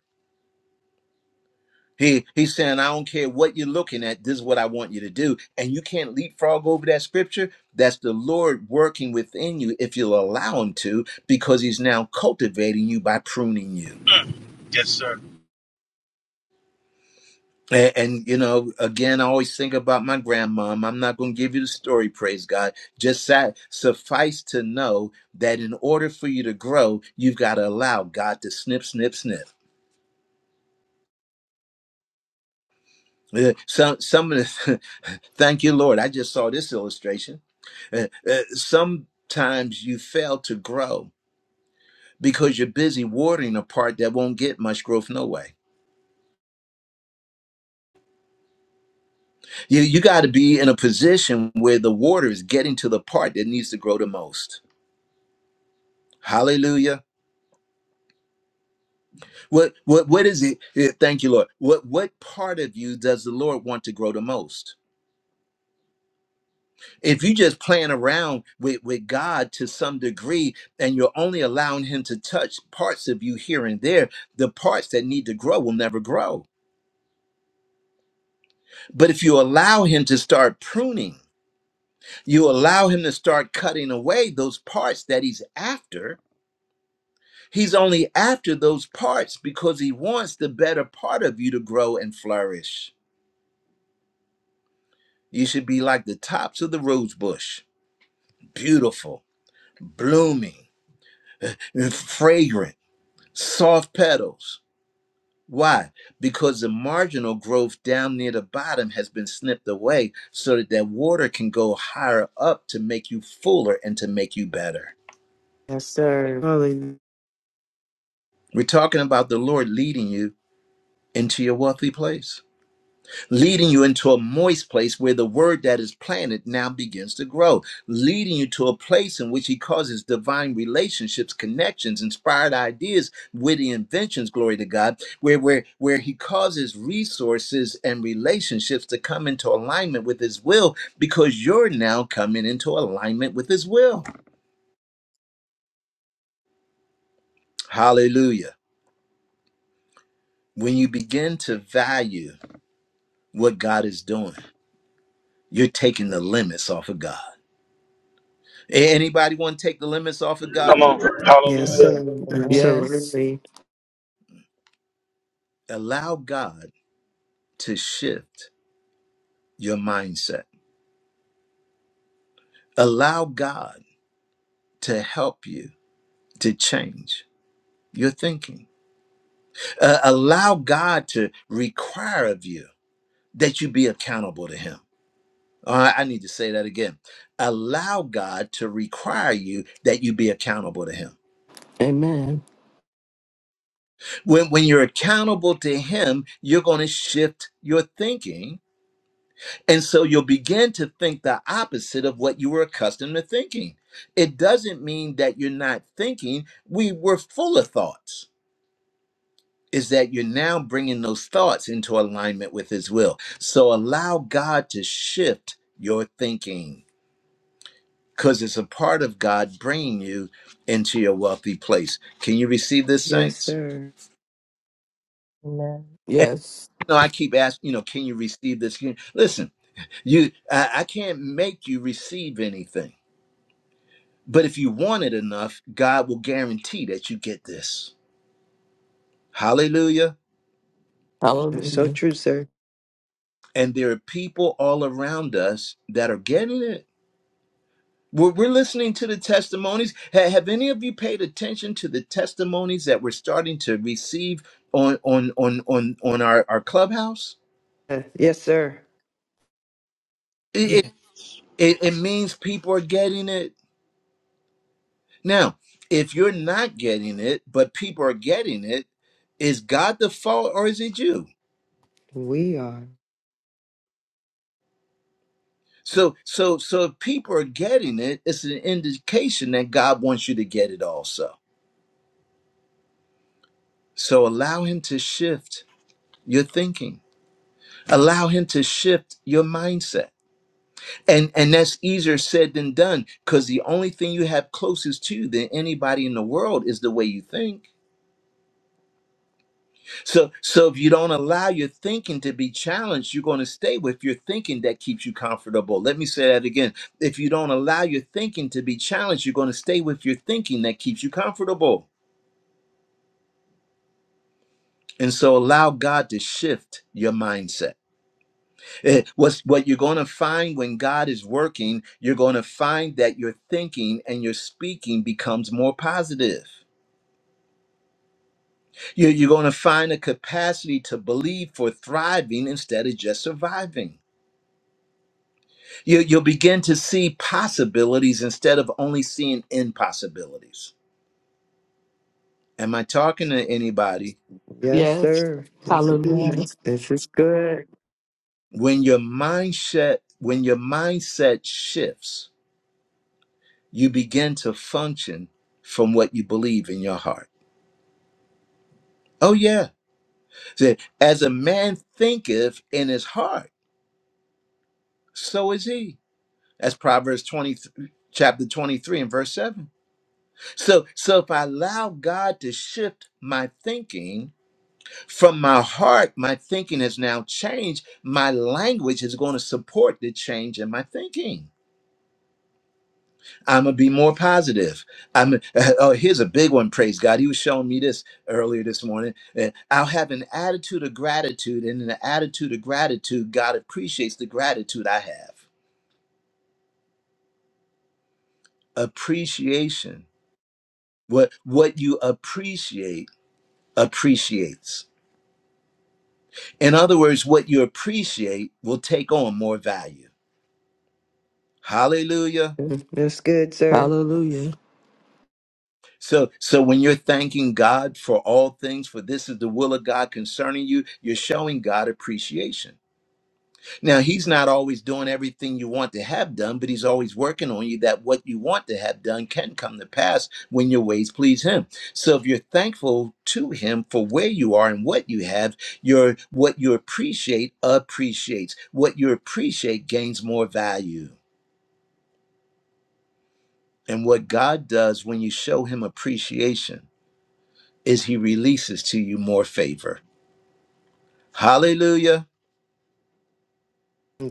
S1: He he's saying, I don't care what you're looking at, this is what I want you to do. And you can't leapfrog over that scripture. That's the Lord working within you if you'll allow him to, because he's now cultivating you by pruning you.
S5: Mm. Yes, sir.
S1: And, and you know, again, I always think about my grandmom. I'm not going to give you the story, praise God. Just sa- suffice to know that in order for you to grow, you've got to allow God to snip, snip, snip. Uh, some some of the thank you lord i just saw this illustration Uh, uh, sometimes you fail to grow because you're busy watering a part that won't get much growth no way you, you got to be in a position where the water is getting to the part that needs to grow the most hallelujah what what what is it uh, thank you lord what what part of you does the lord want to grow the most If you just playing around with, with God to some degree and you're only allowing him to touch parts of you here and there, the parts that need to grow will never grow. But if you allow him to start pruning, you allow him to start cutting away those parts that he's after, he's only after those parts because he wants the better part of you to grow and flourish. You should be like the tops of the rose bush, beautiful, blooming, fragrant, soft petals Why? Because the marginal growth down near the bottom has been snipped away so that that water can go higher up to make you fuller and to make you better.
S6: Yes, sir. Hallelujah.
S1: We're talking about the Lord leading you into your wealthy place. leading you into a moist place where the word that is planted now begins to grow, leading you to a place in which he causes divine relationships, connections, inspired ideas, witty inventions, glory to God, where where where he causes resources and relationships to come into alignment with his will because you're now coming into alignment with his will. Hallelujah. When you begin to value what God is doing, you're taking the limits off of God. A- Anybody want to take the limits off of
S5: Come
S1: God?
S5: on.
S6: Yes,
S5: Hallelujah.
S6: sir.
S2: Amen.
S3: Yes.
S6: Absolutely.
S1: Allow God to shift your mindset. Allow God to help you to change your thinking. Uh, allow God to require of you that you be accountable to Him. All right, I need to say that again. Allow God to require you that you be accountable to Him.
S3: Amen.
S1: When, when you're accountable to Him, you're going to shift your thinking And so you'll begin to think the opposite of what you were accustomed to thinking. It doesn't mean that you're not thinking. We were full of thoughts. Is that you're now bringing those thoughts into alignment with His will. So allow God to shift your thinking because it's a part of God bringing you into your wealthy place. Can you receive this,
S6: Yes,
S1: saints?
S6: sir.
S2: Amen.
S1: And
S3: Yes.
S1: you know, I keep asking, you know, can you receive this? Can you- Listen, you, I, I can't make you receive anything But if you want it enough, God will guarantee that you get this. Hallelujah.
S6: That's so
S3: Hallelujah.
S6: true, sir.
S1: And there are people all around us that are getting it. We're, we're listening to the testimonies. Ha- Have any of you paid attention to the testimonies that we're starting to receive on on on on, on our, our clubhouse?
S6: Yes, sir.
S1: It,
S7: Yes.
S1: it it it means people are getting it. Now, if you're not getting it, but people are getting it, is God the fault or is it you?
S6: We are.
S1: So so so if people are getting it, it's an indication that God wants you to get it also. So allow him to shift your thinking. Allow him to shift your mindset. And and that's easier said than done because the only thing you have closest to than anybody in the world is the way you think. So, so if you don't allow your thinking to be challenged, you're going to stay with your thinking that keeps you comfortable. Let me say that again. If you don't allow your thinking to be challenged, you're going to stay with your thinking that keeps you comfortable. And so allow God to shift your mindset. Eh, What's, what you're going to find when God is working, you're going to find that your thinking and your speaking becomes more positive. You- You're going to find a capacity to believe for thriving instead of just surviving You, you'll begin to see possibilities instead of only seeing impossibilities. Am I talking to anybody?
S6: Yes,
S3: Yes.
S6: sir. This
S2: Amen.
S3: Hallelujah.
S6: is, this is good.
S1: When your mindset when your mindset shifts, you begin to function from what you believe in your heart. Oh yeah, Say, as a man thinketh in his heart, so is he. That's Proverbs twenty, chapter twenty three and verse seven. So so if I allow God to shift my thinking From my heart, my thinking has now changed. My language is going to support the change in my thinking. I'm gonna be more positive. I'm. oh, here's a big one. Praise God. He was showing me this earlier this morning. Uh, I'll have an attitude of gratitude, and in an attitude of gratitude, God appreciates the gratitude I have. Appreciation. What what you appreciate appreciates. In other words, what you appreciate will take on more value. Hallelujah.
S6: That's good, sir.
S3: Hallelujah.
S1: So, so when you're thanking God for all things, for this is the will of God concerning you, you're showing God appreciation. Now, He's not always doing everything you want to have done, but He's always working on you that what you want to have done can come to pass when your ways please Him. So, if you're thankful to Him for where you are and what you have, your what you appreciate appreciates. What you appreciate gains more value, and what God does when you show Him appreciation is he releases to you more favor. Hallelujah.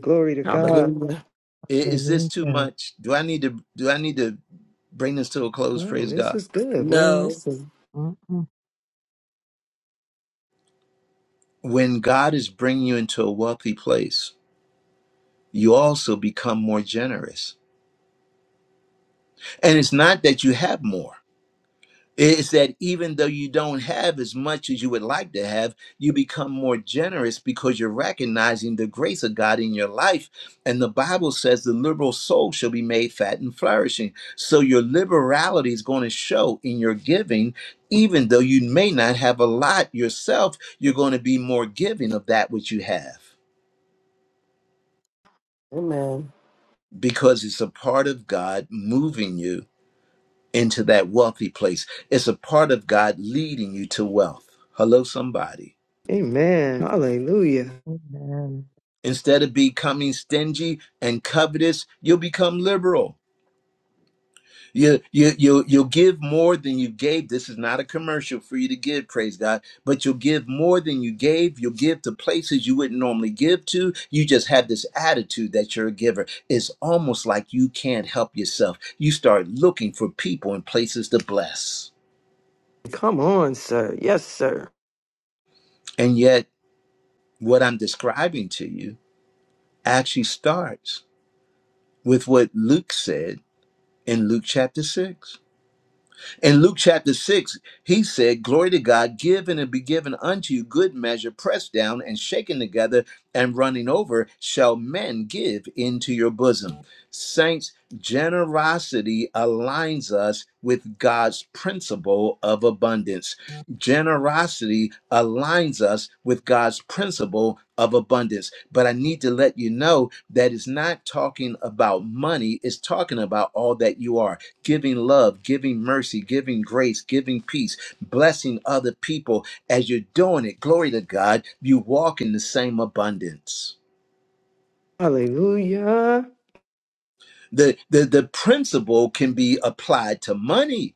S6: Glory to God.
S3: Hallelujah.
S1: I- Is this too
S2: Hallelujah.
S1: much? Do I need to do I need to bring this to a close?
S6: Oh,
S1: Praise
S6: this
S1: God.
S6: is good. We're
S3: No.
S6: listening.
S2: hmm
S1: When God is bringing you into a wealthy place, you also become more generous. And it's not that you have more. is that even though you don't have as much as you would like to have, you become more generous because you're recognizing the grace of God in your life. And the Bible says the liberal soul shall be made fat and flourishing. So your liberality is going to show in your giving, even though you may not have a lot yourself, you're going to be more giving of that which you have
S3: Amen.
S1: because it's a part of God moving you into that wealthy place. It's a part of God leading you to wealth. Hello, somebody.
S6: Amen. Hallelujah.
S2: Amen.
S1: Instead of becoming stingy and covetous, you'll become liberal. You, you, you you'll give more than you gave. This is not a commercial for you to give, praise God, but you'll give more than you gave. You'll give to places you wouldn't normally give to. You just have this attitude that you're a giver. It's almost like you can't help yourself. You start looking for people and places to bless.
S6: Come on, sir. Yes, sir.
S1: And yet, what I'm describing to you actually starts with what Luke said in Luke chapter 6. In Luke chapter 6, he said, Glory to God, give and it'll be given unto you good measure, pressed down and shaken together and running over, shall men give into your bosom. Saints, generosity aligns us with God's principle of abundance. Generosity aligns us with God's principle of abundance. But I need to let you know that it's not talking about money, it's talking about all that you are giving love, giving mercy, giving grace, giving peace, blessing other people. As you're doing it, glory to God, you walk in the same abundance.
S6: Hallelujah.
S1: The, the, the principle can be applied to money.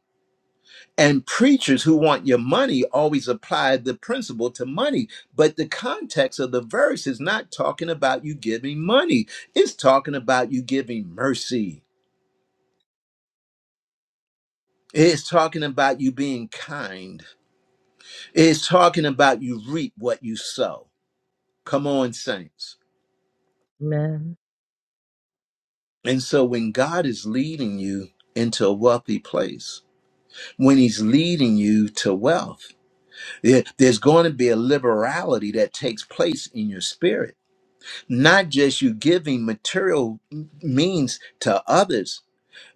S1: And preachers who want your money always apply the principle to money. But the context of the verse is not talking about you giving money, it's talking about you giving mercy. It's talking about you being kind. It's talking about you reap what you sow. Come on, saints.
S2: Amen.
S1: And so when God is leading you into a wealthy place, when he's leading you to wealth, there- there's going to be a liberality that takes place in your spirit. Not just you giving material means to others,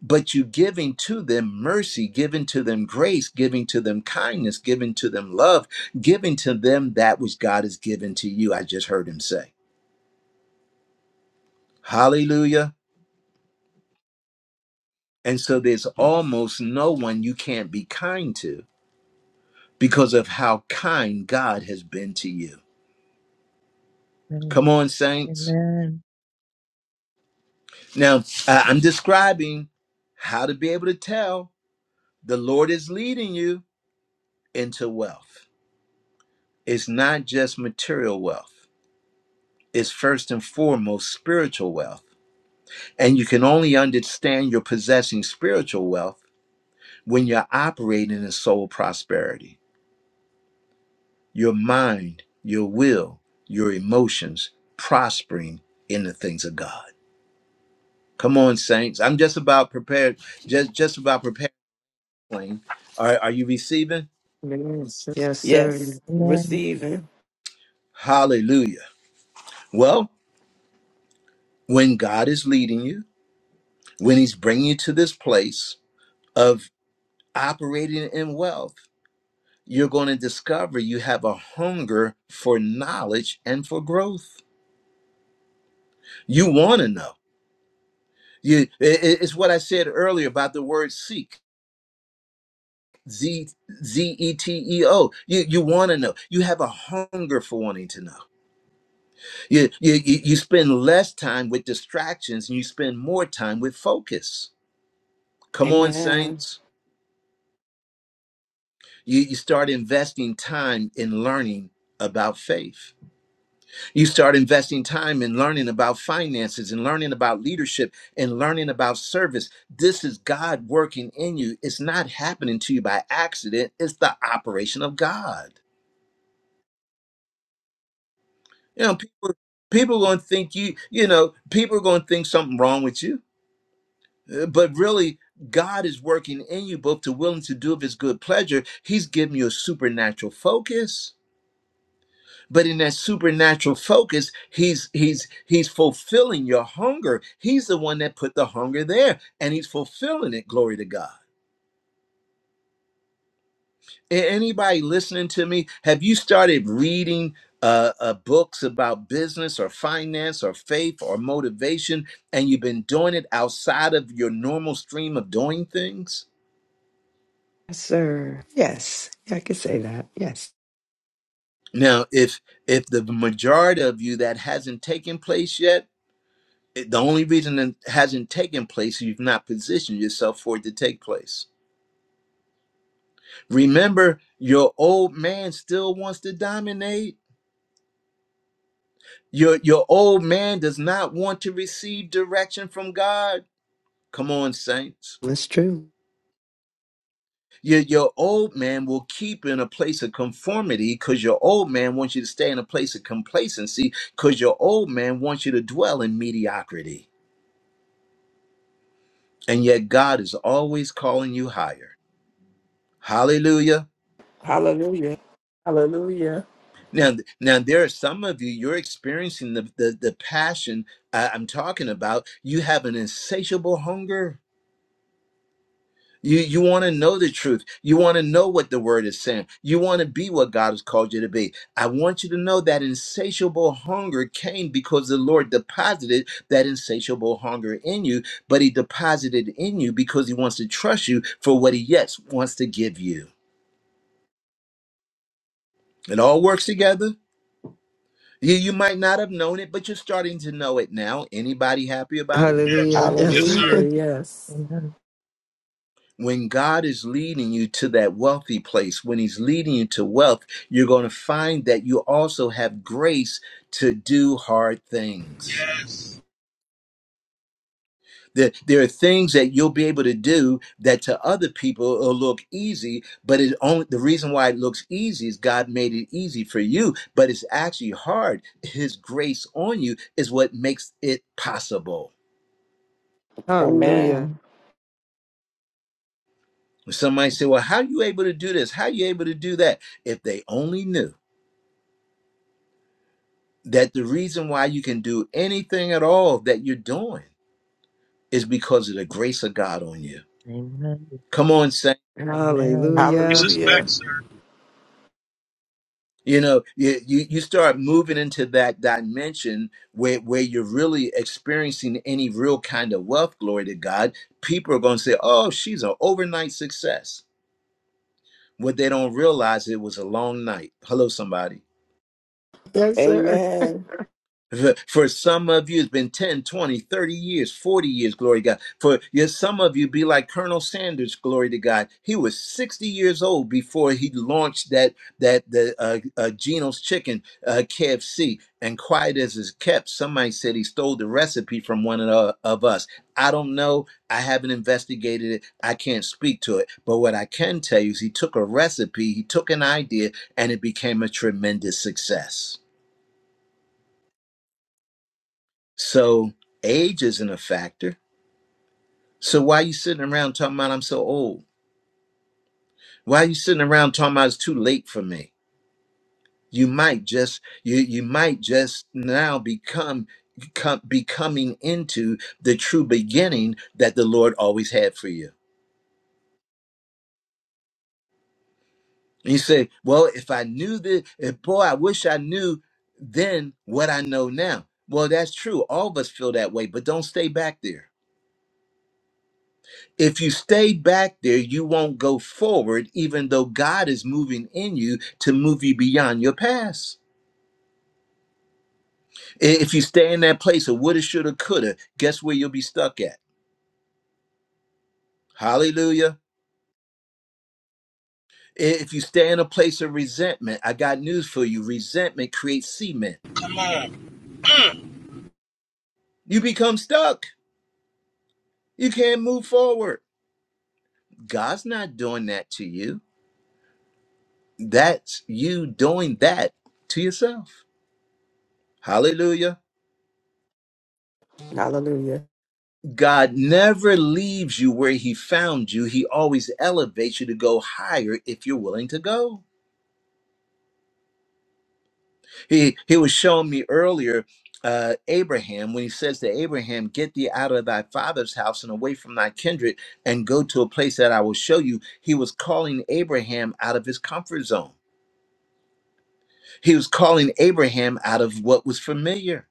S1: but you giving to them mercy, giving to them grace, giving to them kindness, giving to them love, giving to them that which God has given to you. I just heard him say. Hallelujah. And so there's almost no one you can't be kind to because of how kind God has been to you. Come on, saints.
S2: Amen.
S1: Now, I- I'm describing how to be able to tell the Lord is leading you into wealth. It's not just material wealth, it's first and foremost spiritual wealth. And you can only understand you're possessing spiritual wealth when you're operating in soul prosperity. your mind, your will, your emotions prospering in the things of God. Come on, saints. I'm just about prepared, just just about preparing. Are, are you receiving?
S6: Yes, yes, sir.
S3: Yes.
S2: Amen.
S3: Receiving.
S1: Hallelujah. Well, when God is leading you, when He's bringing you to this place of operating in wealth, you're going to discover you have a hunger for knowledge and for growth. You want to know. You, it- it- it's what I said earlier about the word seek Z Z E T E O. You you want to know. You have a hunger for wanting to know. You, you you you spend less time with distractions and you spend more time with focus. Come on,
S3: Amen.
S1: saints. You you start investing time in learning about faith. You start investing time in learning about finances and learning about leadership and learning about service. This is God working in you. It's not happening to you by accident. It's the operation of God. You know, people people are going to think you, you know, people are going to think something wrong with you. Uh, But really, God is working in you both to willing to do of his good pleasure. He's giving you a supernatural focus. But in that supernatural focus, he's he's he's fulfilling your hunger. He's the one that put the hunger there and he's fulfilling it. Glory to God. A- anybody listening to me have you started reading uh, uh books about business or finance or faith or motivation and you've been doing it outside of your normal stream of doing things
S6: Yes, sir. Yes, Yeah, I could say that. Yes,
S1: now if if the majority of you that hasn't taken place yet it- the only reason it hasn't taken place is you've not positioned yourself for it to take place remember your old man still wants to dominate Your your old man does not want to receive direction from God. Come on, saints.
S6: that's true.
S1: Your your old man will keep in a place of conformity because your old man wants you to stay in a place of complacency because your old man wants you to dwell in mediocrity. And yet God is always calling you higher. Hallelujah.
S3: Hallelujah. Hallelujah.
S1: Now, now there are some of you, you're experiencing the, the, the passion I- I'm talking about. You have an insatiable hunger You you want to know the truth. You want to know what the word is saying. You want to be what God has called you to be. I want you to know that insatiable hunger came because the Lord deposited that insatiable hunger in you, but he deposited in you because he wants to trust you for what he yet wants to give you. It all works together. You you might not have known it, but you're starting to know it now. Anybody happy about it?
S5: Yes.
S6: Hallelujah. Yes,
S5: Yes,
S6: sir.
S3: Hallelujah.
S5: sir.
S3: Yes.
S2: Amen.
S1: when God is leading you to that wealthy place, when He's leading you to wealth, you're going to find that you also have grace to do hard things.
S5: Yes.
S1: There, there are things that you'll be able to do that to other people will look easy, but it only the reason why it looks easy is God made it easy for you, but it's actually hard. His grace on you is what makes it possible.
S6: Hallelujah.
S3: Amen.
S1: Somebody say, Well, how are you able to do this? How are you able to do that? If they only knew that the reason why you can do anything at all that you're doing is because of the grace of God on you.
S2: Amen. Amen.
S1: Come on, Saint.
S2: Amen.
S5: It's
S6: Hallelujah.
S5: his back,
S3: Hallelujah.
S5: sir.
S1: You know, you, you, you start moving into that dimension where, where you're really experiencing any real kind of wealth, glory to God. People are going to say, oh, she's an overnight success. What they don't realize, it was a long night. Hello, somebody
S6: Yes, sir.
S3: Amen.
S1: For some of you, it's been 10, 20, thirty years, 40 years, glory to God. For yes, some of you, be like Colonel Sanders, glory to God. He was 60 years old before he launched that, that the uh, uh, Geno's Chicken uh, KFC. And quiet as is kept, somebody said he stole the recipe from one of, the- of us. I don't know. I haven't investigated it. I can't speak to it. But what I can tell you is he took a recipe, he took an idea, and it became a tremendous success. So age isn't a factor. So why are you sitting around talking about I'm so old? Why are you sitting around talking about it's too late for me? You might just you you might just now become become becoming into the true beginning that the Lord always had for you. And you say, well, if I knew this, if, boy, I wish I knew then what I know now. Well, that's true. All of us feel that way, but don't stay back there If you stay back there, you won't go forward, even though God is moving in you to move you beyond your past. If you stay in that place of woulda, shoulda, coulda, guess where you'll be stuck at? Hallelujah. If you stay in a place of resentment, I got news for you. Resentment creates cement.
S5: Come on.
S1: You become stuck. You can't move forward. God's not doing that to you. That's you doing that to yourself. Hallelujah.
S3: Hallelujah.
S1: God never leaves you where he found you. He always elevates you to go higher if you're willing to go. He he was showing me earlier uh Abraham when he says to Abraham, "Get thee out of thy father's house and away from thy kindred and go to a place that I will show you." He was calling Abraham out of his comfort zone. He was calling Abraham out of what was familiar.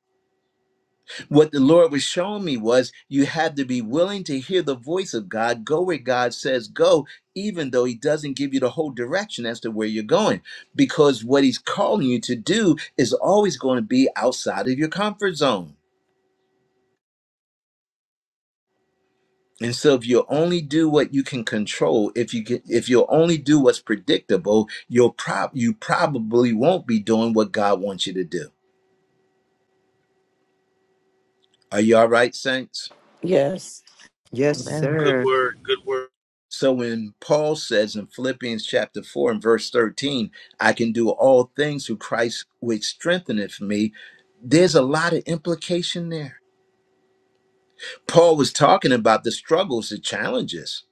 S1: what the Lord was showing me was you have to be willing to hear the voice of God, go where God says go, even though He doesn't give you the whole direction as to where you're going, because what He's calling you to do is always going to be outside of your comfort zone. And so, if you only do what you can control, if you get, if you'll only do what's predictable, you'll prob you probably won't be doing what God wants you to do. Are you all right, saints?
S3: Yes.
S6: Yes,
S2: Amen.
S5: Good
S6: sir.
S5: word. Good word.
S1: So when Paul says in Philippians chapter 4 and verse 13, I can do all things through Christ which strengtheneth me, there's a lot of implication there. Paul was talking about the struggles, the challenges.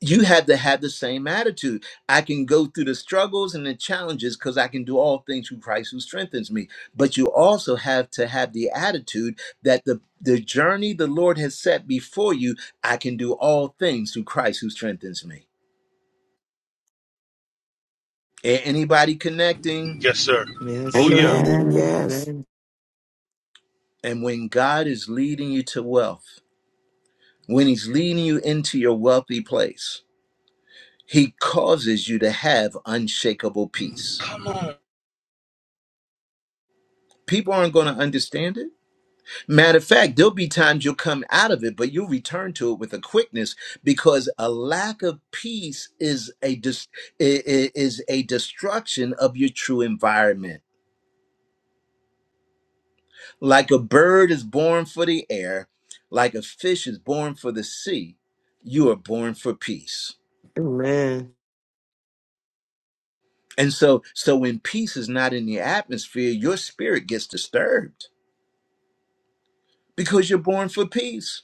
S1: You have to have the same attitude. I can go through the struggles and the challenges because I can do all things through Christ who strengthens me. But you also have to have the attitude that the, the journey the Lord has set before you, I can do all things through Christ who strengthens me. A- Anybody connecting?
S5: Yes, sir.
S6: Yes,
S5: Oh, yeah.
S6: sir.
S3: Amen.
S2: Amen.
S3: Yes.
S6: Amen.
S1: And when God is leading you to wealth, when He's leading you into your wealthy place, He causes you to have unshakable peace.
S5: Come on.
S1: People aren't going to understand it. Matter of fact, there'll be times you'll come out of it, but you'll return to it with a quickness because a lack of peace is a dis- i- i- is a destruction of your true environment. Like a bird is born for the air, like a fish is born for the sea, you are born for peace.
S6: Amen.
S1: And so so when peace is not in the atmosphere, your spirit gets disturbed because you're born for peace.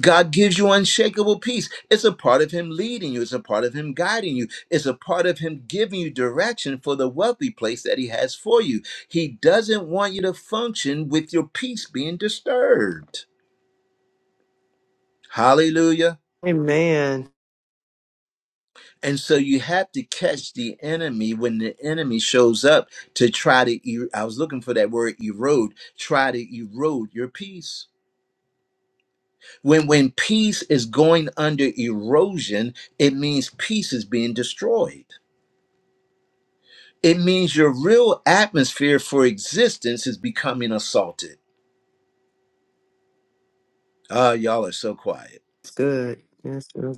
S1: God gives you unshakable peace. It's a part of him leading you, it's a part of him guiding you, it's a part of him giving you direction for the wealthy place that he has for you. He doesn't want you to function with your peace being disturbed. Hallelujah.
S6: Amen.
S1: And so you have to catch the enemy when the enemy shows up to try to er- I was looking for that word erode, try to erode your peace. When when peace is going under erosion, it means peace is being destroyed. It means your real atmosphere for existence is becoming assaulted. Ah, y'all are so quiet.
S6: It's good. Yes, sir.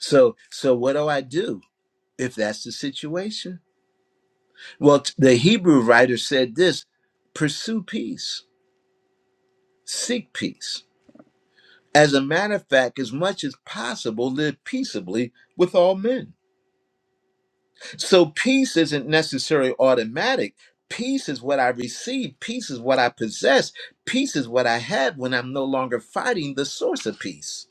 S1: So so what do I do if that's the situation? Well, t- the Hebrew writer said this, pursue peace, seek peace As a matter of fact, as much as possible, live peaceably with all men. So peace isn't necessarily automatic. Peace is what I receive. Peace is what I possess. Peace is what I have when I'm no longer fighting the source of peace.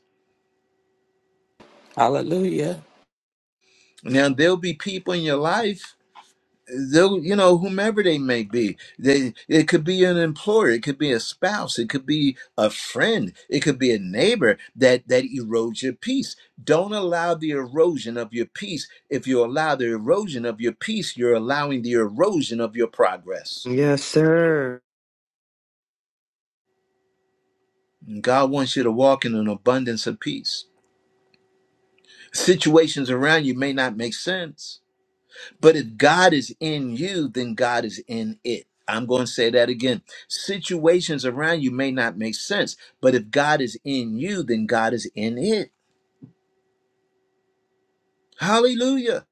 S3: Hallelujah.
S1: Now, there'll be people in your life though you know whomever they may be they it could be an employer it could be a spouse it could be a friend it could be a neighbor that that erodes your peace don't allow the erosion of your peace if you allow the erosion of your peace you're allowing the erosion of your progress
S6: Yes, sir.
S1: And god wants you to walk in an abundance of peace situations around you may not make sense But if God is in you, then God is in it. I'm going to say that again. Situations around you may not make sense, but if God is in you, then God is in it. Hallelujah.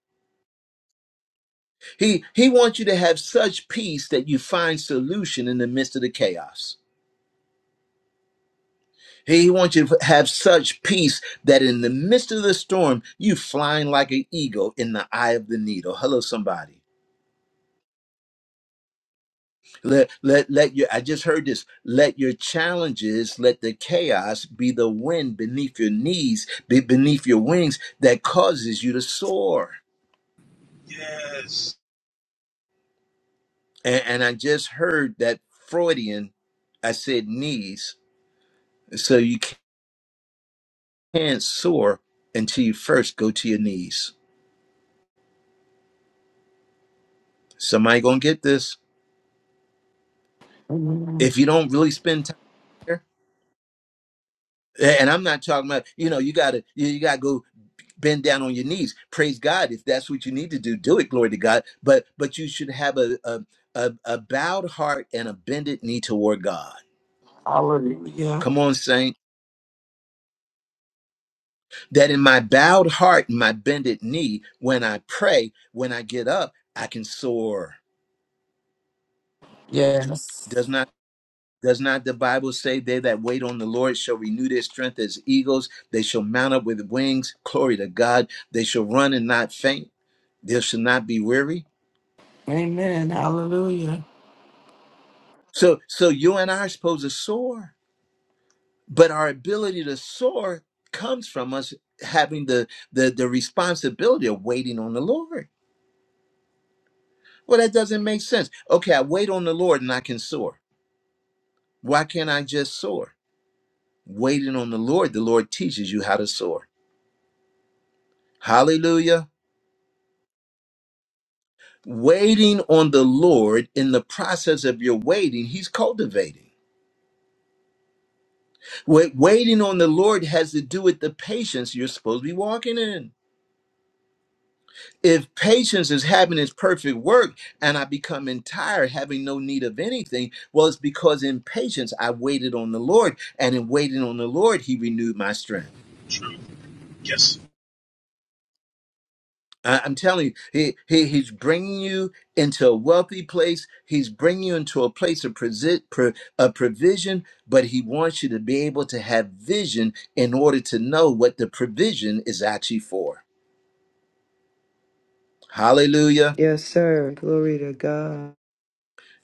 S1: He he wants you to have such peace that you find solution in the midst of the chaos. He wants you to have such peace that in the midst of the storm, you flying like an eagle in the eye of the needle. Hello, somebody. Let let let your I just heard this. Let your challenges, let the chaos be the wind beneath your knees, be beneath your wings that causes you to soar.
S5: Yes.
S1: And, and I just heard that Freudian. I said knees, so you can't soar until you first go to your knees. Somebody gonna get this
S3: Amen.
S1: if you don't really spend time there. And I'm not talking about you know you gotta you, you gotta go bend down on your knees praise god if that's what you need to do do it glory to god but but you should have a a, a, a bowed heart and a bended knee toward god
S3: Hallelujah.
S1: come on saint that in my bowed heart and my bended knee when i pray when i get up i can soar
S3: Yes.
S1: does not does not the bible say they that wait on the lord shall renew their strength as eagles they shall mount up with wings glory to god they shall run and not faint they shall not be weary
S3: Amen. Hallelujah.
S1: so so you and i are supposed to soar but our ability to soar comes from us having the the, the responsibility of waiting on the lord well that doesn't make sense okay i wait on the lord and i can soar why can't i just soar waiting on the lord the lord teaches you how to soar hallelujah waiting on the lord in the process of your waiting he's cultivating Wait, waiting on the lord has to do with the patience you're supposed to be walking in if patience is having its perfect work and I become entire, having no need of anything, well, it's because in patience I waited on the Lord, and in waiting on the Lord, He renewed my strength.
S5: Yes.
S1: I- I'm telling you, he, he he's bringing you into a wealthy place. He's bringing you into a place of presi- pro- of provision, but he wants you to be able to have vision in order to know what the provision is actually for. Hallelujah!
S6: Yes, sir. Glory to God.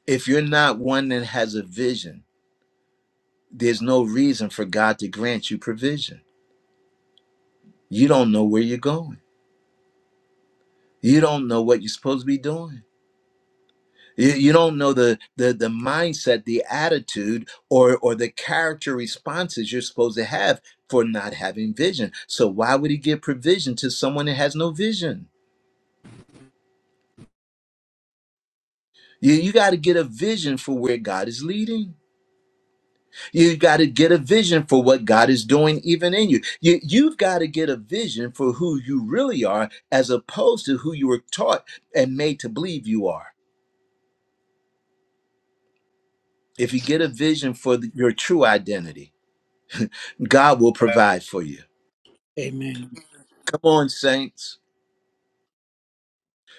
S1: If you're not one that has a vision, there's no reason for God to grant you provision. You don't know where you're going. You don't know what you're supposed to be doing. You, you don't know the, the the mindset, the attitude, or or the character responses you're supposed to have for not having vision. So why would he give provision to someone that has no vision? You you got to get a vision for where God is leading. You got to get a vision for what God is doing even in you. you you've got to get a vision for who you really are as opposed to who you were taught and made to believe you are. If you get a vision for the- your true identity, God will provide for you.
S7: Amen.
S1: Come on, saints.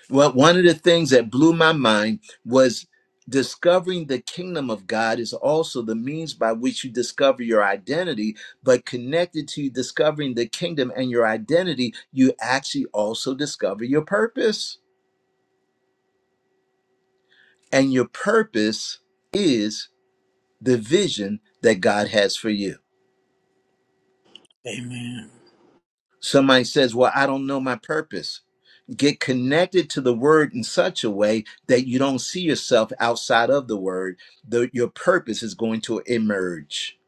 S1: Well, one of the things that blew my mind was discovering the kingdom of God is also the means by which you discover your identity, but connected to discovering the kingdom and your identity, you actually also discover your purpose. And your purpose is the vision that God has for you.
S7: Amen.
S1: Somebody says, Well, I don't know my purpose. get connected to the word in such a way that you don't see yourself outside of the word the, your purpose is going to emerge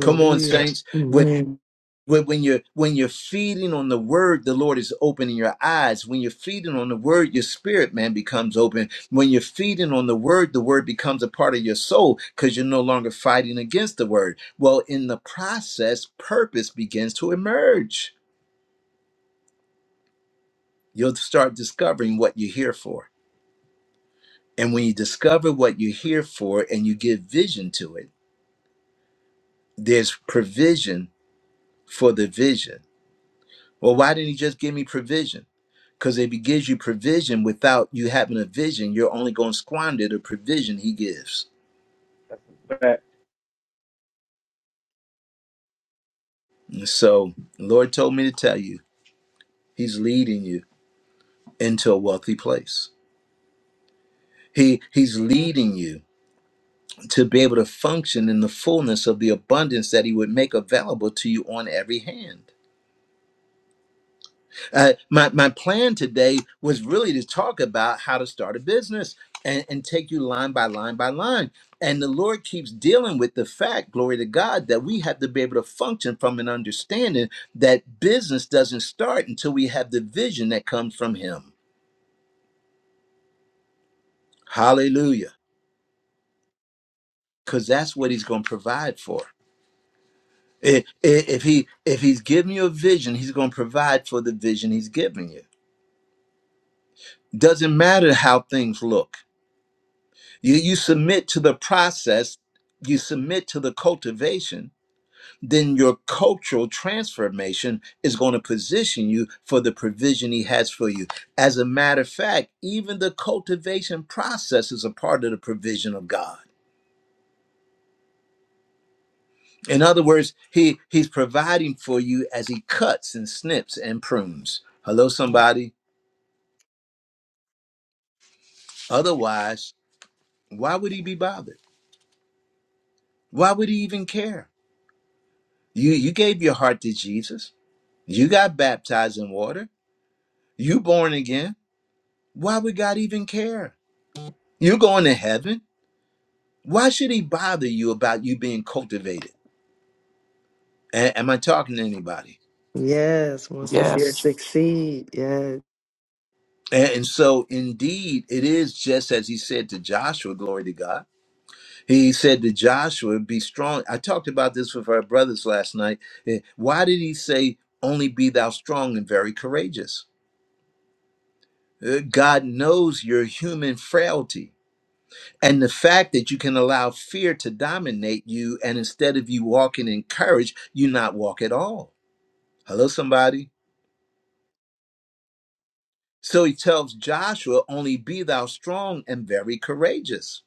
S1: come on
S5: Yes.
S1: saints when,
S6: Amen.
S1: when when you're when you're feeding on the word the lord is opening your eyes when you're feeding on the word your spirit man becomes open when you're feeding on the word the word becomes a part of your soul because you're no longer fighting against the word well in the process purpose begins to emerge you'll start discovering what you're here for And when you discover what you're here for and you give vision to it, there's provision for the vision. Well, why didn't he just give me provision? Because if he gives you provision without you having a vision, you're only going to squander the provision he gives.
S5: Back.
S1: And so, the Lord told me to tell you, he's leading you into a wealthy place. He he's leading you to be able to function in the fullness of the abundance that he would make available to you on every hand. Uh, my, my plan today was really to talk about how to start a business and, and take you line by line by line. And the Lord keeps dealing with the fact, glory to God, that we have to be able to function from an understanding that business doesn't start until we have the vision that comes from Him. Hallelujah. Because that's what He's going to provide for. I- i- If he if he's giving you a vision, he's going to provide for the vision he's giving you. Doesn't matter how things look You, you submit to the process, you submit to the cultivation, then your cultural transformation is going to position you for the provision He has for you. As a matter of fact, even the cultivation process is a part of the provision of God. In other words, he, He's providing for you as He cuts and snips and prunes. Hello, somebody. Otherwise, why would He be bothered? Why would He even care? You, you gave your heart to Jesus. You got baptized in water. You born again. Why would God even care? You're going to heaven. Why should he bother you about you being cultivated? A- am I talking to anybody?
S6: Yes, wants to see us here to
S3: Yes.
S6: succeed. Yes.
S1: A- and so indeed it is just as he said to Joshua, glory to God. He said to Joshua, be strong. I talked about this with our brothers last night. Eh, Why did he say only be thou strong and very courageous? Eh, God knows your human frailty. And the fact that you can allow fear to dominate you, and instead of you walking in courage, you not walk at all. Hello, somebody. So he tells Joshua, only be thou strong and very courageous.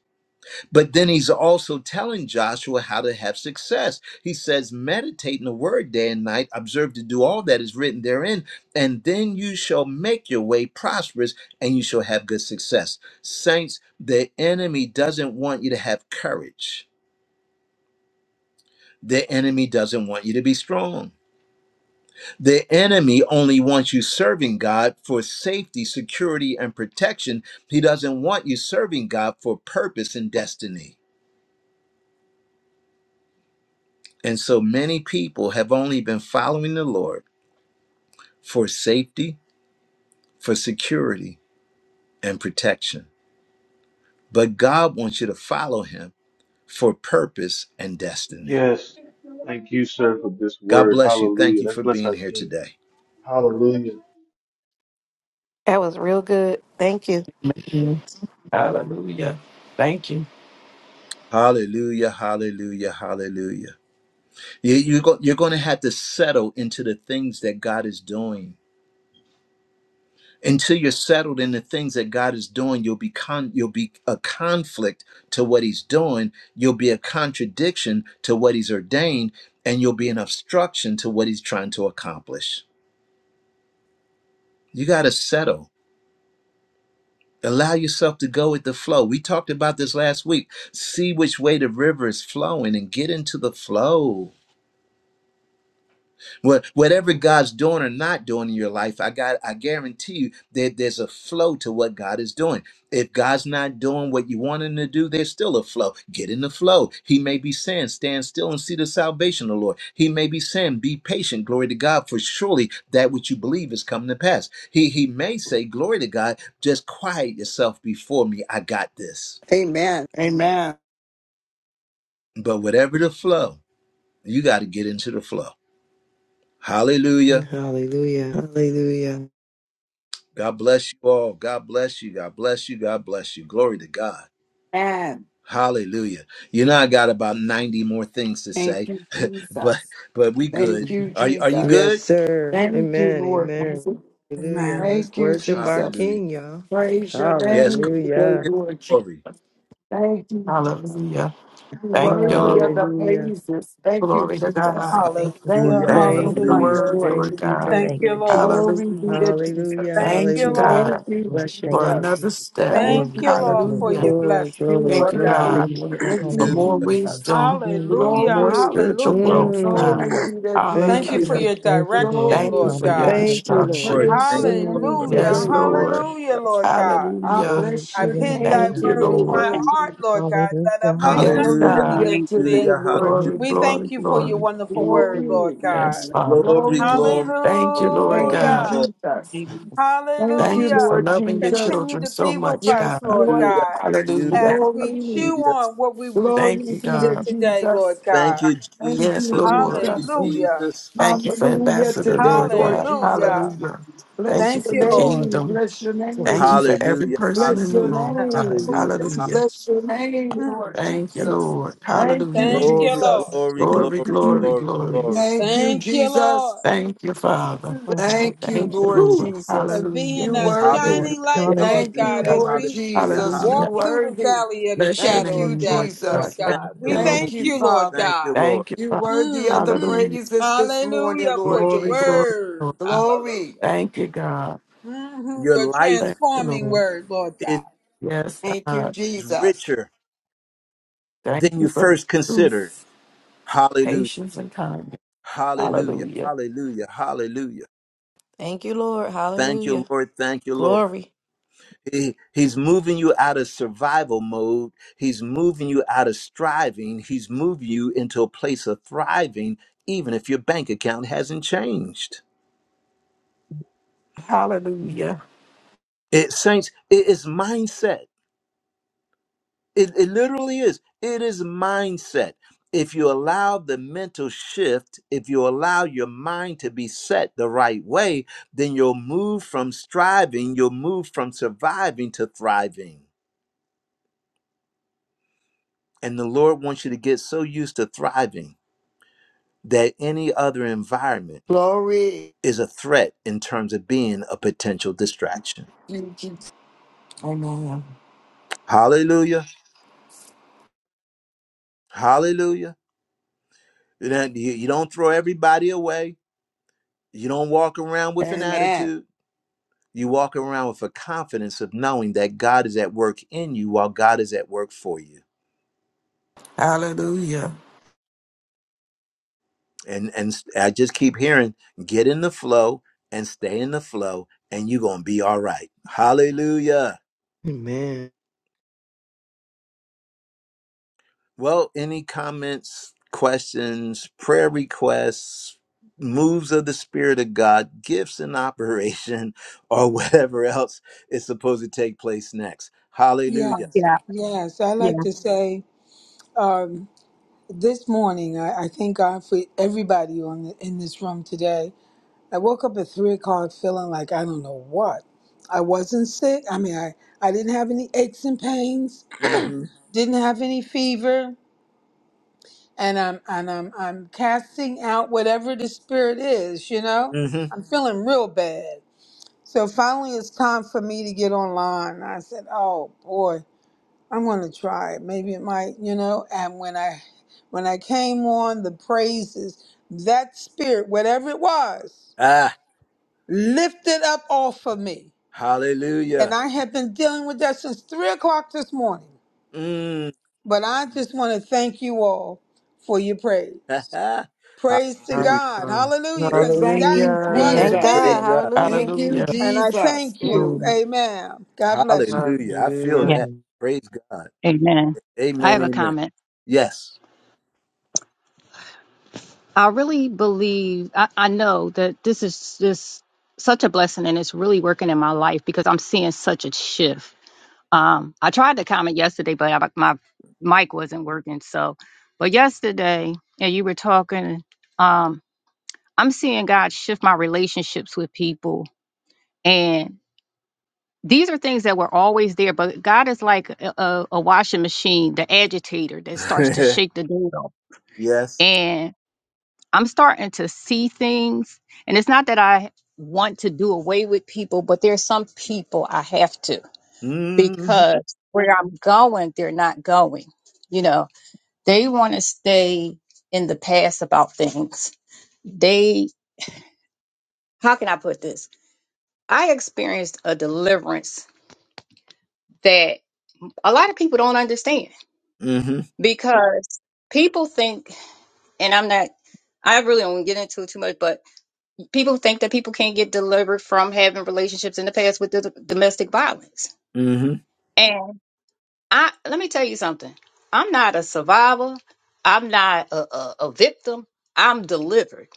S1: But then he's also telling Joshua how to have success. He says, meditate in the word day and night, observe to do all that is written therein, and then you shall make your way prosperous and you shall have good success. Saints, the enemy doesn't want you to have courage. The enemy doesn't want you to be strong. The enemy only wants you serving God for safety, security, and protection. He doesn't want you serving God for purpose and destiny. And so many people have only been following the Lord for safety, for security, and protection. But God wants you to follow him for purpose and destiny.
S5: Yes. Thank you, sir, for this
S1: God
S5: word.
S1: bless you. Thank
S5: Hallelujah.
S1: you
S5: Let's
S1: for
S5: bless
S1: being
S5: our
S1: here
S5: King.
S1: today.
S5: Hallelujah.
S8: That was real good. Thank you.
S3: Yes. Hallelujah. Thank you.
S1: Hallelujah, hallelujah, hallelujah. You, you go, you're going to have to settle into the things that God is doing. Until you're settled in the things that God is doing, you'll be con- you'll be a conflict to what He's doing. You'll be a contradiction to what He's ordained, and you'll be an obstruction to what He's trying to accomplish. You got to settle. Allow yourself to go with the flow. We talked about this last week. See which way the river is flowing and get into the flow What whatever God's doing or not doing in your life, I got I guarantee you that there's a flow to what God is doing. If God's not doing what you want him to do, there's still a flow. Get in the flow. He may be saying, stand still and see the salvation of the Lord. He may be saying, be patient, glory to God, for surely that which you believe is coming to pass. He he may say, Glory to God, just quiet yourself before me. I got this.
S9: Amen. Amen.
S1: But whatever the flow, you got to get into the flow. Hallelujah.
S6: Hallelujah. Hallelujah.
S1: God bless you all. God bless you. God bless you. God bless you. Glory to God.
S9: Amen.
S1: Hallelujah. You know I got about 90 more things to
S9: Thank
S1: say,
S9: you,
S1: but
S9: Jesus.
S1: but we good.
S9: Thank you,
S1: Are you are you
S9: Jesus.
S6: Yes,
S1: good?
S6: sir.
S9: Thank you,
S6: Amen.
S9: Lord
S6: Amen.
S9: Jesus.
S6: Hallelujah.
S7: Amen.
S6: Let's
S9: Thank you,
S6: worship our
S9: Jesus.
S1: Hallelujah.
S6: King, y'all.
S9: Praise your
S1: Yes,
S9: name
S1: come on, let's
S9: today,
S6: Hallelujah.
S1: give him
S9: Lord Jesus.
S1: glory.
S9: Thank you, Jesus.
S3: Hallelujah.
S9: You're
S3: Thank you,
S9: worthy of
S3: Lord.
S9: the
S6: Hallelujah.
S9: praises. Thank you,
S3: Glory to
S9: Jesus.
S3: God.
S2: Thank you,
S9: Thank
S2: Lord.
S7: Hallelujah.
S9: you
S1: Hallelujah.
S3: Thank you
S2: Hallelujah.
S9: so
S6: Thank
S3: for the
S1: Hallelujah.
S9: much,
S6: you.
S3: word,
S7: Hallelujah.
S9: Lord
S3: Lord
S9: Jesus.
S6: Thank you.
S3: God.
S6: Thank
S7: Thank
S2: Thank
S7: you,
S2: you,
S6: you.
S2: Jesus.
S7: Lord.
S9: Glory be
S3: Hallelujah.
S9: to
S6: Hallelujah.
S9: Jesus.
S7: Thank
S3: Thank you,
S7: you,
S6: Hallelujah.
S3: God.
S2: Yes,
S9: Thank
S7: Lord.
S9: you,
S2: Lord.
S6: Bless your
S2: Thank
S3: for
S2: you,
S9: Jesus.
S6: name.
S3: another
S2: Jesus.
S3: step.
S9: Thank
S7: Thank
S2: Glory
S9: you,
S7: you,
S2: to your
S7: Lord,
S2: name,
S7: for your
S3: Hallelujah.
S9: Jesus.
S2: God.
S6: Glory,
S7: blessing,
S9: You're
S6: glory,
S3: Thank
S7: Lord
S3: you,
S6: glory.
S9: worthy.
S7: God.
S3: God,
S2: Hallelujah.
S6: glory.
S9: Thank
S3: for
S1: Hallelujah.
S9: you,
S3: more
S2: Hallelujah, Lord.
S9: Jesus.
S3: wisdom,
S7: Hallelujah.
S6: Mm.
S3: more
S9: Glory.
S3: spiritual
S7: Hallelujah.
S2: Thank
S3: growth,
S2: you,
S3: God.
S2: Jesus.
S9: Glory
S6: Mm.
S9: be to
S7: Thank
S6: Thank
S7: you
S6: you.
S9: Jesus.
S7: for
S3: Hallelujah.
S7: your
S2: Thank you,
S7: direction,
S2: Lord.
S3: Thank you
S9: Glory.
S7: Lord
S3: for your
S7: God.
S2: Hallelujah,
S6: Thank
S9: I
S6: you,
S2: God.
S6: Lord.
S1: Lord.
S9: praise
S3: instructions.
S1: Thank
S9: your
S1: you,
S9: name
S1: Lord.
S6: Mm.
S7: Hallelujah.
S3: Yes,
S2: Hallelujah.
S9: today,
S2: Lord.
S9: Lord
S3: Lord.
S7: Hallelujah,
S9: Jesus.
S7: Lord God.
S9: I
S3: Hallelujah.
S2: Glory
S9: bless
S2: to
S9: your
S7: I've
S2: your
S7: hid
S2: name,
S7: thy
S9: name
S3: Thank
S2: God.
S3: you,
S7: word in
S9: today,
S3: Lord.
S7: my
S9: Lord
S7: heart,
S9: Jesus.
S7: Lord God,
S2: Hallelujah,
S7: that I might not
S3: Yes,
S1: Hallelujah.
S2: hallelujah.
S7: sin
S3: God.
S9: Hallelujah
S7: against
S9: today,
S7: thee.
S1: Hallelujah.
S9: Lord
S2: Glory,
S1: Hallelujah.
S3: Glory,
S7: We
S9: Jesus.
S3: glory,
S7: thank you for your
S3: glory.
S7: wonderful word, Lord
S9: Glory.
S3: Yes,
S7: God.
S3: Father.
S1: Glory, glory,
S9: Glory.
S6: Hallelujah.
S3: Thank
S1: glory,
S3: you, Lord
S9: Thank
S1: glory,
S9: you,
S3: God.
S7: Hallelujah.
S1: glory.
S9: Jesus. Thank you,
S3: Thank you for
S7: Hallelujah.
S9: Lord
S3: loving your
S9: Jesus.
S7: Continue
S3: children
S7: to
S3: so
S7: be with
S3: much,
S7: us,
S9: Yes,
S3: God.
S7: Lord
S9: Lord.
S1: Hallelujah.
S7: God,
S1: Hallelujah.
S3: Hallelujah.
S7: as we
S9: Glory.
S7: chew
S1: Hallelujah.
S7: on what we re-
S3: Thank
S9: Glory
S3: you,
S9: be to
S7: received
S3: God.
S7: today,
S9: Jesus.
S7: Lord
S2: glory,
S1: Thank
S7: God.
S1: you, Jesus.
S9: Thank
S3: Yes,
S9: you,
S1: Thank
S3: Lord.
S1: you,
S9: Jesus.
S2: glory.
S7: Hallelujah.
S1: Jesus.
S3: Thank you for
S9: Hallelujah
S2: Thank
S3: Ambassador,
S2: you,
S9: today,
S3: Lord
S2: God.
S9: Lord
S3: God.
S2: Thank you,
S9: Jesus.
S2: Jesus.
S7: Hallelujah.
S3: Hallelujah. Thank
S9: Bless
S3: you
S7: Thank
S3: for
S9: your
S7: you,
S3: the
S2: Thank you,
S7: Lord.
S9: name.
S3: kingdom.
S9: Bless your
S2: Lord.
S3: Thank you
S9: name.
S3: for every
S1: Hallelujah,
S3: person
S9: Bless
S3: in the
S9: your
S1: hallelujah,
S2: Thank
S3: room,
S7: Yes.
S2: you,
S3: God.
S9: name.
S1: hallelujah.
S7: Hallelujah.
S2: Jesus.
S1: hall-
S3: Hallelujah.
S9: Bless your
S2: Thank
S9: name,
S7: Mm,
S9: Lord
S2: you,
S7: mm,
S3: Thank
S2: Jesus.
S3: you,
S9: Jesus.
S7: mm.
S3: Lord.
S9: Thank you,
S3: Hallelujah.
S7: Thank you,
S1: Glory,
S2: Hallelujah,
S9: Jesus.
S7: Lord.
S1: glory,
S2: Jesus.
S3: Glory,
S1: glory,
S3: glory,
S1: glory,
S3: glory.
S1: glory.
S9: Thank
S2: Thank
S9: you,
S2: you,
S7: Thank you,
S2: Jesus.
S9: Jesus.
S7: Lord.
S3: Thank you, Father.
S7: Mm, mm,
S9: Thank
S2: Hallelujah,
S9: you,
S3: Thank
S7: mm.
S3: you,
S9: Lord
S3: Lord.
S2: Jesus.
S1: Whew.
S7: for
S9: Jesus.
S7: being
S3: Hallelujah.
S9: You
S7: a
S2: Thank you,
S9: worthy.
S2: Lord.
S7: shining
S1: Hallelujah,
S7: light,
S3: Yeah.
S7: Lord
S9: Thank
S2: Hallelujah,
S9: you,
S7: God,
S1: hallelujah,
S7: as
S2: God.
S9: Lord
S7: we
S1: hallelujah,
S9: Jesus. You
S3: Hallelujah.
S2: Thank
S7: walk
S2: you,
S1: hallelujah.
S7: through the
S9: worthy.
S7: valley of the
S3: Bless your
S9: Thank
S7: shadow
S9: you,
S7: of
S3: name, Lord
S7: death,
S2: thank
S7: Lord
S3: God.
S9: Jesus.
S2: you,
S3: Thank
S1: Thank
S7: God.
S2: Lord.
S7: We
S1: you,
S3: you,
S1: Lord
S3: Lord.
S9: Thank
S7: thank
S9: you,
S7: you,
S1: Jesus.
S7: Lord
S9: Father.
S1: Thank you,
S7: God.
S1: Lord.
S3: Thank you,
S9: You
S3: Father.
S9: worthy of
S7: hmm
S9: the
S3: Hallelujah.
S9: praises this morning,
S7: Hallelujah for
S9: Lord
S7: your
S3: Glory, glory,
S9: Jesus.
S7: word.
S3: glory.
S9: Glory.
S7: Hallelujah.
S3: Thank you, God.
S7: hmm
S1: Your
S7: Your
S1: life
S3: Thank you,
S7: transforming
S3: Lord.
S7: word, Lord
S1: is
S7: God.
S3: Yes,
S9: Thank you,
S3: God.
S9: Jesus.
S1: richer
S3: Thank
S1: than
S3: you
S1: you
S3: for the
S1: first considered.
S3: truth.
S1: Hallelujah,
S3: patience and kindness.
S1: hallelujah,
S3: Hallelujah.
S1: hallelujah, hallelujah.
S8: Thank you, Lord.
S1: Thank
S8: Hallelujah.
S1: you, Lord. Thank you, Lord.
S8: Glory.
S1: He, he's moving you out of survival mode. He's moving you out of striving. He's moving you into a place of thriving, even if your bank account hasn't changed.
S3: Hallelujah.
S1: It saints, it is mindset. It, it literally is. It is mindset. If you allow the mental shift, if you allow your mind to be set the right way, then you'll move from striving, you'll move from surviving to thriving. And the Lord wants you to get so used to thriving that any other environment
S9: Glory.
S1: is a threat in terms of being a potential distraction.
S9: you, Jesus.
S3: Amen.
S1: Hallelujah. Hallelujah. You don't you- you don't throw everybody away. You don't walk around with an
S9: Amen.
S1: attitude. You walk around with a confidence of knowing that God is at work in you while God is at work for you.
S3: Hallelujah.
S1: And and s- I just keep hearing get in the flow and stay in the flow and you're going to be all right. Hallelujah.
S6: Amen.
S1: Well, any comments, questions, prayer requests, moves of the Spirit of God, gifts in operation, or whatever else is supposed to take place next? Hallelujah.
S7: Yes,
S10: Yeah,
S7: yes. I like
S10: yes,
S7: to say um, this morning, I, I thank God for everybody on the, in this room today I woke up at three o'clock feeling like I don't know what. I wasn't sick. I mean, I, I didn't have any aches and pains,
S1: Mm-hmm.
S7: didn't have any fever, and I'm and I'm I'm casting out whatever the spirit is. You know,
S1: Mm-hmm.
S7: I'm feeling real bad. So finally, it's time for me to get online. I said, "Oh boy, I'm going to try it. Maybe it might, you know." And when I when I came on the praises, that spirit, whatever it was,
S1: Ah,
S7: lifted up off of me And
S1: hallelujah.
S7: I have been dealing with that since three o'clock this morning.
S1: Mm.
S7: But I just want to thank you all for your praise.
S1: hallelujah.
S7: Praise to
S6: Ah,
S7: God. Hallelujah. Because
S1: Amen.
S9: Thank you,
S7: that's what
S6: Hallelujah.
S8: Thank
S1: Amen.
S7: did
S9: Jesus.
S8: God.
S1: Praise
S7: it.
S1: God.
S9: Thank
S8: Hallelujah.
S9: you,
S3: Hallelujah.
S7: And I
S9: Jesus.
S7: thank you.
S9: Oh,
S3: Glory.
S7: Amen. God bless you.
S1: Hallelujah. I feel
S10: yeah,
S6: Hallelujah.
S1: that.
S2: Amen.
S1: Praise God.
S10: amen. I
S1: Amen.
S10: have a
S1: Amen.
S10: comment.
S1: Yes.
S10: I really believe, I, I know that this is just such a blessing and it's really working in my life because I'm seeing such a shift. Um, I tried to comment yesterday, but I, my mic wasn't working. So, but yesterday, and you were talking, um, I'm seeing God shift my relationships with people And these are things that were always there, but God is like a, a a washing machine, the agitator that starts to
S1: yes.
S10: shake the dial. And I'm starting to see things. And it's not that I want to do away with people, but there's some people I have to
S1: Mm-hmm.
S10: because where I'm going, they're not going. You know, they want to stay in the past about things. They, how can I put this? I experienced a deliverance that a lot of people don't understand
S1: Mm-hmm.
S10: because people think, and I'm not, I really don't get into it too much, but people think that people can't get delivered from having relationships in the past with the domestic violence.
S1: Mm-hmm.
S10: And I let me tell you something. I'm not a survivor. I'm not a, a, a victim. I'm delivered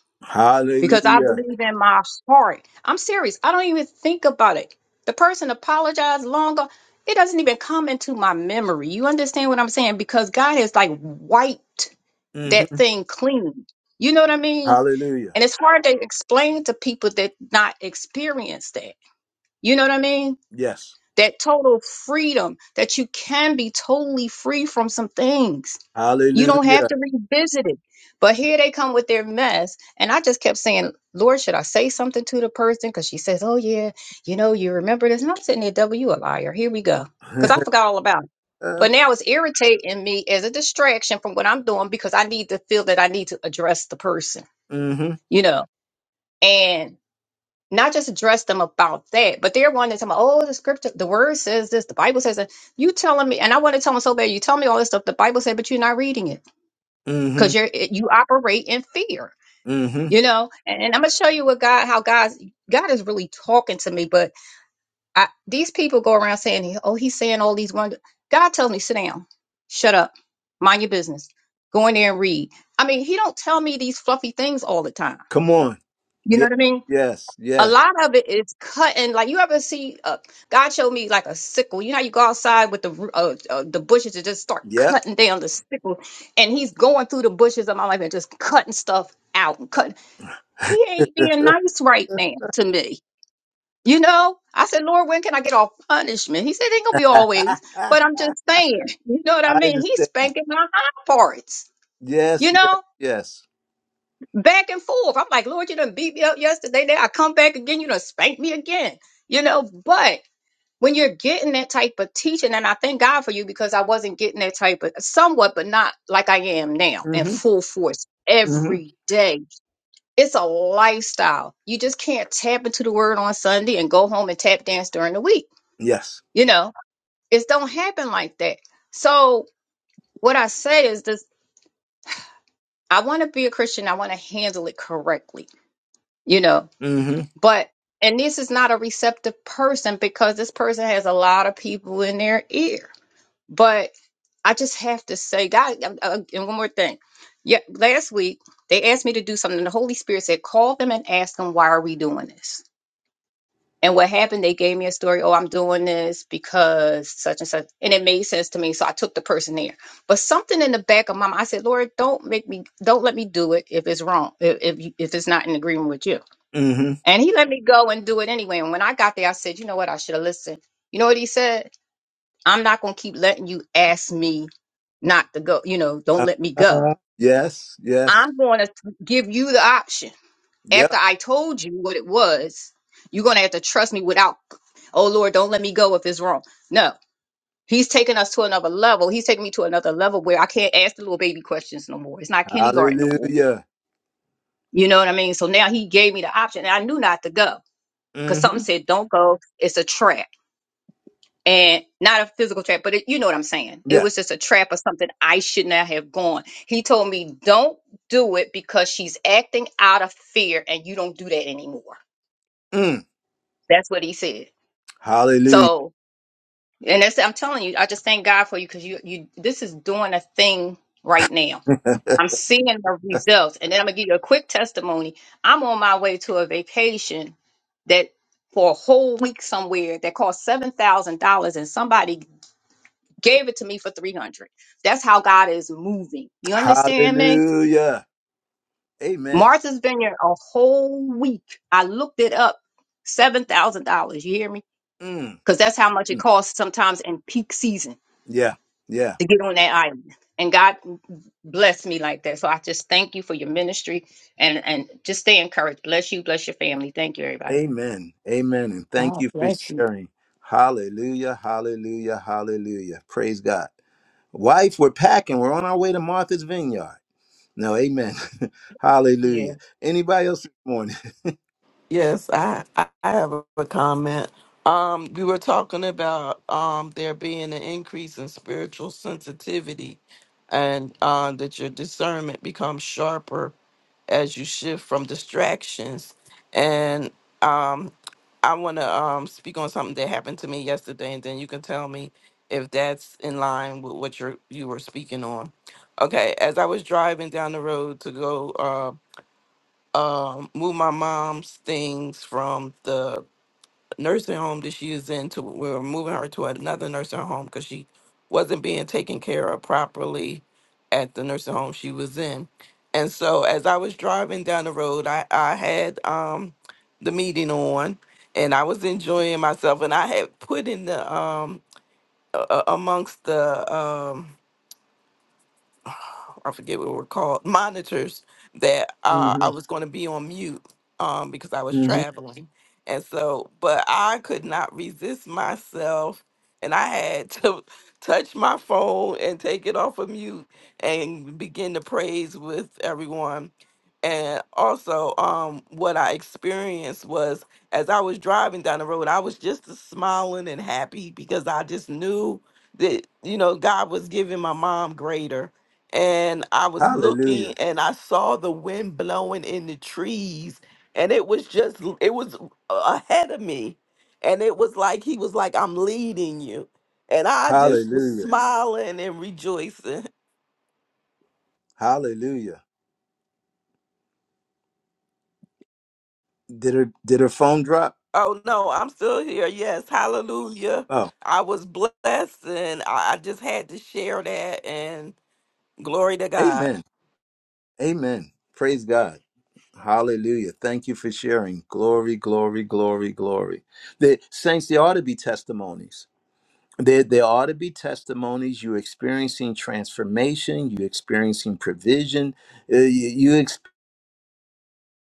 S10: because I
S1: Hallelujah.
S10: believe in my heart. I'm serious. I don't even think about it. The person apologized long ago. It doesn't even come into my memory. You understand what I'm saying? Because God has like wiped
S1: hmm
S10: that thing clean. You know what I mean?
S1: Hallelujah.
S10: And it's hard to explain to people that not experience that. You know what I mean?
S1: Yes.
S10: That total freedom that you can be totally free from some things you don't have
S1: Hallelujah.
S10: to revisit it. But here they come with their mess. And I just kept saying, Lord, should I say something to the person? Because she says, Oh, yeah, you know, you remember this. And I'm sitting there, W, you a liar. Here we go. Because I forgot all about it. But now it's irritating me as a distraction from what I'm doing because I need to feel that I need to address the person,
S1: hmm
S10: you know, and not just address them about that, but they're wanting to tell me, oh, the scripture, the word says this, the Bible says that. You telling me, and I want to tell them so bad, you tell me all this stuff the Bible said, but you're not reading it
S1: hmm
S10: because you're you operate in fear
S1: hmm
S10: you know and, and i'm gonna show you what god how god's god is really talking to me but I, these people go around saying oh he's saying all these wonders." god tells me sit down shut up mind your business go in there and read i mean he don't tell me these fluffy things all the time
S1: Come on.
S10: you know
S1: Yes.
S10: what i mean
S1: Yes.
S10: a
S1: Yes.
S10: lot of it is cutting. Like you ever see, uh, God showed me like a sickle. You know how you go outside with the ru- uh, uh, the bushes and just start
S1: Yep.
S10: cutting down the sickle, and He's going through the bushes of my life and just cutting stuff out and cutting. He ain't being nice right now to me. You know, I said, Lord, when can I get off punishment? He said, it ain't gonna be always,
S1: I
S10: but I'm just saying. You know what I mean? He's
S1: understand.
S10: spanking my high parts. You
S1: Yes. Yes.
S10: know,
S1: Yes.
S10: back and forth. I'm like, Lord, you done beat me up yesterday. Now I come back again, you done spank me again. You know, but when you're getting that type of teaching, and I thank God for you because I wasn't getting that type of somewhat, but not like I am now in
S1: hmm
S10: full force
S1: hmm
S10: every day. It's a lifestyle. You just can't tap into the word on Sunday and go home and tap dance during the week.
S1: Yes.
S10: You know, it don't happen like that. So what I say is this I want to be a Christian. I want to handle it correctly. You know,
S1: hmm
S10: But and this is not a receptive person because this person has a lot of people in their ear. But I just have to say, God, uh, uh, and one more thing. Yeah, last week they asked me to do something. The Holy Spirit said, call them and ask them, why are we doing this? And what happened, they gave me a story. Oh, I'm doing this because such and such. And it made sense to me. So I took the person there. But something in the back of my mind, I said, Lord, don't make me, don't let me do it if it's wrong, if, if, you- if it's not in agreement with you.
S1: hmm
S10: And he let me go and do it anyway. And when I got there, I said, you know what? I should have listened. You know what he said? I'm not going to keep letting you ask me not to go. You know, don't let me go.
S1: Uh, yes. Yes.
S10: I'm going to give you the option.
S1: Yep.
S10: After I told you what it was, you're going to have to trust me without, oh Lord, don't let me go if it's wrong. No, he's taking us to another level. He's taking me to another level where I can't ask the little baby questions no more. It's not kindergarten no more.
S1: Hallelujah.
S10: You know what I mean? So now he gave me the option and I knew not to go because something
S1: hmm
S10: said, don't go. It's a trap and not a physical trap, but it, you know what I'm saying. It was
S1: Yes.
S10: just a trap or something I should not have gone. He told me, don't do it because she's acting out of fear and you don't do that anymore.
S1: Mm.
S10: That's what he said.
S1: Hallelujah.
S10: So, and that's, I'm telling you, I just thank God for you because you, you, this is doing a thing right now. I'm seeing the results. And then I'm going to give you a quick testimony. I'm on my way to a vacation that for a whole week somewhere that cost $7,000 and somebody gave it to me for 300 that's how god is moving you understand me
S1: Hallelujah. Amen.
S10: martha's been here a whole week i looked it up $7000 you hear me
S1: Mm.
S10: because that's how much it costs sometimes in peak season
S1: Yeah, yeah.
S10: to get on that island and god blessed me like that so i just thank you for your ministry and and just stay encouraged bless you bless your family thank you everybody
S1: Amen. Amen. And thank
S9: God
S1: you for
S9: bless you.
S1: sharing. Hallelujah, hallelujah, hallelujah. Praise God. Wife, we're packing. We're on our way to Martha's Vineyard. No, amen. hallelujah. Anybody else this morning?
S3: Yes, I, I I have a comment. Um, we were talking about um there being an increase in spiritual sensitivity and uh, that your discernment becomes sharper as you shift from distractions. And um, I want to um, speak on something that happened to me yesterday, and then you can tell me if that's in line with what you you were speaking on. Okay, as I was driving down the road to go uh, um move my mom's things from the nursing home that she is in to we were moving her to another nursing home because she wasn't being taken care of properly at the nursing home she was in and so as i was driving down the road i, I had um, the meeting on and i was enjoying myself and i had put in the um, uh, amongst the um, I forget what it we're called, monitors that uh, I
S1: hmm
S3: was going to be on mute um, because I was
S1: hmm
S3: traveling. And so, but I could not resist myself. And I had to touch my phone and take it off of mute and begin to praise with everyone. And also, um, what I experienced was as I was driving down the road, I was just a smiling and happy because I just knew that, you know, God was giving my mom greater and I was looking
S1: Hallelujah.
S3: and I saw the wind blowing in the trees and it was just l- it was a- ahead of me and it was like he was like I'm leading you and I just was
S1: Hallelujah.
S3: smiling and rejoicing.
S1: Hallelujah. Did her did her phone drop?
S3: Oh no, I'm still here. Yes, hallelujah.
S1: Oh,
S3: I was blessed and I, I just had to share that and glory to God.
S1: amen. Amen. Praise God. Hallelujah. Thank you for sharing. Glory, glory, glory, glory. The saints, there ought to be testimonies. There, there ought to be testimonies. You're experiencing transformation, you're experiencing provision, uh, you, you're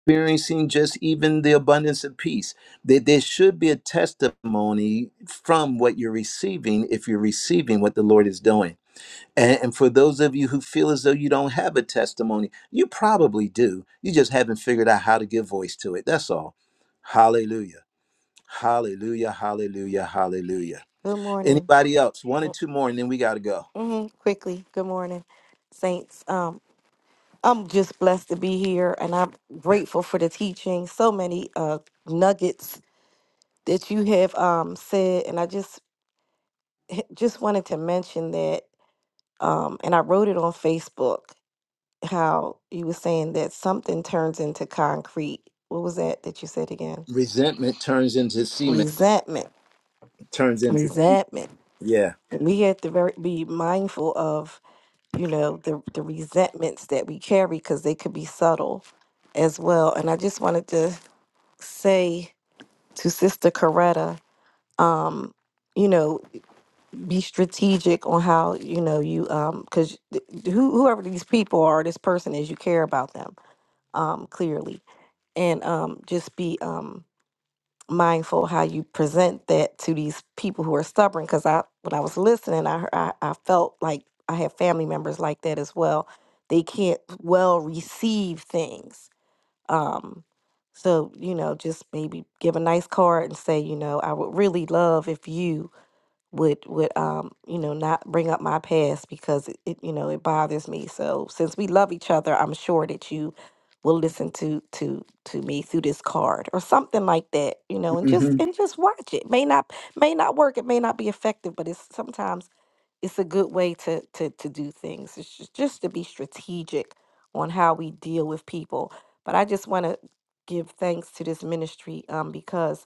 S1: experiencing just even the abundance of peace. There, there should be a testimony from what you're receiving if you're receiving what the Lord is doing. And, and for those of you who feel as though you don't have a testimony, you probably do. You just haven't figured out how to give voice to it. That's all. Hallelujah. Hallelujah. Hallelujah. Hallelujah.
S8: Good morning.
S1: Anybody else? One or two more, and then we got to go.
S8: hmm Quickly. Good morning, saints. Um, I'm just blessed to be here, and I'm grateful for the teaching. So many uh nuggets that you have um said, and I just just wanted to mention that. Um, and I wrote it on Facebook. how you were saying that something turns into concrete. What was that that you said again?
S1: Resentment turns into cement,
S8: Resentment.
S1: turns into. semen.
S8: Resentment.
S1: Yeah.
S8: We have to very, be mindful of, you know, the, the resentments that we carry because they could be subtle as well. And I just wanted to say to Sister Coretta, um, you know, be strategic on how, you know, you, um, because who, whoever these people are, this person is, you care about them, um, clearly and um, just be um, mindful how you present that to these people who are stubborn. Because I, when I was listening, I, hear- I I felt like I have family members like that as well. They can't well receive things. Um, so you know, just maybe give a nice card and say, you know, I would really love if you would would um you know not bring up my past because it, it you know it bothers me so since we love each other i'm sure that you will listen to to to me through this card or something like that you know and
S1: Mm
S8: just and just watch it may not may not work it may not be effective but it's sometimes it's a good way to to to do things it's just, just to be strategic on how we deal with people but i just want to give thanks to this ministry um because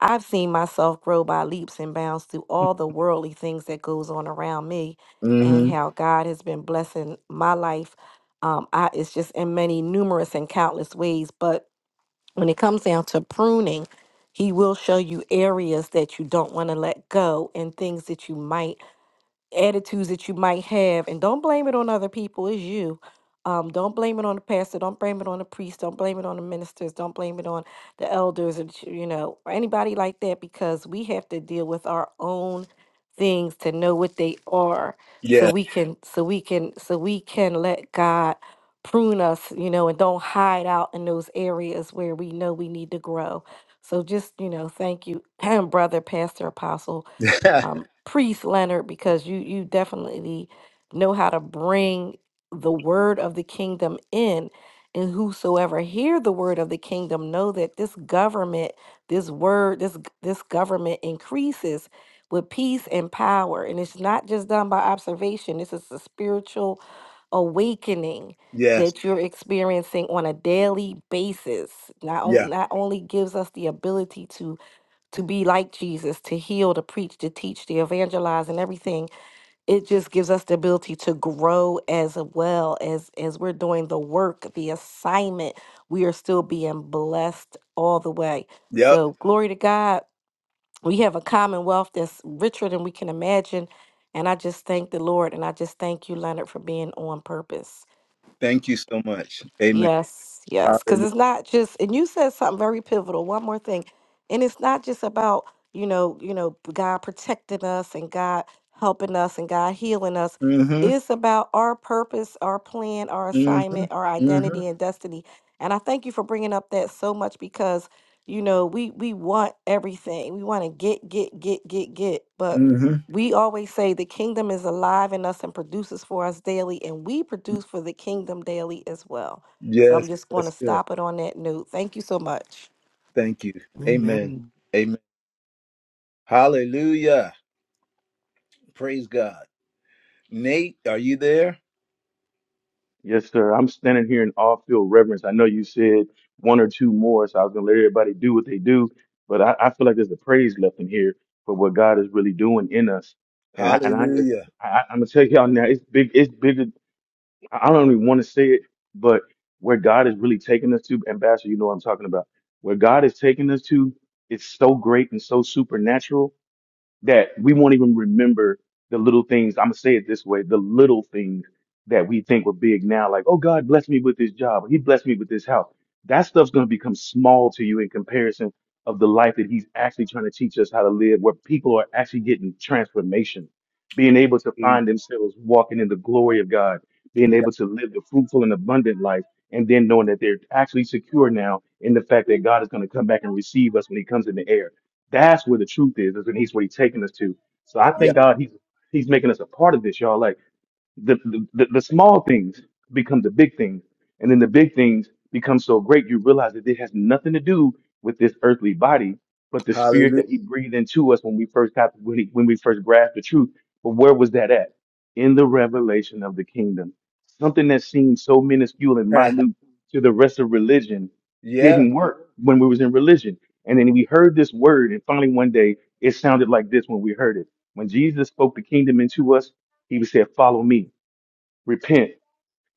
S8: I've seen myself grow by leaps and bounds through all the worldly things that goes on around me
S1: hmm. Mm
S8: and
S1: hmm.
S8: how God has been blessing my life. Um, I, it's just in many numerous and countless ways. But when it comes down to pruning, he will show you areas that you don't want to let go and things that you might attitudes that you might have and don't blame it on other people it's you um, don't blame it on the pastor don't blame it on the priest don't blame it on the ministers don't blame it on the elders and ch- you know or anybody like that because we have to deal with our own things to know what they are so
S1: Yeah.
S8: we can so we can so we can let god prune us you know and don't hide out in those areas where we know we need to grow so just you know thank you brother pastor apostle um, priest Leonard because you you definitely know how to bring the word of the kingdom in, and whosoever hear the word of the kingdom know that this government, this word, this g- this government increases with peace and power, and it's not just done by observation. This is a spiritual awakening
S1: yes.
S8: that you're experiencing on a daily basis not, on,
S1: Yeah.
S8: not only gives us the ability to to be like Jesus, to heal, to preach, to teach, to evangelize and everything. It just gives us the ability to grow as well as as we're doing the work, the assignment. We are still being blessed all the way.
S1: Yep.
S8: So glory to God. We have a commonwealth that's richer than we can imagine. And I just thank the Lord and I just thank you, Leonard, for being on purpose.
S1: Thank you so much. Amen.
S8: Yes, yes, because
S1: Hallelujah.
S8: it's not just, and you said something very pivotal. One more thing, and it's not just about you know, you know, God protecting us and God helping us and God healing us.
S1: Mm hmm.
S8: It's about our purpose, our plan, our
S1: Mm hmm.
S8: assignment, our
S1: Mm hmm.
S8: identity and destiny. And I thank you for bringing up that so much because you know we we want everything. We want to get get get get get, but
S1: Mm hmm.
S8: we always say the kingdom is alive in us and produces for us daily, and we produce for the kingdom daily as well. So I'm
S1: Yes.
S8: just going
S1: That's
S8: to
S1: good.
S8: stop it on that note. Thank you so much.
S1: Thank you. Amen.
S6: Amen.
S1: Amen. Hallelujah. Praise God. Nate, are you there?
S5: Yes, sir. I'm standing here in all field reverence. I know you said one or two more, so I was gonna let everybody do what they do, but I, I feel like there's a praise left in here for what God is really doing in us. And I and I just
S1: Hallelujah.
S5: I, I- I'm gonna tell y'all now, it's big, it's bigger. I I don't even want to say it, but where God is really taking us to, Ambassador, you know what I'm talking about. Where God is taking us to, it's so great and so supernatural that we won't even remember the little things. I'm gonna say it this way: the little things that we think were big now, like, oh, God blessed me with this job, or He blessed me with this house. That stuff's gonna become small to you in comparison of the life that He's actually trying to teach us how to live, where people are actually getting transformation, being able to
S1: Mm,
S5: find themselves walking in the glory of God, being
S1: Yeah.
S5: able to live the fruitful and abundant life. And then knowing that they're actually secure now in the fact that God is going to come back and receive us when He comes in the air. That's where the truth is, is and he's where he's taking us to. So I
S1: Yeah.
S5: thank God he's he's making us a part of this, y'all. Like the, the the small things become the big things, and then the big things become so great you realize that it has nothing to do with this earthly body, but the spirit
S1: Hallelujah.
S5: that He breathed into us when we first got when, he, when we first grasped the truth. But where was that at? In the revelation of the kingdom, something that seemed so minuscule and minute to the rest of religion
S1: yeah.
S5: didn't work when we was in religion. And then we heard this word, and finally one day it sounded like this when we heard it. When Jesus spoke the kingdom into us, he would say, Follow me repent,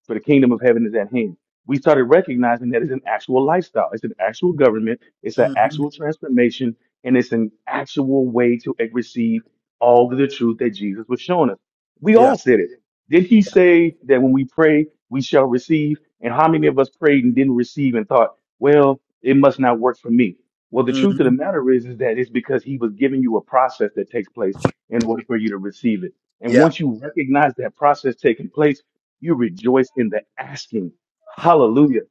S5: for the kingdom of heaven is at hand. We started recognizing that it's an actual lifestyle, it's an actual government, it's an
S1: hmm
S5: actual transformation, and it's an actual way to receive all of the truth that Jesus was showing us. We
S1: Yeah.
S5: all said it. Did he say that when we pray, we shall receive? And how many of us prayed and didn't receive and thought, well, it must not work for me? Well, the truth of the
S1: hmm
S5: matter is, is that it's because he was giving you a process that takes place in order for you to receive it. And
S1: Yeah.
S5: once you recognize that process taking place, you rejoice in the asking. Hallelujah.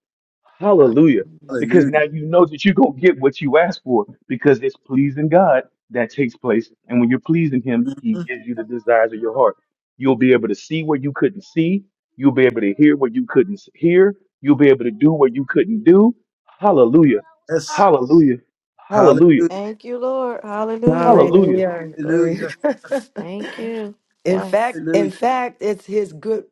S5: Hallelujah.
S3: Hallelujah.
S5: Because
S1: Hallelujah.
S5: now you know that you're going to get what you ask for because it's pleasing God that takes place. And when you're pleasing Him, He
S1: hmm
S5: gives you the desires of your heart. You'll be able to see where you couldn't see. You'll be able to hear where you couldn't s- hear. You'll be able to do what you couldn't do. Hallelujah.
S1: Yes.
S5: Hallelujah.
S1: Hallelujah.
S5: Hallelujah.
S8: Thank you, Lord. Hallelujah.
S5: Hallelujah.
S6: Hallelujah. Glory.
S1: Hallelujah.
S8: Thank you.
S6: in
S8: Yes.
S6: fact, in
S1: Hallelujah.
S6: fact, it's his good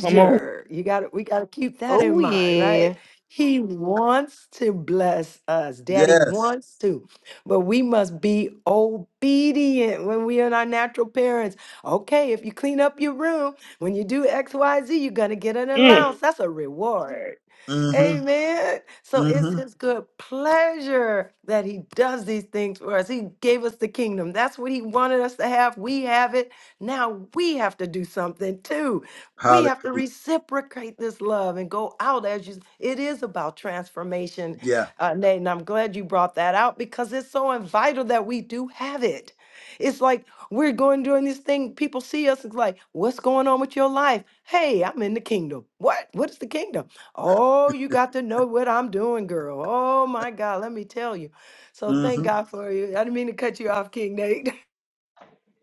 S5: Come on.
S6: You got to we got to keep that
S8: Oh,
S6: in mind, right?
S8: yeah.
S6: He wants to bless us. Daddy
S1: Yes.
S6: wants to. But we must be obedient when we are our natural parents. Okay, if you clean up your room, when you do XYZ, you're going to get an
S5: Mm.
S6: allowance. That's a reward.
S1: hmm
S6: Amen. So it's
S1: hmm
S6: his good pleasure that he does these things for us. He gave us the kingdom. That's what he wanted us to have. We have it. Now we have to do something too. We have to
S1: Hallelujah.
S6: reciprocate this love and go out as you. It is about transformation,
S1: Yeah.
S6: uh, Nate. And I'm glad you brought that out because it's so vital that we do have it. It's like we're going doing this thing. People see us. It's like, what's going on with your life? Hey, I'm in the kingdom. What? What is the kingdom? Oh, you got to know what I'm doing, girl. Oh my God, let me tell you. So thank
S1: hmm
S6: God for you. I didn't mean to cut you off, King Nate.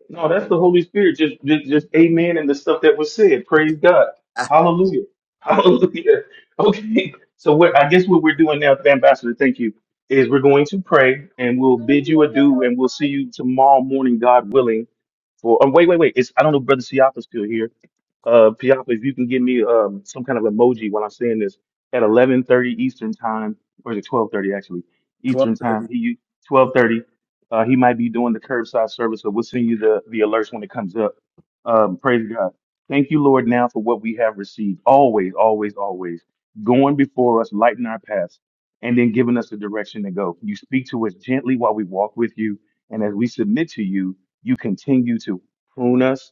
S5: No, that's the Holy Spirit. Just, just, just amen and the stuff that was said. Praise God. Hallelujah. Hallelujah. Okay. So what I guess what we're doing now, Ambassador, thank you, is we're going to pray and we'll bid you adieu and we'll see you tomorrow morning, God willing. For um, wait, wait, wait. It's I don't know if Brother Siapa's still here uh Piapa, if you can give me um some kind of emoji while I'm saying this at 11:30 Eastern time, or is it 12:30 actually Eastern
S1: Twelve thirty.
S5: time? He 12:30. Uh, he might be doing the curbside service, so we'll send you the the alerts when it comes up. Um, praise God. Thank you, Lord, now for what we have received. Always, always, always going before us, lighting our paths, and then giving us the direction to go. You speak to us gently while we walk with you, and as we submit to you, you continue to prune us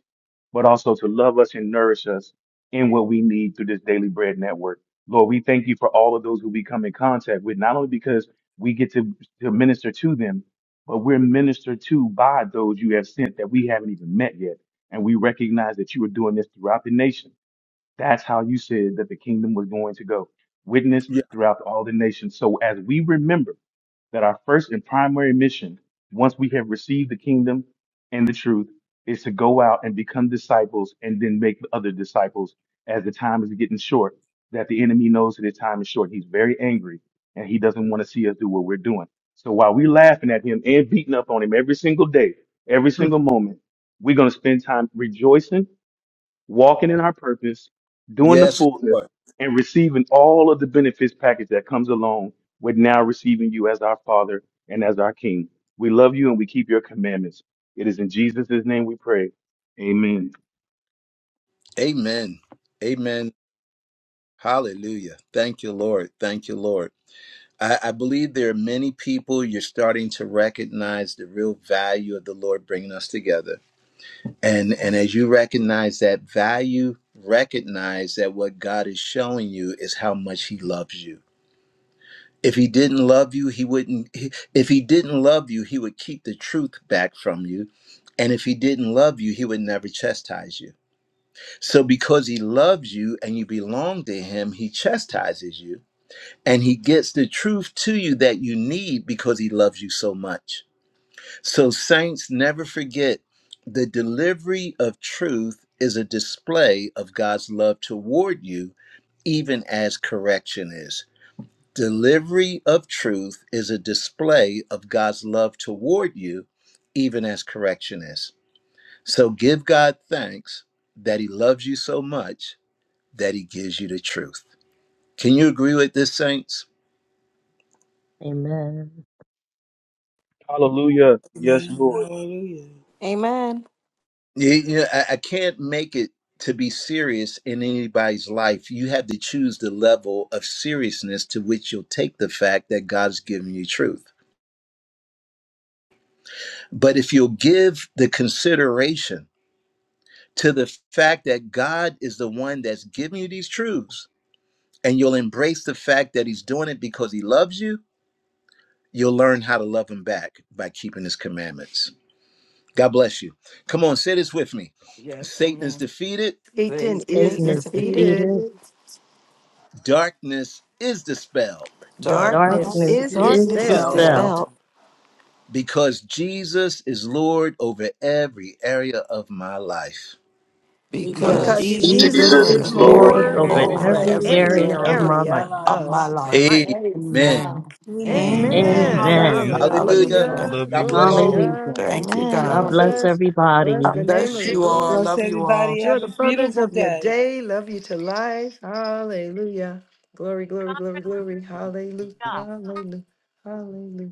S5: but also to love us and nourish us in what we need through this daily bread network. Lord, we thank you for all of those who we come in contact with, not only because we get to, to minister to them, but we're ministered to by those you have sent that we haven't even met yet. And we recognize that you are doing this throughout the nation. That's how you said that the kingdom was going to go. Witness
S1: Yeah.
S5: throughout all the nations. So as we remember, that our first and primary mission, once we have received the kingdom and the truth, is to go out and become disciples and then make other disciples as the time is getting short, that the enemy knows that his time is short. He's very angry and he doesn't want to see us do what we're doing. So while we're laughing at him and beating up on him every single day, every single moment, we're going to spend time rejoicing walking in our purpose, doing the
S1: Yes,
S5: fullness,
S1: Lord.
S5: and receiving all of the benefits package that comes along with now receiving you as our Father and as our King. We love you and we keep your commandments. It is in Jesus' name we pray. Amen.
S1: Amen. Amen. Hallelujah. Thank you, Lord. Thank you, Lord. I, I believe there are many people you're starting to recognize the real value of the Lord bringing us together. And, and as you recognize that value, recognize that what God is showing you is how much He loves you. If He didn't love you, He wouldn't, he- if He didn't love you, He would keep the truth back from you. And if He didn't love you, He would never chastise you. So because He loves you and you belong to Him, He chastises you and he gets the truth to you that you need because he loves you so much. So, saints, never forget the delivery of truth is a display of God's love toward you, even as correction is. Delivery of truth is a display of God's love toward you, even as correction is. So, give God thanks that he loves you so much that he gives you the truth. Can you agree with this, saints?
S2: Amen.
S5: Hallelujah. Yes,
S7: Amen.
S5: Lord.
S7: Hallelujah.
S8: Amen.
S1: You, you know, I, I can't make it to be serious in anybody's life. You have to choose the level of seriousness to which you'll take the fact that God's given you truth. But if you'll give the consideration to the fact that God is the one that's giving you these truths, and you'll embrace the fact that He's doing it because He loves you, you'll learn how to love Him back by keeping His commandments. God bless you. Come on, say this with me
S3: Yes,
S1: Satan is
S3: amen.
S1: defeated,
S6: Satan
S3: Satan
S6: is
S8: Satan
S3: is
S2: Satan
S8: is
S2: is
S8: defeated.
S3: defeated.
S6: defeated.
S2: defeated.
S9: Defeated
S1: darkness is dispelled
S6: Darkness
S7: Darkness
S3: Darkness
S8: The
S6: is
S2: Darkness
S9: darkness
S7: is
S3: is
S2: is
S9: is
S8: darkness is
S6: dispelled
S7: dispelled
S3: dispelled
S2: dispelled
S8: dispelled
S9: assailed
S1: because Jesus is Lord over every area of my life.
S2: because
S7: because
S8: because
S6: because
S3: because
S9: because
S8: Jesus
S7: Jesus
S8: is
S2: Jesus
S6: Jesus
S3: Jesus
S5: Jesus
S8: Lord
S2: is
S9: Jesus
S7: is
S3: is
S5: is
S6: is
S8: over
S9: is
S5: Lord.
S2: Lord
S7: Lord
S8: every
S3: Lord
S6: Lord
S8: area
S9: Lord
S2: over
S8: of
S7: over
S8: my
S3: over
S6: over
S9: over
S8: life.
S2: every
S7: every
S3: every
S9: every
S2: area
S6: every
S7: area
S2: of
S3: area
S9: area
S2: my
S7: of
S2: life.
S7: my
S9: of
S6: area
S9: my
S7: life.
S3: of my
S6: of
S9: life.
S6: my
S3: life.
S6: life.
S9: Praise
S1: Amen.
S3: Amen.
S9: God. Thank
S7: Amen.
S9: you,
S3: Amen.
S5: Amen.
S8: Amen.
S6: Amen.
S9: Jesus.
S5: Hallelujah.
S2: Amen.
S9: Thank
S7: Hallelujah.
S9: you,
S1: Hallelujah.
S9: Jesus.
S3: Hallelujah.
S6: Hallelujah.
S5: Love
S1: God
S5: you
S6: Glory
S1: bless
S6: to
S1: you.
S5: all.
S9: Glory,
S6: God.
S2: Hallelujah.
S6: Thank
S3: Thank you,
S6: you,
S8: Amen.
S2: God
S3: God.
S9: glory.
S2: bless
S6: Jesus. Bless
S2: everybody.
S3: I
S6: the name
S3: bless
S6: of the
S3: you
S7: God
S3: all.
S6: Lord.
S7: bless
S3: Love you all.
S7: everybody.
S6: Enjoy
S7: Have
S6: the
S7: a
S6: furtherance
S7: beautiful
S6: of your
S7: day.
S6: day. Love you to life. Hallelujah. Glory, glory, glory, glory. Hallelujah. Hallelujah. Hallelujah.